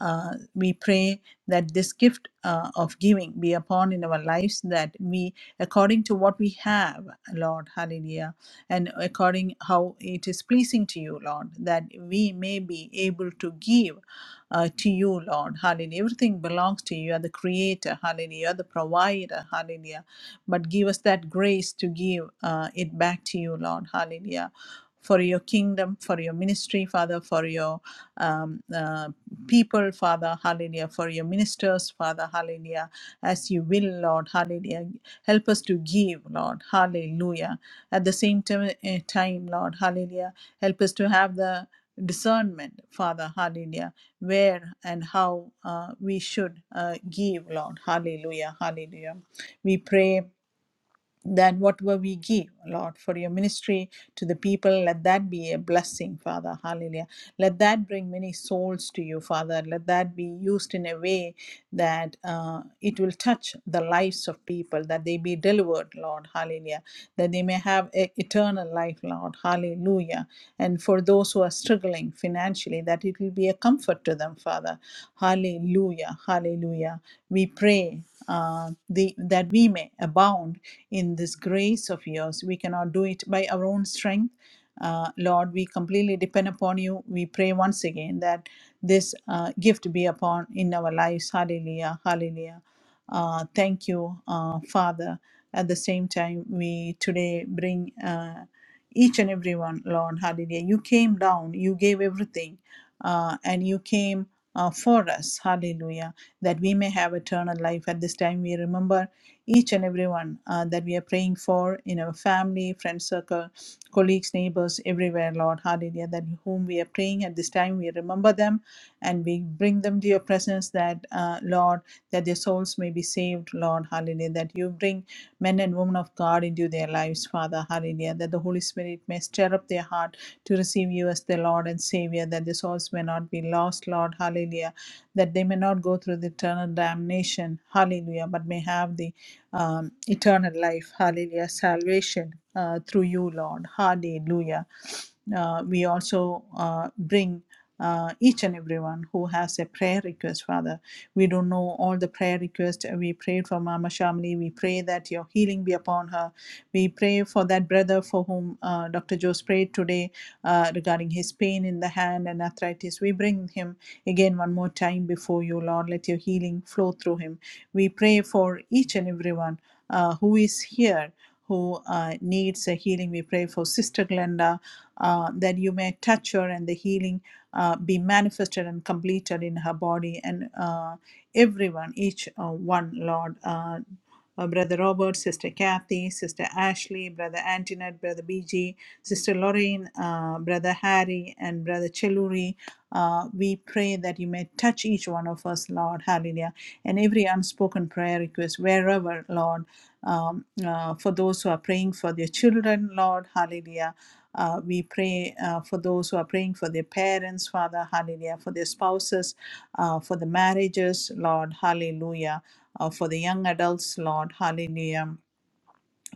Speaker 1: Uh, we pray that this gift uh, of giving be upon in our lives, that we, according to what we have, Lord, hallelujah, and according how it is pleasing to you, Lord, that we may be able to give uh, to you, Lord, hallelujah. Everything belongs to you. You are the creator, hallelujah. You are the provider, hallelujah but give us that grace to give uh, it back to you, Lord. Hallelujah. For your kingdom, for your ministry, Father, for your um, uh, people, Father, hallelujah, for your ministers, Father, hallelujah, as you will, Lord, hallelujah. Help us to give, Lord, hallelujah. At the same time, eh, time Lord, hallelujah, help us to have the discernment, Father, hallelujah, where and how uh, we should uh, give, Lord, hallelujah, hallelujah. We pray than whatever we give, Lord, for your ministry to the people. Let that be a blessing, Father. Hallelujah. Let that bring many souls to you, Father. Let that be used in a way that uh, it will touch the lives of people, that they be delivered, Lord. Hallelujah. That they may have a eternal life, Lord. Hallelujah. And for those who are struggling financially, that it will be a comfort to them, Father. Hallelujah. Hallelujah. We pray uh, the, that we may abound in this grace of yours. We cannot do it by our own strength. Uh, Lord, we completely depend upon you. We pray once again that this uh, gift be upon in our lives. Hallelujah, hallelujah. Uh, thank you, uh, Father. At the same time, we today bring uh, each and every one, Lord, hallelujah. You came down, you gave everything, uh, and you came uh, for us, hallelujah that we may have eternal life. At this time, we remember each and everyone uh, that we are praying for in our family, friend circle, colleagues, neighbors, everywhere, Lord. Hallelujah. That whom we are praying at this time, we remember them and we bring them to your presence that, uh, Lord, that their souls may be saved, Lord. Hallelujah. That you bring men and women of God into their lives, Father. Hallelujah. That the Holy Spirit may stir up their heart to receive you as their Lord and Savior, that their souls may not be lost, Lord. Hallelujah that they may not go through the eternal damnation, hallelujah, but may have the um, eternal life, hallelujah, salvation uh, through you, Lord, hallelujah. Uh, we also uh, bring uh, each and everyone who has a prayer request, Father. We don't know all the prayer requests. We prayed for Mama Shamli. We pray that your healing be upon her. We pray for that brother for whom uh, Dr. Jose prayed today uh, regarding his pain in the hand and arthritis. We bring him. Again, one more time before you, Lord, let your healing flow through him. We pray for each and everyone uh, who is here who uh, needs a healing. We pray for Sister Glenda uh, that you may touch her and the healing uh, be manifested and completed in her body and uh, everyone, each uh, one, Lord. Uh, uh, Brother Robert, Sister Kathy, Sister Ashley, Brother Antoinette, Brother BG, Sister Lorraine, uh, Brother Harry, and Brother Cheluri. Uh, we pray that you may touch each one of us, Lord. Hallelujah. And every unspoken prayer request, wherever, Lord, um, uh, for those who are praying for their children, Lord. Hallelujah. Uh, we pray uh, for those who are praying for their parents, Father, hallelujah, for their spouses, uh, for the marriages, Lord, hallelujah, uh, for the young adults, Lord, hallelujah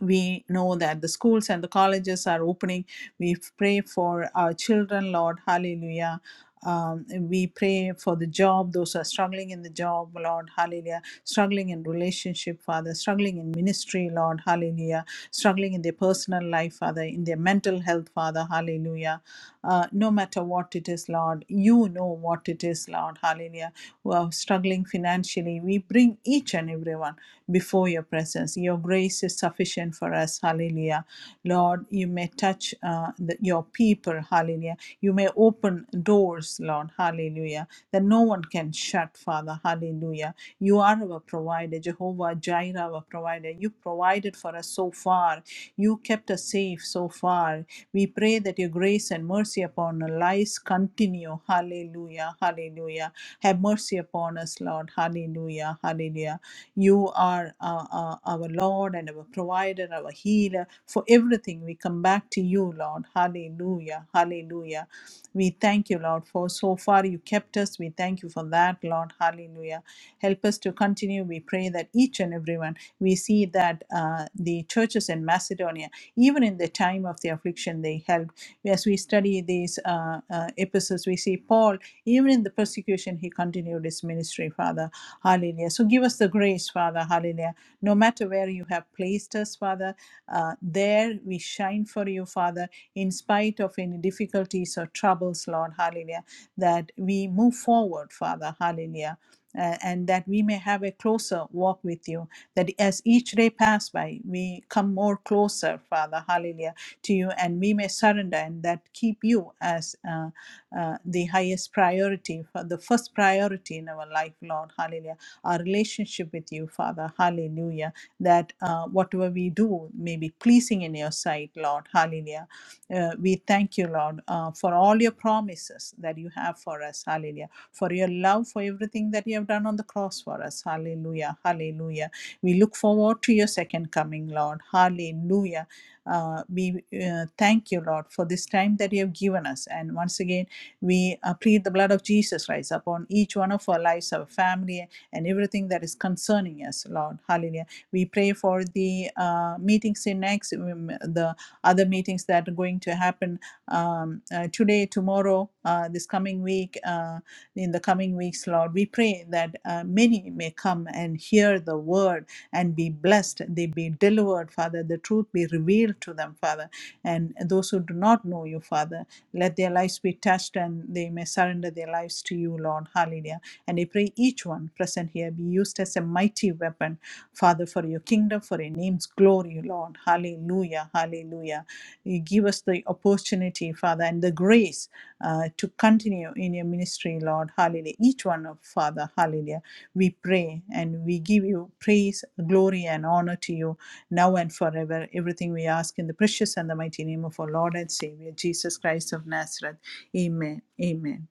Speaker 1: we know that the schools and the colleges are opening. We pray for our children, Lord. Hallelujah. Um, we pray for the job, those who are struggling in the job, Lord, hallelujah, struggling in relationship, Father, struggling in ministry, Lord, hallelujah, struggling in their personal life, Father, in their mental health, Father, hallelujah uh, no matter what it is, Lord. You know what it is, Lord. Hallelujah. Who are struggling financially, we bring each and everyone before your presence. Your grace is sufficient for us. Hallelujah. Lord, you may touch uh, the, your people, hallelujah. You may open doors, Lord, hallelujah, that no one can shut, Father, hallelujah. You are our provider, Jehovah Jireh, our provider. You provided for us so far. You kept us safe so far. We pray that your grace and mercy upon our lives continue, hallelujah, hallelujah. Have mercy upon us, Lord. Lord. Hallelujah. Hallelujah. You are uh, uh, our Lord and our provider, our healer. For everything, we come back to you, Lord. Hallelujah. Hallelujah. We thank you, Lord, for so far you kept us. We thank you for that, Lord. Hallelujah. Help us to continue. We pray that each and everyone, we see that uh, the churches in Macedonia, even in the time of the affliction, they helped. As we study these uh, uh, epistles, we see Paul. Even in the persecution, he continued his ministry, Father. Hallelujah. So give us the grace, Father. Hallelujah. No matter where you have placed us, Father, uh, there we shine for you, Father, in spite of any difficulties or troubles, Lord. Hallelujah. That we move forward, Father. Hallelujah. Uh, and that we may have a closer walk with you. That as each day pass by, we come more closer, Father, hallelujah, to you, and we may surrender and that keep you as. uh, uh, the highest priority, for the first priority in our life, Lord. Hallelujah. Our relationship with you, Father. Hallelujah. That uh, whatever we do may be pleasing in your sight, Lord. Hallelujah. Uh, we thank you, Lord, uh, for all your promises that you have for us. Hallelujah. For your love, for everything that you have done on the cross for us. Hallelujah. Hallelujah. We look forward to your second coming, Lord. Hallelujah. Uh, we uh, thank you, Lord, for this time that you have given us. And once again, we uh, plead the blood of Jesus, Christ, upon each one of our lives, our family, and everything that is concerning us, Lord. Hallelujah. We pray for the uh, meetings in next, um, the other meetings that are going to happen um, uh, today, tomorrow, uh, this coming week, uh, in the coming weeks, Lord. We pray that uh, many may come and hear the word and be blessed. They be delivered, Father. The truth be revealed to them, Father. And those who do not know you, Father, let their lives be touched and they may surrender their lives to you, Lord. Hallelujah. And I pray each one present here be used as a mighty weapon, Father, for your kingdom, for your name's glory, Lord. Hallelujah. Hallelujah. You give us the opportunity, Father, and the grace uh, to continue in your ministry, Lord. Hallelujah. Each one of Father, hallelujah. We pray and we give you praise, glory, and honor to you now and forever. Everything we ask in the precious and the mighty name of our Lord and Savior, Jesus Christ of Nazareth. Amen. Amen.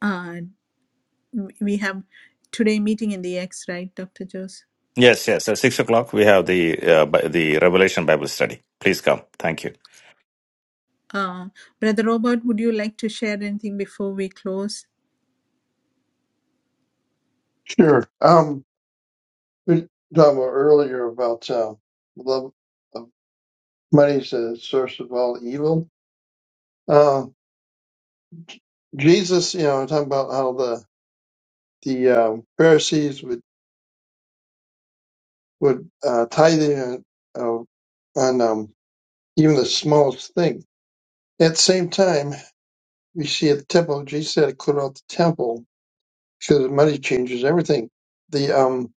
Speaker 1: Uh, we have today meeting in the X, right, Dr. Jose?
Speaker 2: Yes, yes. At six o'clock, we have the uh, Bi- the Revelation Bible study. Please come. Thank you.
Speaker 1: Uh, Brother Robert, would you like to share anything before we close?
Speaker 4: Sure. Um, we talked about earlier about uh, love of money's the source of all evil. Uh, Jesus, you know, talking about how the the um, Pharisees would would uh, tithe in, uh, on um, even the smallest thing. At the same time, we see at the temple, Jesus had to clear out the temple because money changes everything. The um,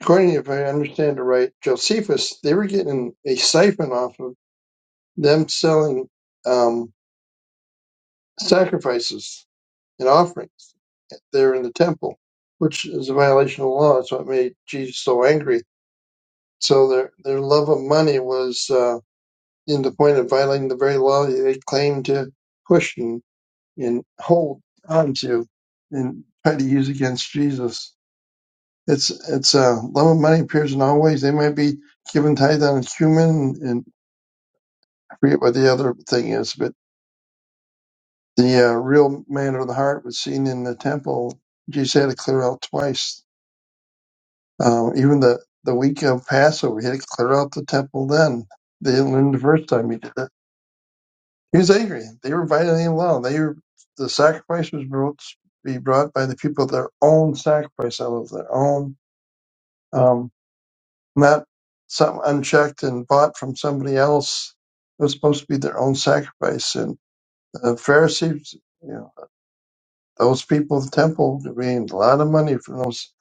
Speaker 4: according, if I understand it right, Josephus, they were getting a siphon off of them selling um, sacrifices and offerings there in the temple, which is a violation of the law. That's what made Jesus so angry. So their their love of money was uh, in the point of violating the very law that they claimed to push and, and hold onto and try to use against Jesus. It's it's uh, love of money appears in all ways. They might be given tithe on a human and I forget what the other thing is, but The uh, real man of the heart was seen in the temple. Jesus had to clear out twice. Um, even the, the week of Passover, he had to clear out the temple then. They didn't learn the first time he did it. He was angry. They were violating the law. They were, the sacrifice was brought, be brought by the people, their own sacrifice out of their own, um, not something unchecked and bought from somebody else. It was supposed to be their own sacrifice. And the Pharisees you know. Those people at the temple made a lot of money from those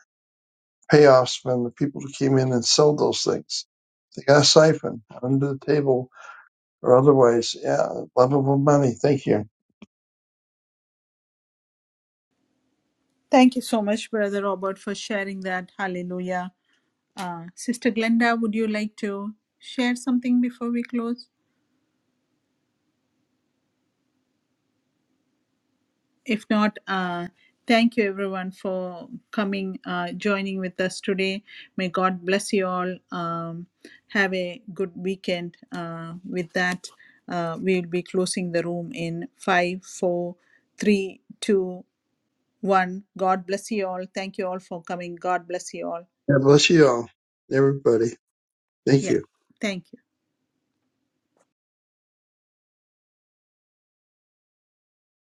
Speaker 4: payoffs from the people who came in and sold those things. They got a siphon under the table or otherwise. Yeah, lovable money. Thank you.
Speaker 1: Thank you so much, Brother Robert, for sharing that. Hallelujah. Uh, Sister Glenda, would you like to share something before we close? If not, uh, thank you everyone for coming, uh, joining with us today. May God bless you all. Um, have a good weekend. Uh, with that, uh, we'll be closing the room in five, four, three, two, one. God bless you all. Thank you all for coming. God bless you all.
Speaker 4: God bless you all, everybody. Thank
Speaker 1: Yeah.
Speaker 4: you.
Speaker 1: Thank you.